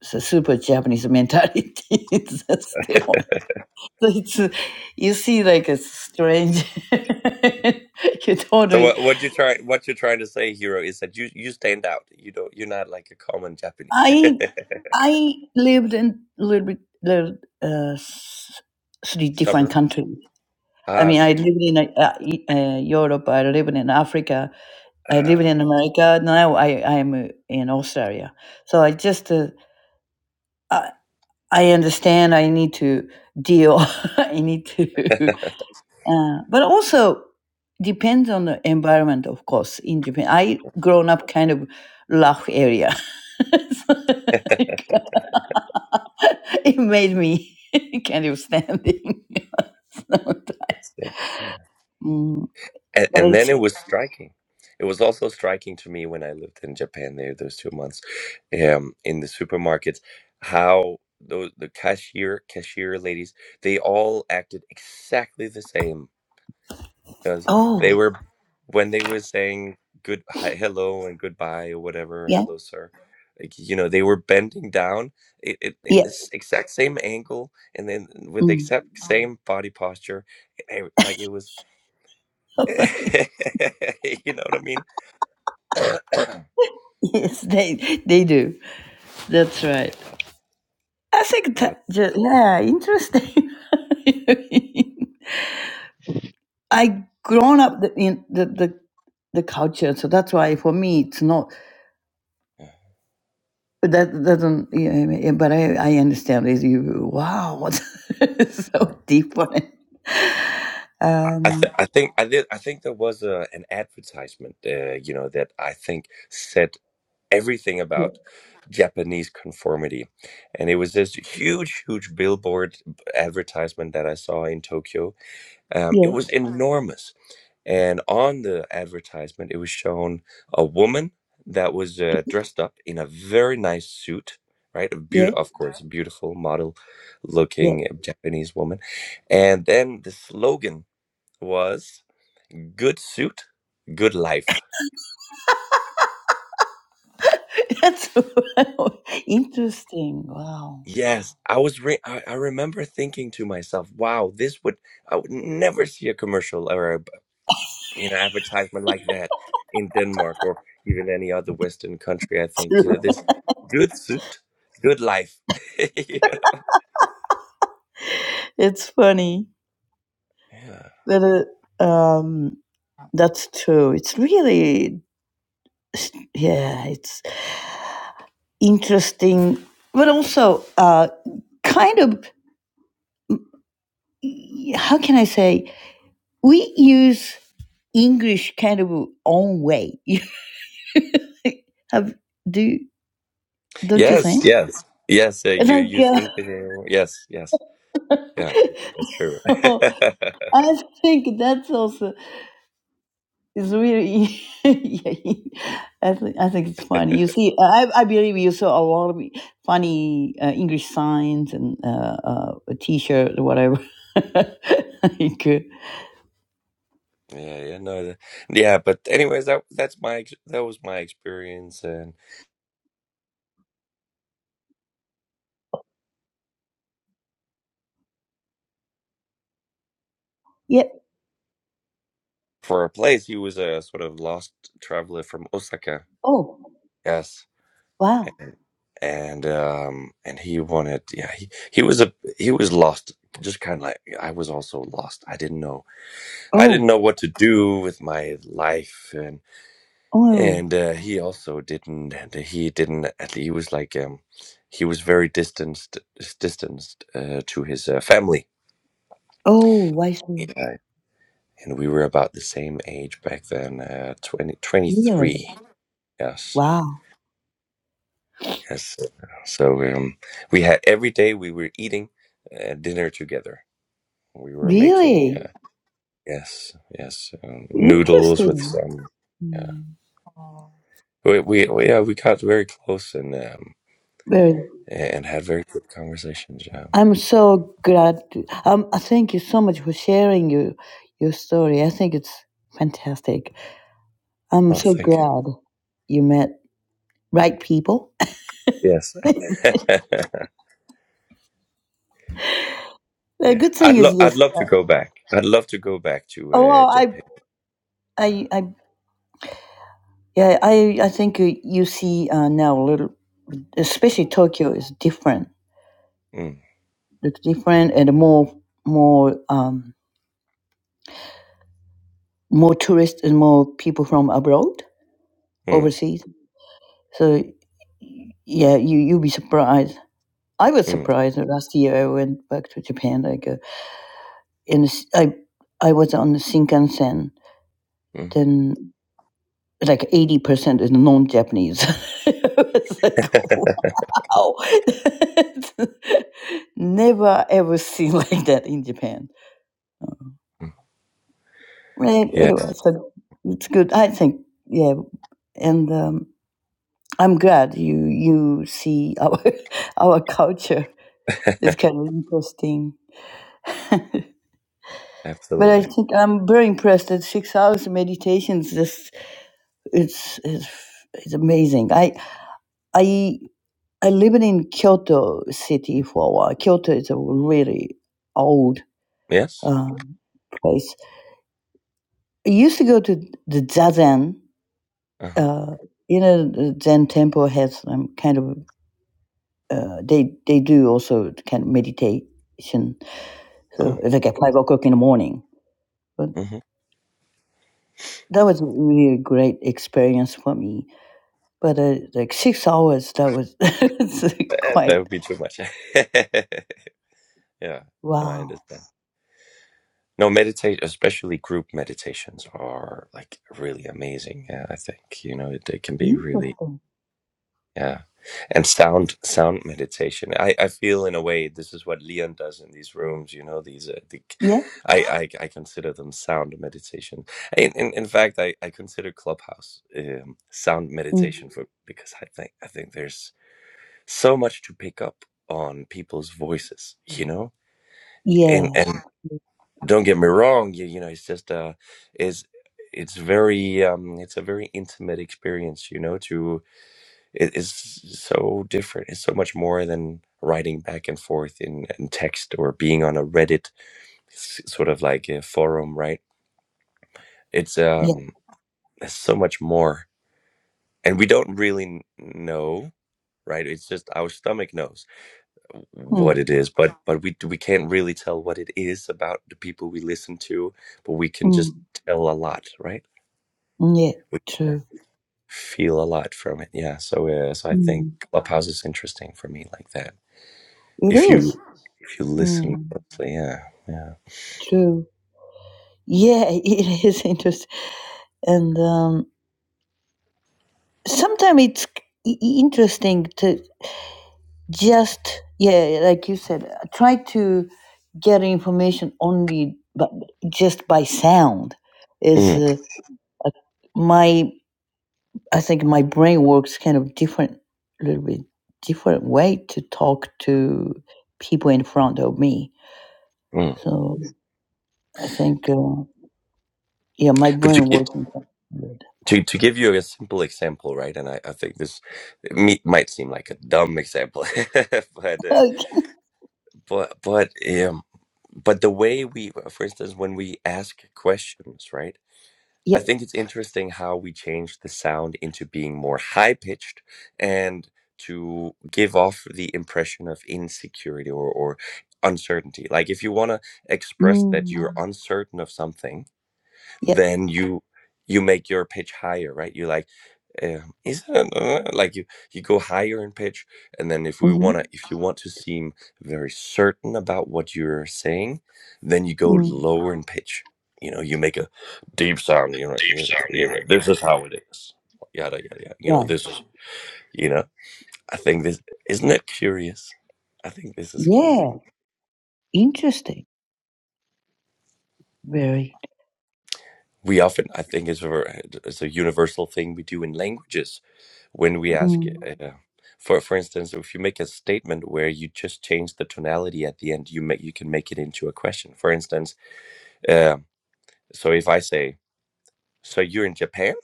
S8: it's a super Japanese mentality. It's still So it's you see like it's strange you
S11: So
S8: totally
S11: what what you try what you're trying to say, hero, is that you you stand out. You don't. You're not like a common Japanese
S8: i i lived in a little bit little, uh, s- three different
S11: suburb.
S8: countries i
S11: Ah,
S8: mean i
S11: okay.
S8: lived in uh, E- uh, europe i lived in africa i
S11: Uh,
S8: lived in america now i i am uh, in australia so i just uh, I, I understand i need to deal i need to Uh, but also depends on the environment, of course. In Japan, I grown up kind of rough area, So, like, it made me kind of standing. So,
S11: let's see. Hmm.
S8: Mm,
S11: and,
S8: but
S11: and then
S8: it's
S11: it was striking. It was also striking to me when I lived in Japan there those two months, um, in the supermarkets, how those the cashier cashier ladies they all acted exactly the same because they
S8: oh
S11: were when they were saying good hi, hello and goodbye or whatever
S8: yeah
S11: hello sir like you know they were bending down it, it, in
S8: yeah
S11: this exact same angle and then with the
S8: mm.
S11: exact same body posture eh, like it was you know what I mean?
S8: yes they they do that's
S11: Yeah.
S8: right. I think
S11: That was,
S8: that, ju- yeah interesting. I grown up the- in the the the culture, so that's why for me it's not
S11: yeah.
S8: But that doesn't, yeah, I but I, I understand this. You, wow, what
S11: Yeah.
S8: so deep one.
S11: I, I th-
S8: Um,
S11: I think I did. I think there was a, an advertisement, uh, you know, that I think said everything
S8: yeah,
S11: about Japanese conformity, and it was this huge, huge billboard advertisement that I saw in Tokyo. Um, it
S8: yeah,
S11: was enormous, And on the advertisement, it was shown a woman that was uh, dressed up in a very nice suit, right? A
S8: yeah,
S11: beaut- of course, a beautiful model
S8: yeah.
S11: looking Japanese woman. And then the slogan was good suit, good life.
S8: That's interesting. Wow,
S11: Yes, I was re- I, I remember thinking to myself, wow, this would I would never see a commercial or you know advertisement like that in Denmark or even any other Western country. I think you know this good food, good life. yeah.
S8: it's funny that it, um, that's true. It's really, yeah, it's interesting, but also uh, kind of. How can I say? we use English kind of own way. Have do don't you
S11: Yes,
S8: think?
S11: yes, yes. Uh, you use
S8: Like
S11: English. uh, Yes, yes. Yeah, that's true.
S8: uh,
S11: yeah,
S8: I think that's also is really yeah, I think I think it's funny. You see, I I believe you saw a lot of funny uh, English signs and uh, uh, a T-shirt or whatever. like, uh,
S11: yeah, no, the- yeah. But anyways, that that's my ex- that was my experience, and
S8: yeah.
S11: for a place, he was a sort of lost traveler from Osaka.
S8: Oh
S11: Yes.
S8: wow.
S11: and um and he wanted yeah he, he was a he was lost just kind of like yeah, i was also lost i didn't know i didn't
S8: Oh
S11: know what to do with my life and
S8: oh
S11: and uh, he also didn't he didn't at he was like um he was very distanced distanced uh, to his uh, family
S8: oh. I see.
S11: yeah. and we were about the same age back then uh 20,
S8: Really?
S11: twenty-three. yes
S8: Wow.
S11: yes so um we had every day we were eating uh, dinner together we were making
S8: Really?
S11: uh, yes yes um, noodles with
S8: Interesting.
S11: some yeah
S8: Mm.
S11: we, we we- yeah we got very close and um
S8: Very.
S11: and had very good conversations yeah
S8: I'm so glad. To, um, I thank you so much for sharing your your story. I think it's fantastic. I'm
S11: oh
S8: so
S11: thank you
S8: glad you met right people.
S11: yes yeah
S8: The good thing
S11: I'd
S8: is
S11: love I'd
S8: yes.
S11: love
S8: Uh,
S11: to go back I'd love to go back to
S8: oh,
S11: uh,
S8: well, I,
S11: Japan yeah
S8: I, I, yeah, I, I think you, you see uh, now a little, especially Tokyo is different.
S11: mm,
S8: It's different and more, more, um, more tourists and more people from abroad,
S11: mm,
S8: overseas So yeah, you you'll be surprised. I was
S11: mm,
S8: surprised that last year I went back to Japan. Like uh, in the I I was on the Shinkansen.
S11: mm.
S8: Then like eighty percent is non-Japanese. it's like wow, never ever seen like that in Japan.
S11: Mm.
S8: Right.
S11: yeah
S8: Anyway, so it's good. I think yeah, and um, I'm glad you you see our our culture. It's kind of interesting. But I
S11: absolutely
S8: think I'm very impressed that six hours of meditations just it's it's it's amazing. I I I lived in Kyoto city for a while. Kyoto is a really old
S11: yes
S8: um, place. I used to go to the zazen.
S11: uh-huh.
S8: Uh, you know, the Zen temple has um, kind of uh, they they do also kind of meditation. So
S11: oh
S8: it's like at five o'clock in the morning. But
S11: hmm
S8: that was a really great experience for me but uh, like six hours that was it's like
S11: that
S8: quite
S11: would be too much yeah no, I
S8: wow
S11: understand No, meditate, especially group meditations, are like really amazing. Yeah, I think you know it, it can be really
S8: interesting
S11: yeah, and sound sound meditation. I I feel in a way this is what Leon does in these rooms. You know these uh, the,
S8: yeah
S11: I, I I consider them sound meditation. In in, in fact, I I consider Clubhouse um, sound
S8: mm.
S11: meditation for because I think I think there's so much to pick up on people's voices. You know,
S8: yeah
S11: and and don't get me wrong you, you know it's just uh it's it's very um it's a very intimate experience you know to it, it's so different it's so much more than writing back and forth in, in text or being on a reddit s- sort of like a forum right it's
S8: yeah
S11: um there's so much more and we don't really n- know right it's just our stomach knows what
S8: mm.
S11: it is but but we we can't really tell what it is about the people we listen to but we can
S8: Mm.
S11: just tell a lot right
S8: yeah
S11: we
S8: true
S11: feel a lot from it. Yeah. So uh, so I think
S8: mm.
S11: Clubhouse is interesting for me like that.
S8: it
S11: If
S8: is
S11: you if you listen
S8: mm.
S11: closely, yeah, yeah.
S8: true yeah it is interesting and um sometimes it's i- i- interesting to just yeah like you said uh, try to get information only but just by sound is
S11: Mm,
S8: uh, a my I think my brain works kind of different, a little bit different way to talk to people in front of me.
S11: mm.
S8: So I think, uh, yeah, my
S11: But to
S8: brain
S11: get
S8: works. in front of me.
S11: to, to give you a simple example, right? And I, I think this me, might seem like a dumb example, but uh,
S8: Okay.
S11: but but um, but the way we, for instance, when we ask questions, right? I
S8: Yeah.
S11: think it's interesting how we changed the sound into being more high pitched and to give off the impression of insecurity or, or uncertainty. Like if you want to express that you're
S8: Mm.
S11: uncertain of something,
S8: Yeah.
S11: then you you make your pitch higher right you like um, is it an, uh," like you you go higher in pitch and then if we
S8: hmm
S11: want to if you want to seem very certain about what you're saying then you go
S8: Mm.
S11: lower in pitch you know you make a deep sound you know you. "Yeah, yeah, yeah, this is how it is yada yada yada you know
S8: Right.
S11: this is you know i think this isn't it curious i think this is curious
S8: Yeah. Interesting. Very.
S11: we often i think it's a, it's a universal thing we do in languages when we ask
S8: Mm.
S11: uh, for for instance if you make a statement where you just change the tonality at the end you make you can make it into a question for instance uh, so if i say so you're in japan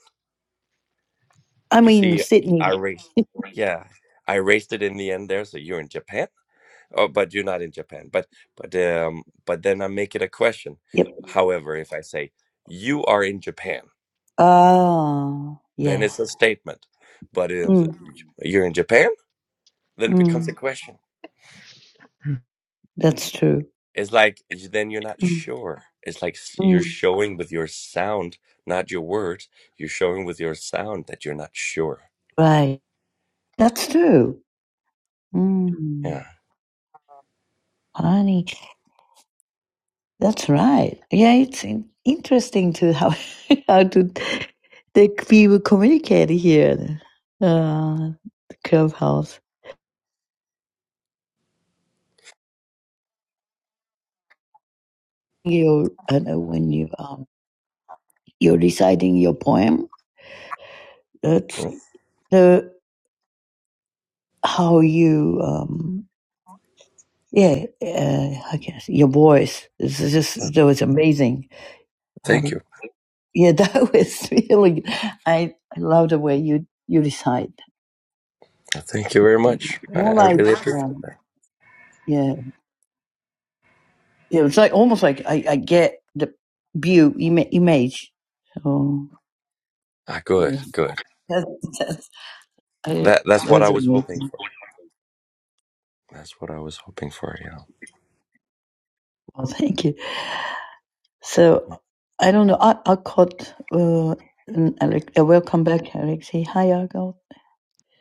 S8: I'm
S11: you
S8: in
S11: see i
S8: Sydney.
S11: raised yeah i raised it in the end there so you're in japan oh but you're not in japan but but um but then i make it a question
S8: Yep.
S11: however if i say you are in japan
S8: Ah.
S11: Then
S8: Yeah.
S11: it's a statement. But it is,
S8: Mm.
S11: you're in Japan, then it becomes a
S8: Mm.
S11: question.
S8: That's true.
S11: It's like then you're not
S8: Mm.
S11: sure. It's like s- you're
S8: Mm.
S11: showing with your sound, not your words. You're showing with your sound that you're not sure.
S8: Right. That's true. Mm.
S11: Yeah.
S8: Honey, that's right. Yeah, it's in- interesting to how how to the people communicate here, uh, the clubhouse. You, I know when you um you're reciting your poem. That's
S11: Well,
S8: the how you um yeah uh, I guess your voice is just
S11: uh,
S8: that was amazing.
S11: Thank
S8: Um,
S11: you.
S8: yeah, that was really. I I love the way you you recite.
S11: Uh, Thank you very much. I,
S8: More
S11: I
S8: like
S11: really appreciate
S8: um,
S11: that.
S8: yeah. It was like almost like I, I get the view ima- image. So
S11: Ah, good,
S8: that's,
S11: good.
S8: that's, I,
S11: That that's
S8: that
S11: what I
S8: was
S11: was hoping
S8: amazing.
S11: for. That's what I was hoping for. Yeah.
S8: Well, thank you. So I don't know. I, I caught uh, an Alex, uh, welcome back, Alexei. Hi, Argo.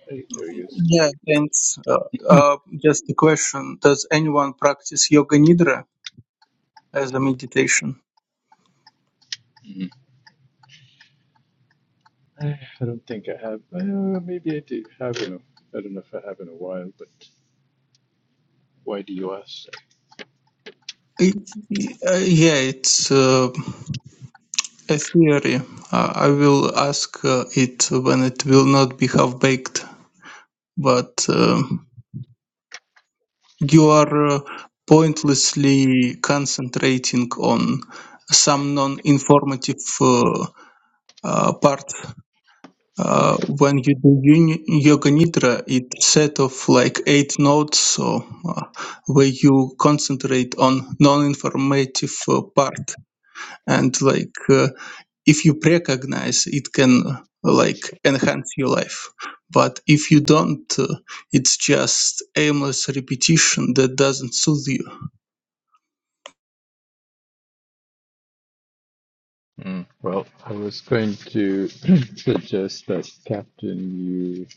S1: Hey, there he
S12: yeah,
S1: is.
S12: thanks. Uh, uh, just a question: Does anyone practice yoga nidra as a meditation?
S1: I don't think I have. Uh, maybe I do have in a, I don't know if I have in a while, but why do you ask?
S12: It, uh, yeah, it's uh, a theory. Uh, I will ask uh, it when it will not be half baked, but. um you are uh, pointlessly concentrating on some non-informative uh, uh, part. Uh,
S1: Mm.
S12: when you do uni- yoga nidra, it's set of like eight notes, so uh, where you concentrate on non-informative uh, part, and like uh, if you recognize it can uh, like enhance your life but if you don't uh, it's just aimless repetition that doesn't soothe you
S1: Mm. Well, I was going to suggest that, Captain, you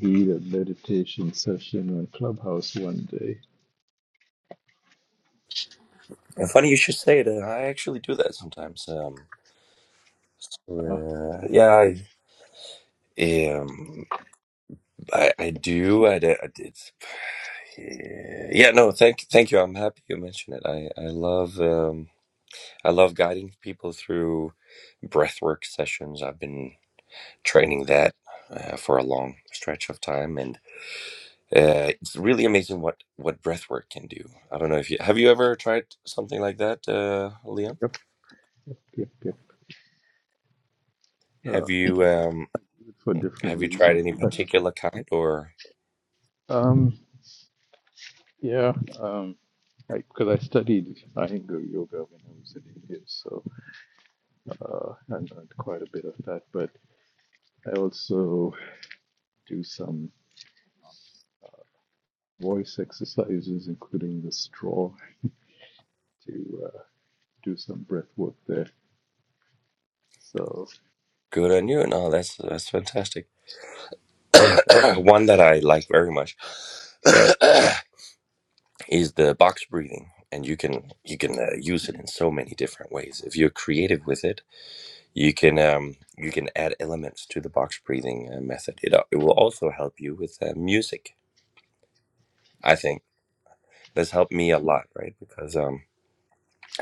S1: lead a meditation session on Clubhouse one day.
S11: And funny you should say it. uh, I actually do that sometimes. Um,
S1: Uh,
S11: uh, yeah, I, um, I, I do. I did. did. Yeah. No. Thank. Thank you. I'm happy you mentioned it. I. I love. Um. I love guiding people through breathwork sessions. I've been training that uh, for a long stretch of time, and uh, it's really amazing what what breathwork can do. I don't know if you have you ever tried something like that, uh, Liam.
S1: yep, yep, yep, yep. Uh,
S11: Have you um
S1: for different
S11: Have you
S1: reasons.
S11: tried any
S1: But,
S11: particular kind or?
S1: um, yeah, um, because I, 'cause I studied Iyengar yoga when I was in India, so uh, I learned quite a bit of that. But I also do some voice exercises, including the straw, to uh, do some breath work there. So,
S11: Good on you. No, that's that's fantastic. One that I like very much. is the box breathing and you can you can uh, use it in so many different ways if you're creative with it you can um, you can add elements to the box breathing uh, method it, uh, it will also help you with uh, music i think this helped me a
S1: mhm,
S11: lot right because um,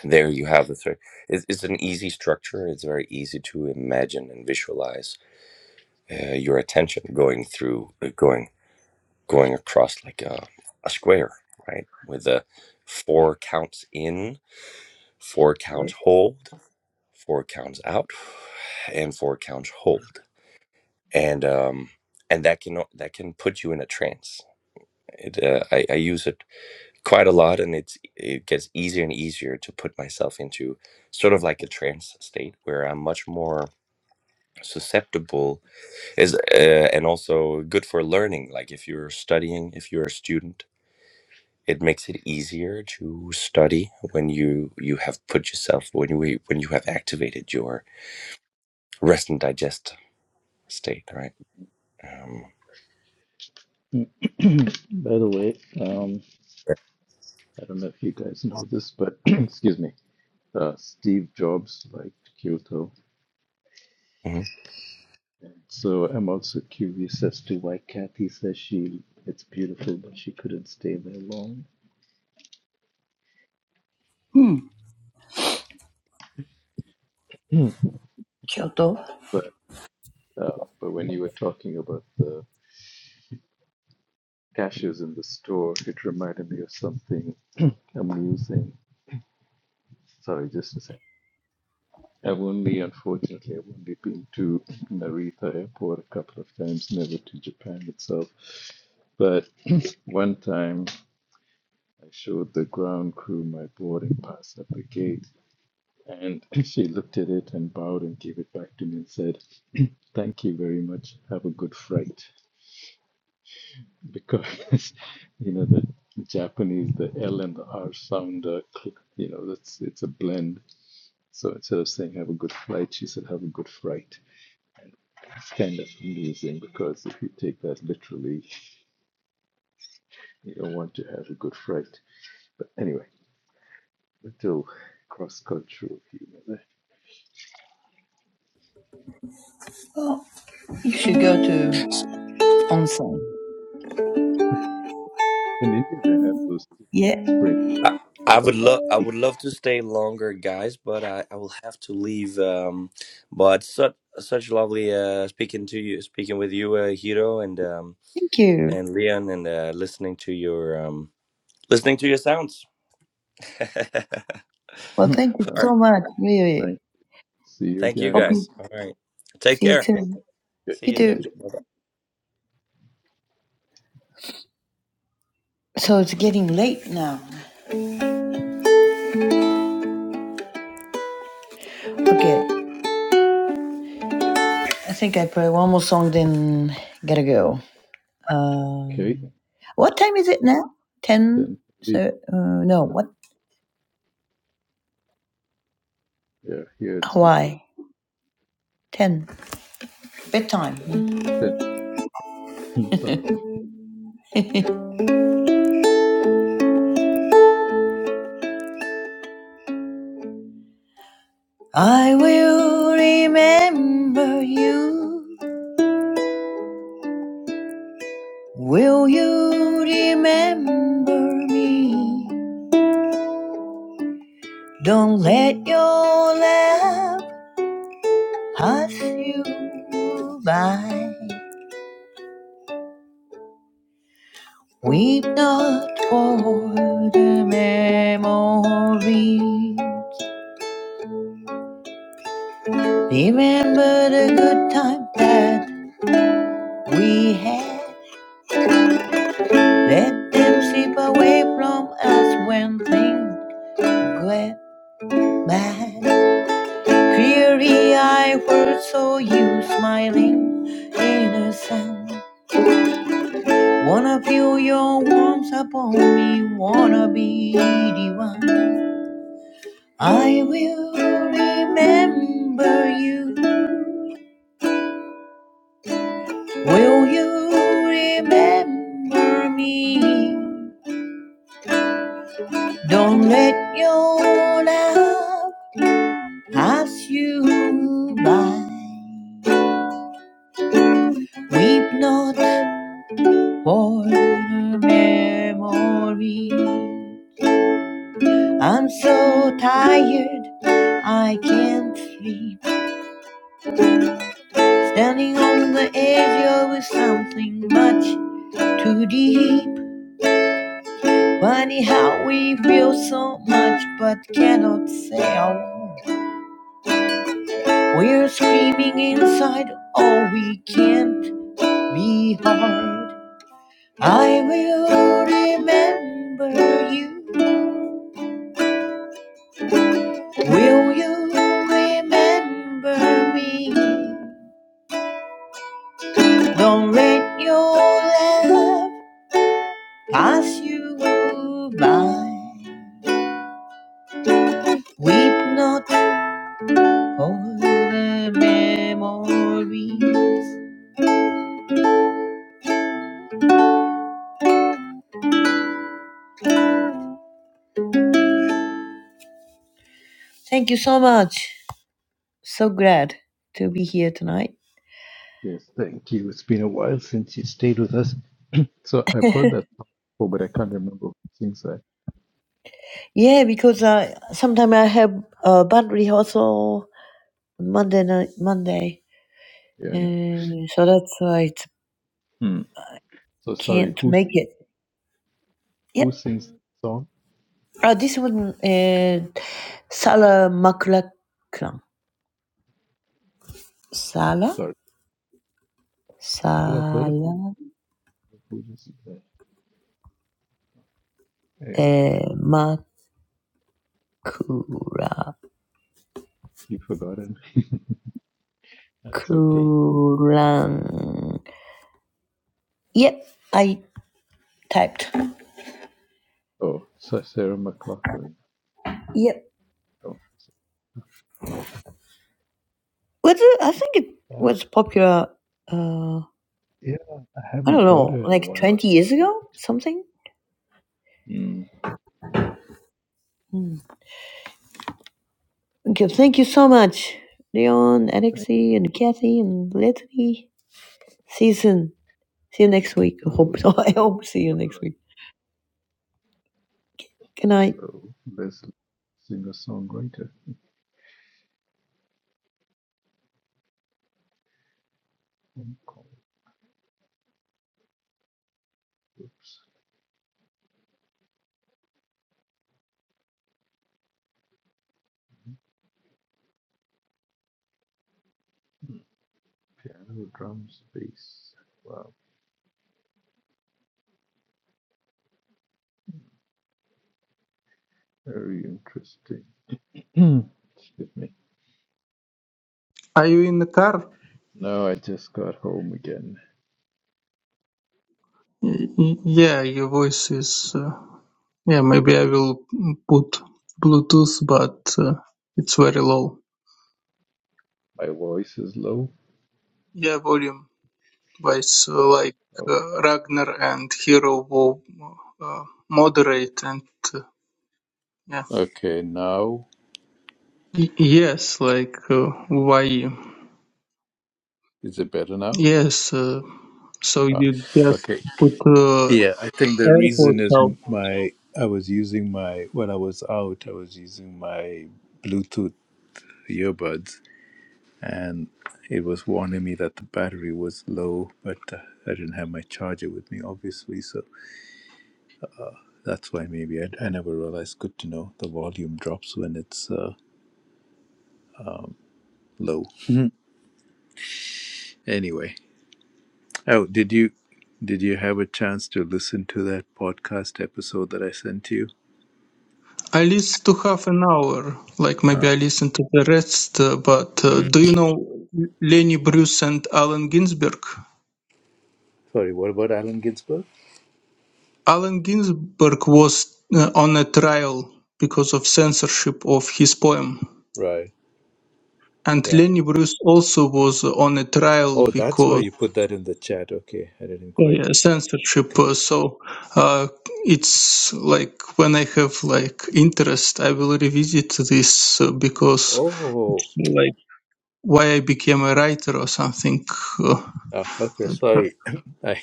S11: there you have the third it's, it's an easy structure it's very easy to imagine and visualize uh, your attention going through uh, going going across like a, a square right with the four counts in four counts
S1: right.
S11: hold four counts out and four counts hold and um and that can that can put you in a trance it, uh, I, I use it quite a lot and it's it gets easier and easier to put myself into sort of like a trance state where i'm much more susceptible is uh, and also good for learning like if you're studying if you're a student it makes it easier to study when you you have put yourself when you when you have activated your rest and digest state right Um,
S1: By the way, um, I don't know if you guys know this, but excuse me, uh, Steve Jobs liked Kyoto.
S11: mhm.
S1: So I'm also curious as to why Kathy says she it's beautiful, but she couldn't stay there long.
S8: Hmm,
S1: Mm.
S8: Kyoto.
S1: But uh, but when you were talking about the cashews in the store, it reminded me of something amusing Sorry, just a sec. i I've only, unfortunately, I've only been to Narita Airport a couple of times, never to Japan itself. But one time I showed the ground crew my boarding pass at the gate, and she looked at it and bowed and gave it back to me and said, Thank you very much. Have a good flight. Because, you know, the Japanese, the L and the R sound, are, you know, that's it's a blend. So instead of saying have a good flight, she said have a good fright. It's kind of amusing because if you take that literally, you don't want to have a good fright. But anyway, a little cross cultural humor
S8: You should go to onsen.
S1: In India, they have those like
S8: Yeah,
S1: spring, but,
S11: I, I
S1: but
S11: would
S1: not
S11: love I
S1: big.
S11: would love to stay longer, guys, but I, I will have to leave. Um, but such such lovely uh, speaking to you, speaking with you, uh, Hiro and um,
S8: thank you.
S11: and Leon, and uh, listening to your um, listening to your sounds.
S8: Well,
S1: Hmm.
S8: thank you
S11: All
S1: Well,
S11: right,
S8: so much,
S1: thank you.
S8: really.
S1: See you
S11: thank you
S8: Hope
S1: again.
S8: you
S11: guys. All right, take
S8: see you
S11: care.
S8: soon.
S1: Okay,
S11: See
S8: You
S11: you
S8: do.
S11: soon.
S8: So it's getting late now. Okay, I think I play one more song, then gotta go. Uh,
S1: okay.
S8: what time is it now?
S1: Then
S8: 10? So, uh, no, what?
S1: yeah, here it's ten.
S8: Hawaii. 10. Bedtime. Mm.
S1: Hmm, Sort of.
S8: I will remember you. Will you remember me? Don't let your love pass you by. Weep not for the memories. Remember the good time that We had let them slip away from us when things went bad. Cleary I first saw you smiling, innocent. Wanna feel your warmth upon me, wanna be the one. I will remember you. Will you remember me? Don't let your love pass you by. Weep not for her memory. I'm so tired, I can't sleep. Standing on the edge of something much too deep. Funny how we feel so much but cannot say a word. We're screaming inside, oh, we can't be hard. I will remember you. Will you remember me? Don't let your love pass you by. Weep not for the memories. Thank you so much. So glad to be here tonight.
S1: Yes, thank you. It's been a while since you stayed with us. So I've heard that before, but I can't remember who sings that.
S8: Yeah, because uh, sometimes I have a band rehearsal on Monday night, Monday.
S1: Yeah, I know.
S8: Uh, so that's why it's
S1: Hmm. So sorry,
S8: Can't
S1: who
S8: make
S1: sing-
S8: it.
S1: who
S8: Yep.
S1: sings that song?
S8: Uh, this one is Sala Makulaklam. Sala?
S1: Sorry, because I've heard it.
S8: Sala
S1: but Who does that? Yeah,
S8: eh, Makura
S1: you forgotten. That's okay.
S8: Kulan. Yep, I typed.
S1: Oh, Sa- Sarah McLachlan.
S8: Yep.
S1: Oh,
S8: What the- I think it
S1: that-
S8: was popular, uh,
S1: yeah, I
S8: I
S1: haven't
S8: don't
S1: heard her
S8: know,
S1: in a
S8: like
S1: while.
S8: 20
S1: I
S8: years ago, something?
S1: Hmm. Yeah.
S8: Hmm. Okay, thank you so much, Leon,
S1: Thank
S8: Alexei, and Kathy, and Leslie. See you soon. See you next week. I
S1: oh,
S8: Hope so. I hope see you
S1: all
S8: next
S1: right.
S8: week. Good night.
S1: So Leslie, singer-songwriter. Hmm, call it, Oops. Hmm, Piano, drums, bass. Wow, very interesting. Excuse me.
S12: are you in the car
S1: No, I just got home again.
S12: Y- y- yeah your voice is uh, yeah maybe i will mm, put bluetooth but uh, it's very low
S1: My voice is low.
S12: yeah volume guys uh, like
S1: Okay.
S12: uh, Ragnar and Hero will uh, moderate and uh, yeah.
S1: Okay, now
S12: Y- yes, like uh, why?
S1: is it better now?
S12: Yes, uh, so
S1: Ah,
S12: you just
S1: okay.
S12: put uh,
S1: Yeah, I think the reason
S12: AirPods
S1: is
S12: out.
S1: m- my I was using my when I was out, I was using my Bluetooth earbuds, and it was warning me that the battery was low, but uh, I didn't have my charger with me, obviously, so that's why maybe I, I never realized. Good to know the volume drops when it's uh, low. anyway, Oh, did you did you have a chance to listen to that podcast episode that I sent you?
S12: I listen to half an hour, like
S1: Oh.
S12: maybe I listen to the rest, uh, but uh,
S1: Mm.
S12: do you know Lenny Bruce and Allen Ginsberg?
S1: Sorry, what about Allen Ginsberg?
S12: Allen Ginsberg was uh, on a trial because of censorship of his poem.
S1: Right.
S12: And
S1: Yeah.
S12: Lenny Bruce also was on a trial
S1: Oh, that's why
S12: because
S1: you put that in the chat. Okay. I didn't quite
S12: uh,
S1: make the
S12: censorship. uh,
S1: connect.
S12: So uh, it's like when I have like interest, I will revisit this uh, because
S1: Oh.
S12: it's like why I became a writer or something uh,
S1: Ah, okay,
S12: like that.
S1: sorry. I,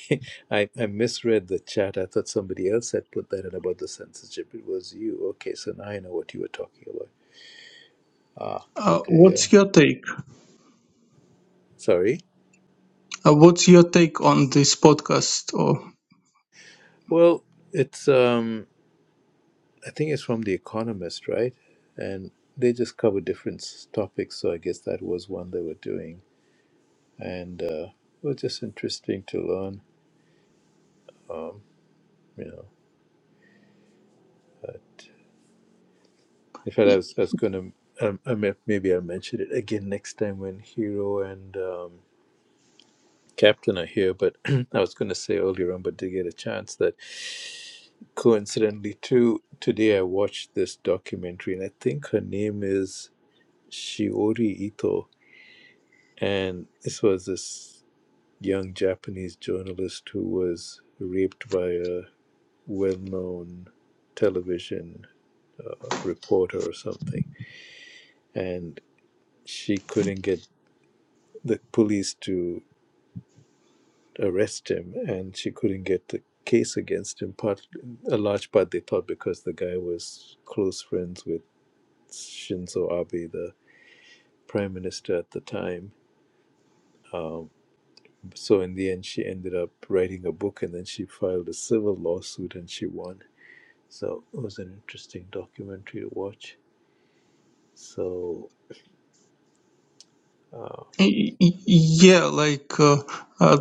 S1: I I misread the chat. I thought somebody else had put that in about the censorship. It was you. Okay, so now I know what you were talking about. Ah,
S12: Uh,
S1: okay, yeah.
S12: what's your take?
S1: Sorry.
S12: Uh, what's your take on this podcast? Or
S1: Well, it's um I think it's from The Economist, right? And they just cover different topics. So I guess that was one they were doing, and uh, it was just interesting to learn. You know, in fact, I was, I was going to. Um, I may, maybe I'll mention it again next time when Hero and um, Captain are here. But I was going to say earlier on, but did get a chance that coincidentally too today I watched this documentary, and I think her name is Shiori Ito, and this was this young Japanese journalist who was raped by a well known television uh, reporter or something. And she couldn't get the police to arrest him, and she couldn't get the case against him. Part, a large part, they thought because the guy was close friends with Shinzo Abe, the prime minister at the time. So in the end, she ended up writing a book, and then she filed a civil lawsuit, and she won So it was an interesting documentary to watch. So, uh,
S12: Y- y- Yeah, like uh, uh,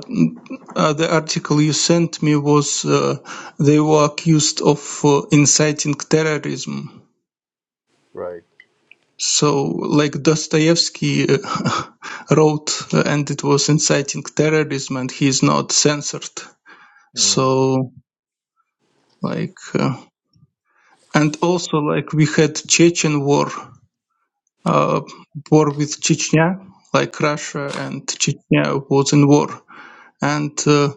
S12: uh, the article you sent me was uh, they were accused of uh, inciting terrorism.
S1: Right.
S12: So, like Dostoevsky uh, wrote, uh, and it was inciting terrorism, and he is not censored.
S1: mm,
S12: So, like, uh, and also like we had Chechen war, uh, war with Chechnya, like Russia and Chechnya was in war, and. Uh,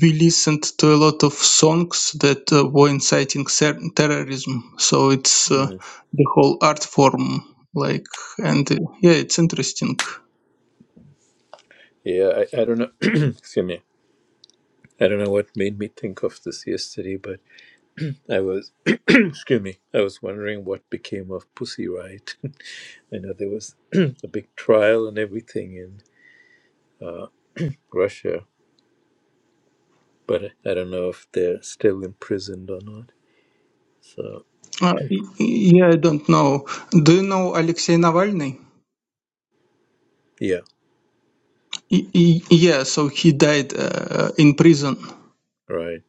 S12: we listened to a lot of songs that uh, were inciting ser- terrorism. So it's uh,
S1: mm.
S12: the whole art form, like, and uh, yeah, it's interesting.
S1: yeah, I, I don't know. excuse me. I don't know what made me think of this yesterday, but I was, excuse me, I was wondering what became of Pussy Riot. I know there was a big trial and everything in uh, Russia, but I don't know if they're still imprisoned or not. So,
S12: Uh, y- y- yeah, I don't know. Do you know Alexei Navalny?
S1: yeah,
S12: Y- y- yeah, so he died uh, in prison.
S1: right.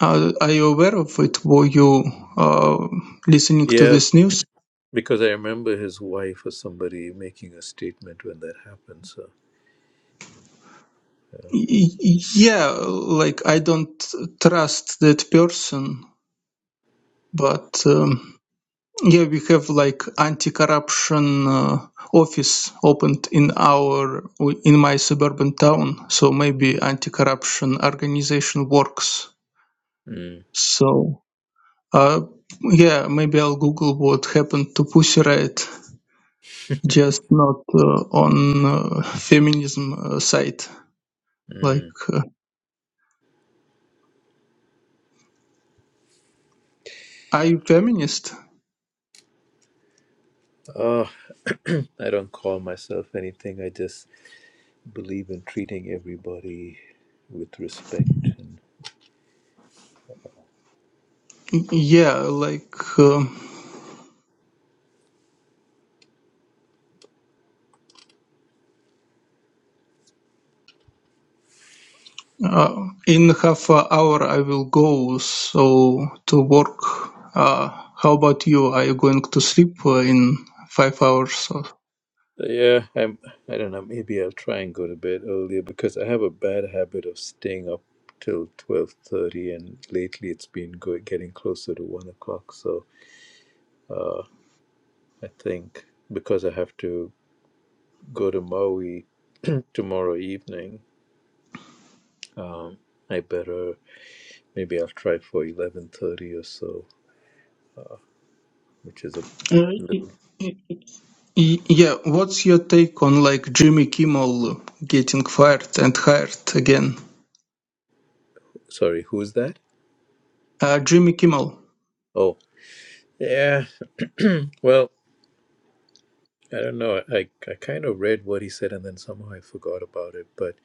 S12: Are are you aware of it? Were you uh, listening to
S1: Yeah,
S12: this news?
S1: because I remember his wife or somebody making a statement when that happened. So,
S12: Y- y- yeah, like I don't trust that person, but. Um, Yeah, we have like anti-corruption uh, office opened in our in my suburban town, so maybe anti-corruption organization works.
S1: mm,
S12: So, uh, yeah, maybe I'll Google what happened to Pussy Riot, just not uh, on uh, feminism uh, site. Like,
S1: mm.
S12: uh, are you feminist?
S1: Oh, I don't call myself anything. I just believe in treating everybody with respect. And
S12: Yeah, like. Uh, Uh, in half an hour I will go so to work. Uh, how about you? Are you going to sleep uh, in five hours? Or...
S1: so, yeah, I'm. I don't know. Maybe I'll try and go to bed earlier because I have a bad habit of staying up till twelve thirty, and lately it's been go- getting closer to one o'clock. So, uh, I think because I have to go to Maui tomorrow evening Um, I better maybe I'll try for eleven thirty or so, which is a
S12: Uh, y-
S1: little.
S12: y- y- yeah. What's your take on like Jimmy Kimmel getting fired and hired again?
S1: Sorry, who's that?
S12: Uh, Jimmy Kimmel.
S1: Oh, yeah. Well, I don't know. I I kind of read what he said, and then somehow I forgot about it. But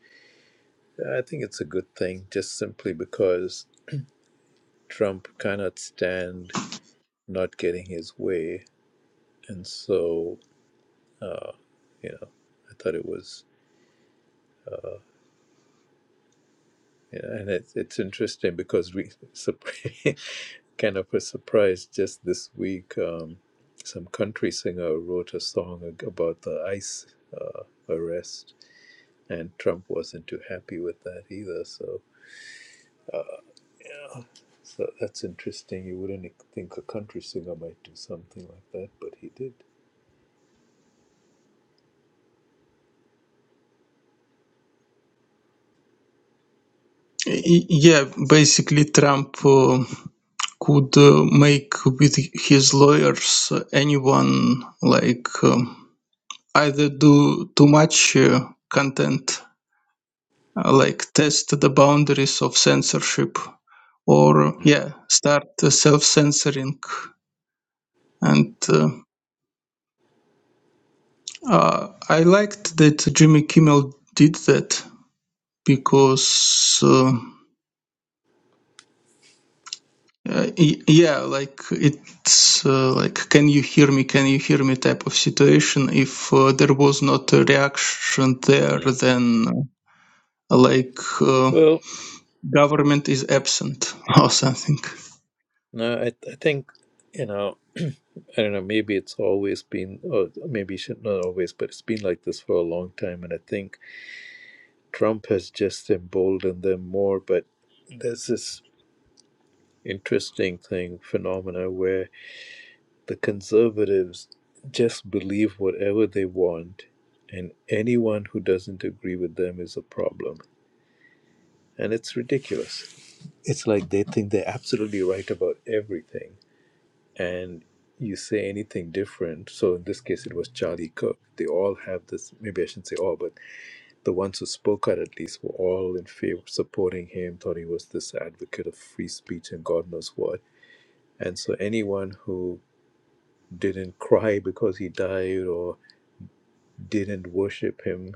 S1: I think it's a good thing, just simply because Trump cannot stand not getting his way, and so uh, you know, I thought it was. Yeah, and it's it's interesting because we sup- kind of a surprise just this week. Um, some country singer wrote a song ag- about the ICE uh, arrest, and Trump wasn't too happy with that either. So, yeah, so that's interesting. You wouldn't ex- think a country singer might do something like that, but he did.
S12: Y- Yeah, basically Trump uh, could uh, make with his lawyers uh, anyone like um, either do too much uh, content uh, like test the boundaries of censorship or
S1: mm
S12: yeah start uh, self-censoring and uh, uh, i liked that jimmy kimmel did that because uh, uh, yeah like it's uh, like can you hear me can you hear me type of situation if uh, there was not a reaction there
S1: Mm.
S12: then uh, like uh,
S1: Well,
S12: government is
S1: I,
S12: absent or something
S1: no, I, I think you know. I don't know. Maybe it's always been, or maybe it should not always, but it's been like this for a long time. And I think Trump has just emboldened them more, but there's this interesting thing, phenomena where the conservatives just believe whatever they want, and anyone who doesn't agree with them is a problem. And it's ridiculous. It's like they think they're absolutely right about everything, and you say anything different. So in this case, it was Charlie Cook. They all have this, maybe I shouldn't say all, but The ones who spoke out, at least, were all in favor, supporting him, thought he was this advocate of free speech and God knows what. And so, anyone who didn't cry because he died or didn't worship him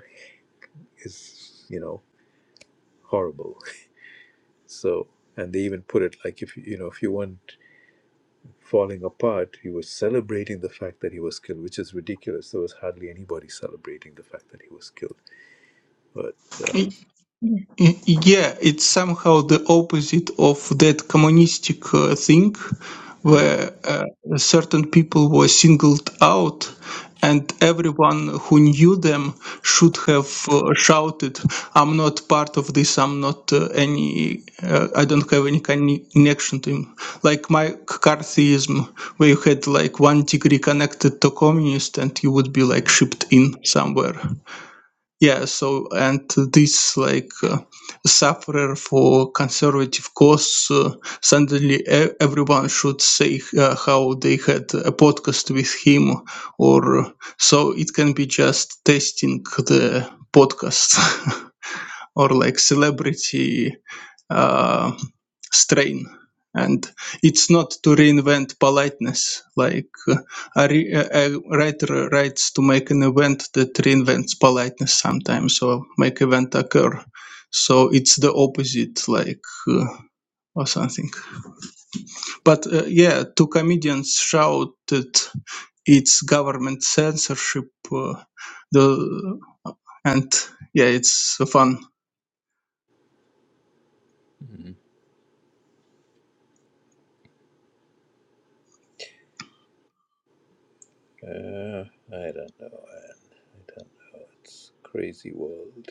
S1: is, you know, horrible. So, and they even put it like if you know, if you want falling apart, he was celebrating the fact that he was killed, which is ridiculous. There was hardly anybody celebrating the fact that he was killed. But uh,
S12: Yeah, it's somehow the opposite of that communistic uh, thing
S1: Mm.
S12: where uh, certain people were singled out and everyone who knew them should have uh, shouted i'm not part of this i'm not uh, any uh, i don't have any connection to him like McCarthyism, where you had like one degree connected to communist and you would be like shipped in somewhere yeah, so and this like uh, sufferer for conservative cause uh, suddenly e- everyone should say uh, how they had a podcast with him, or uh, so it can be just testing the podcast or like celebrity uh, strain and it's not to reinvent politeness like uh, a, re- a writer writes to make an event that reinvents politeness sometimes or make event occur so it's the opposite like uh, or something but uh, yeah two comedians shouted it's government censorship uh, the and yeah it's fun
S1: Uh, I don't know, Anne. I don't know. It's a crazy world.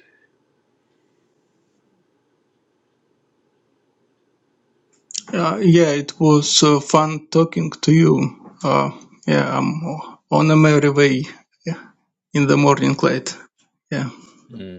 S12: Uh, yeah, it was uh, fun talking to you. Uh, yeah, I'm on a merry way in the morning light. Yeah.
S1: Mm.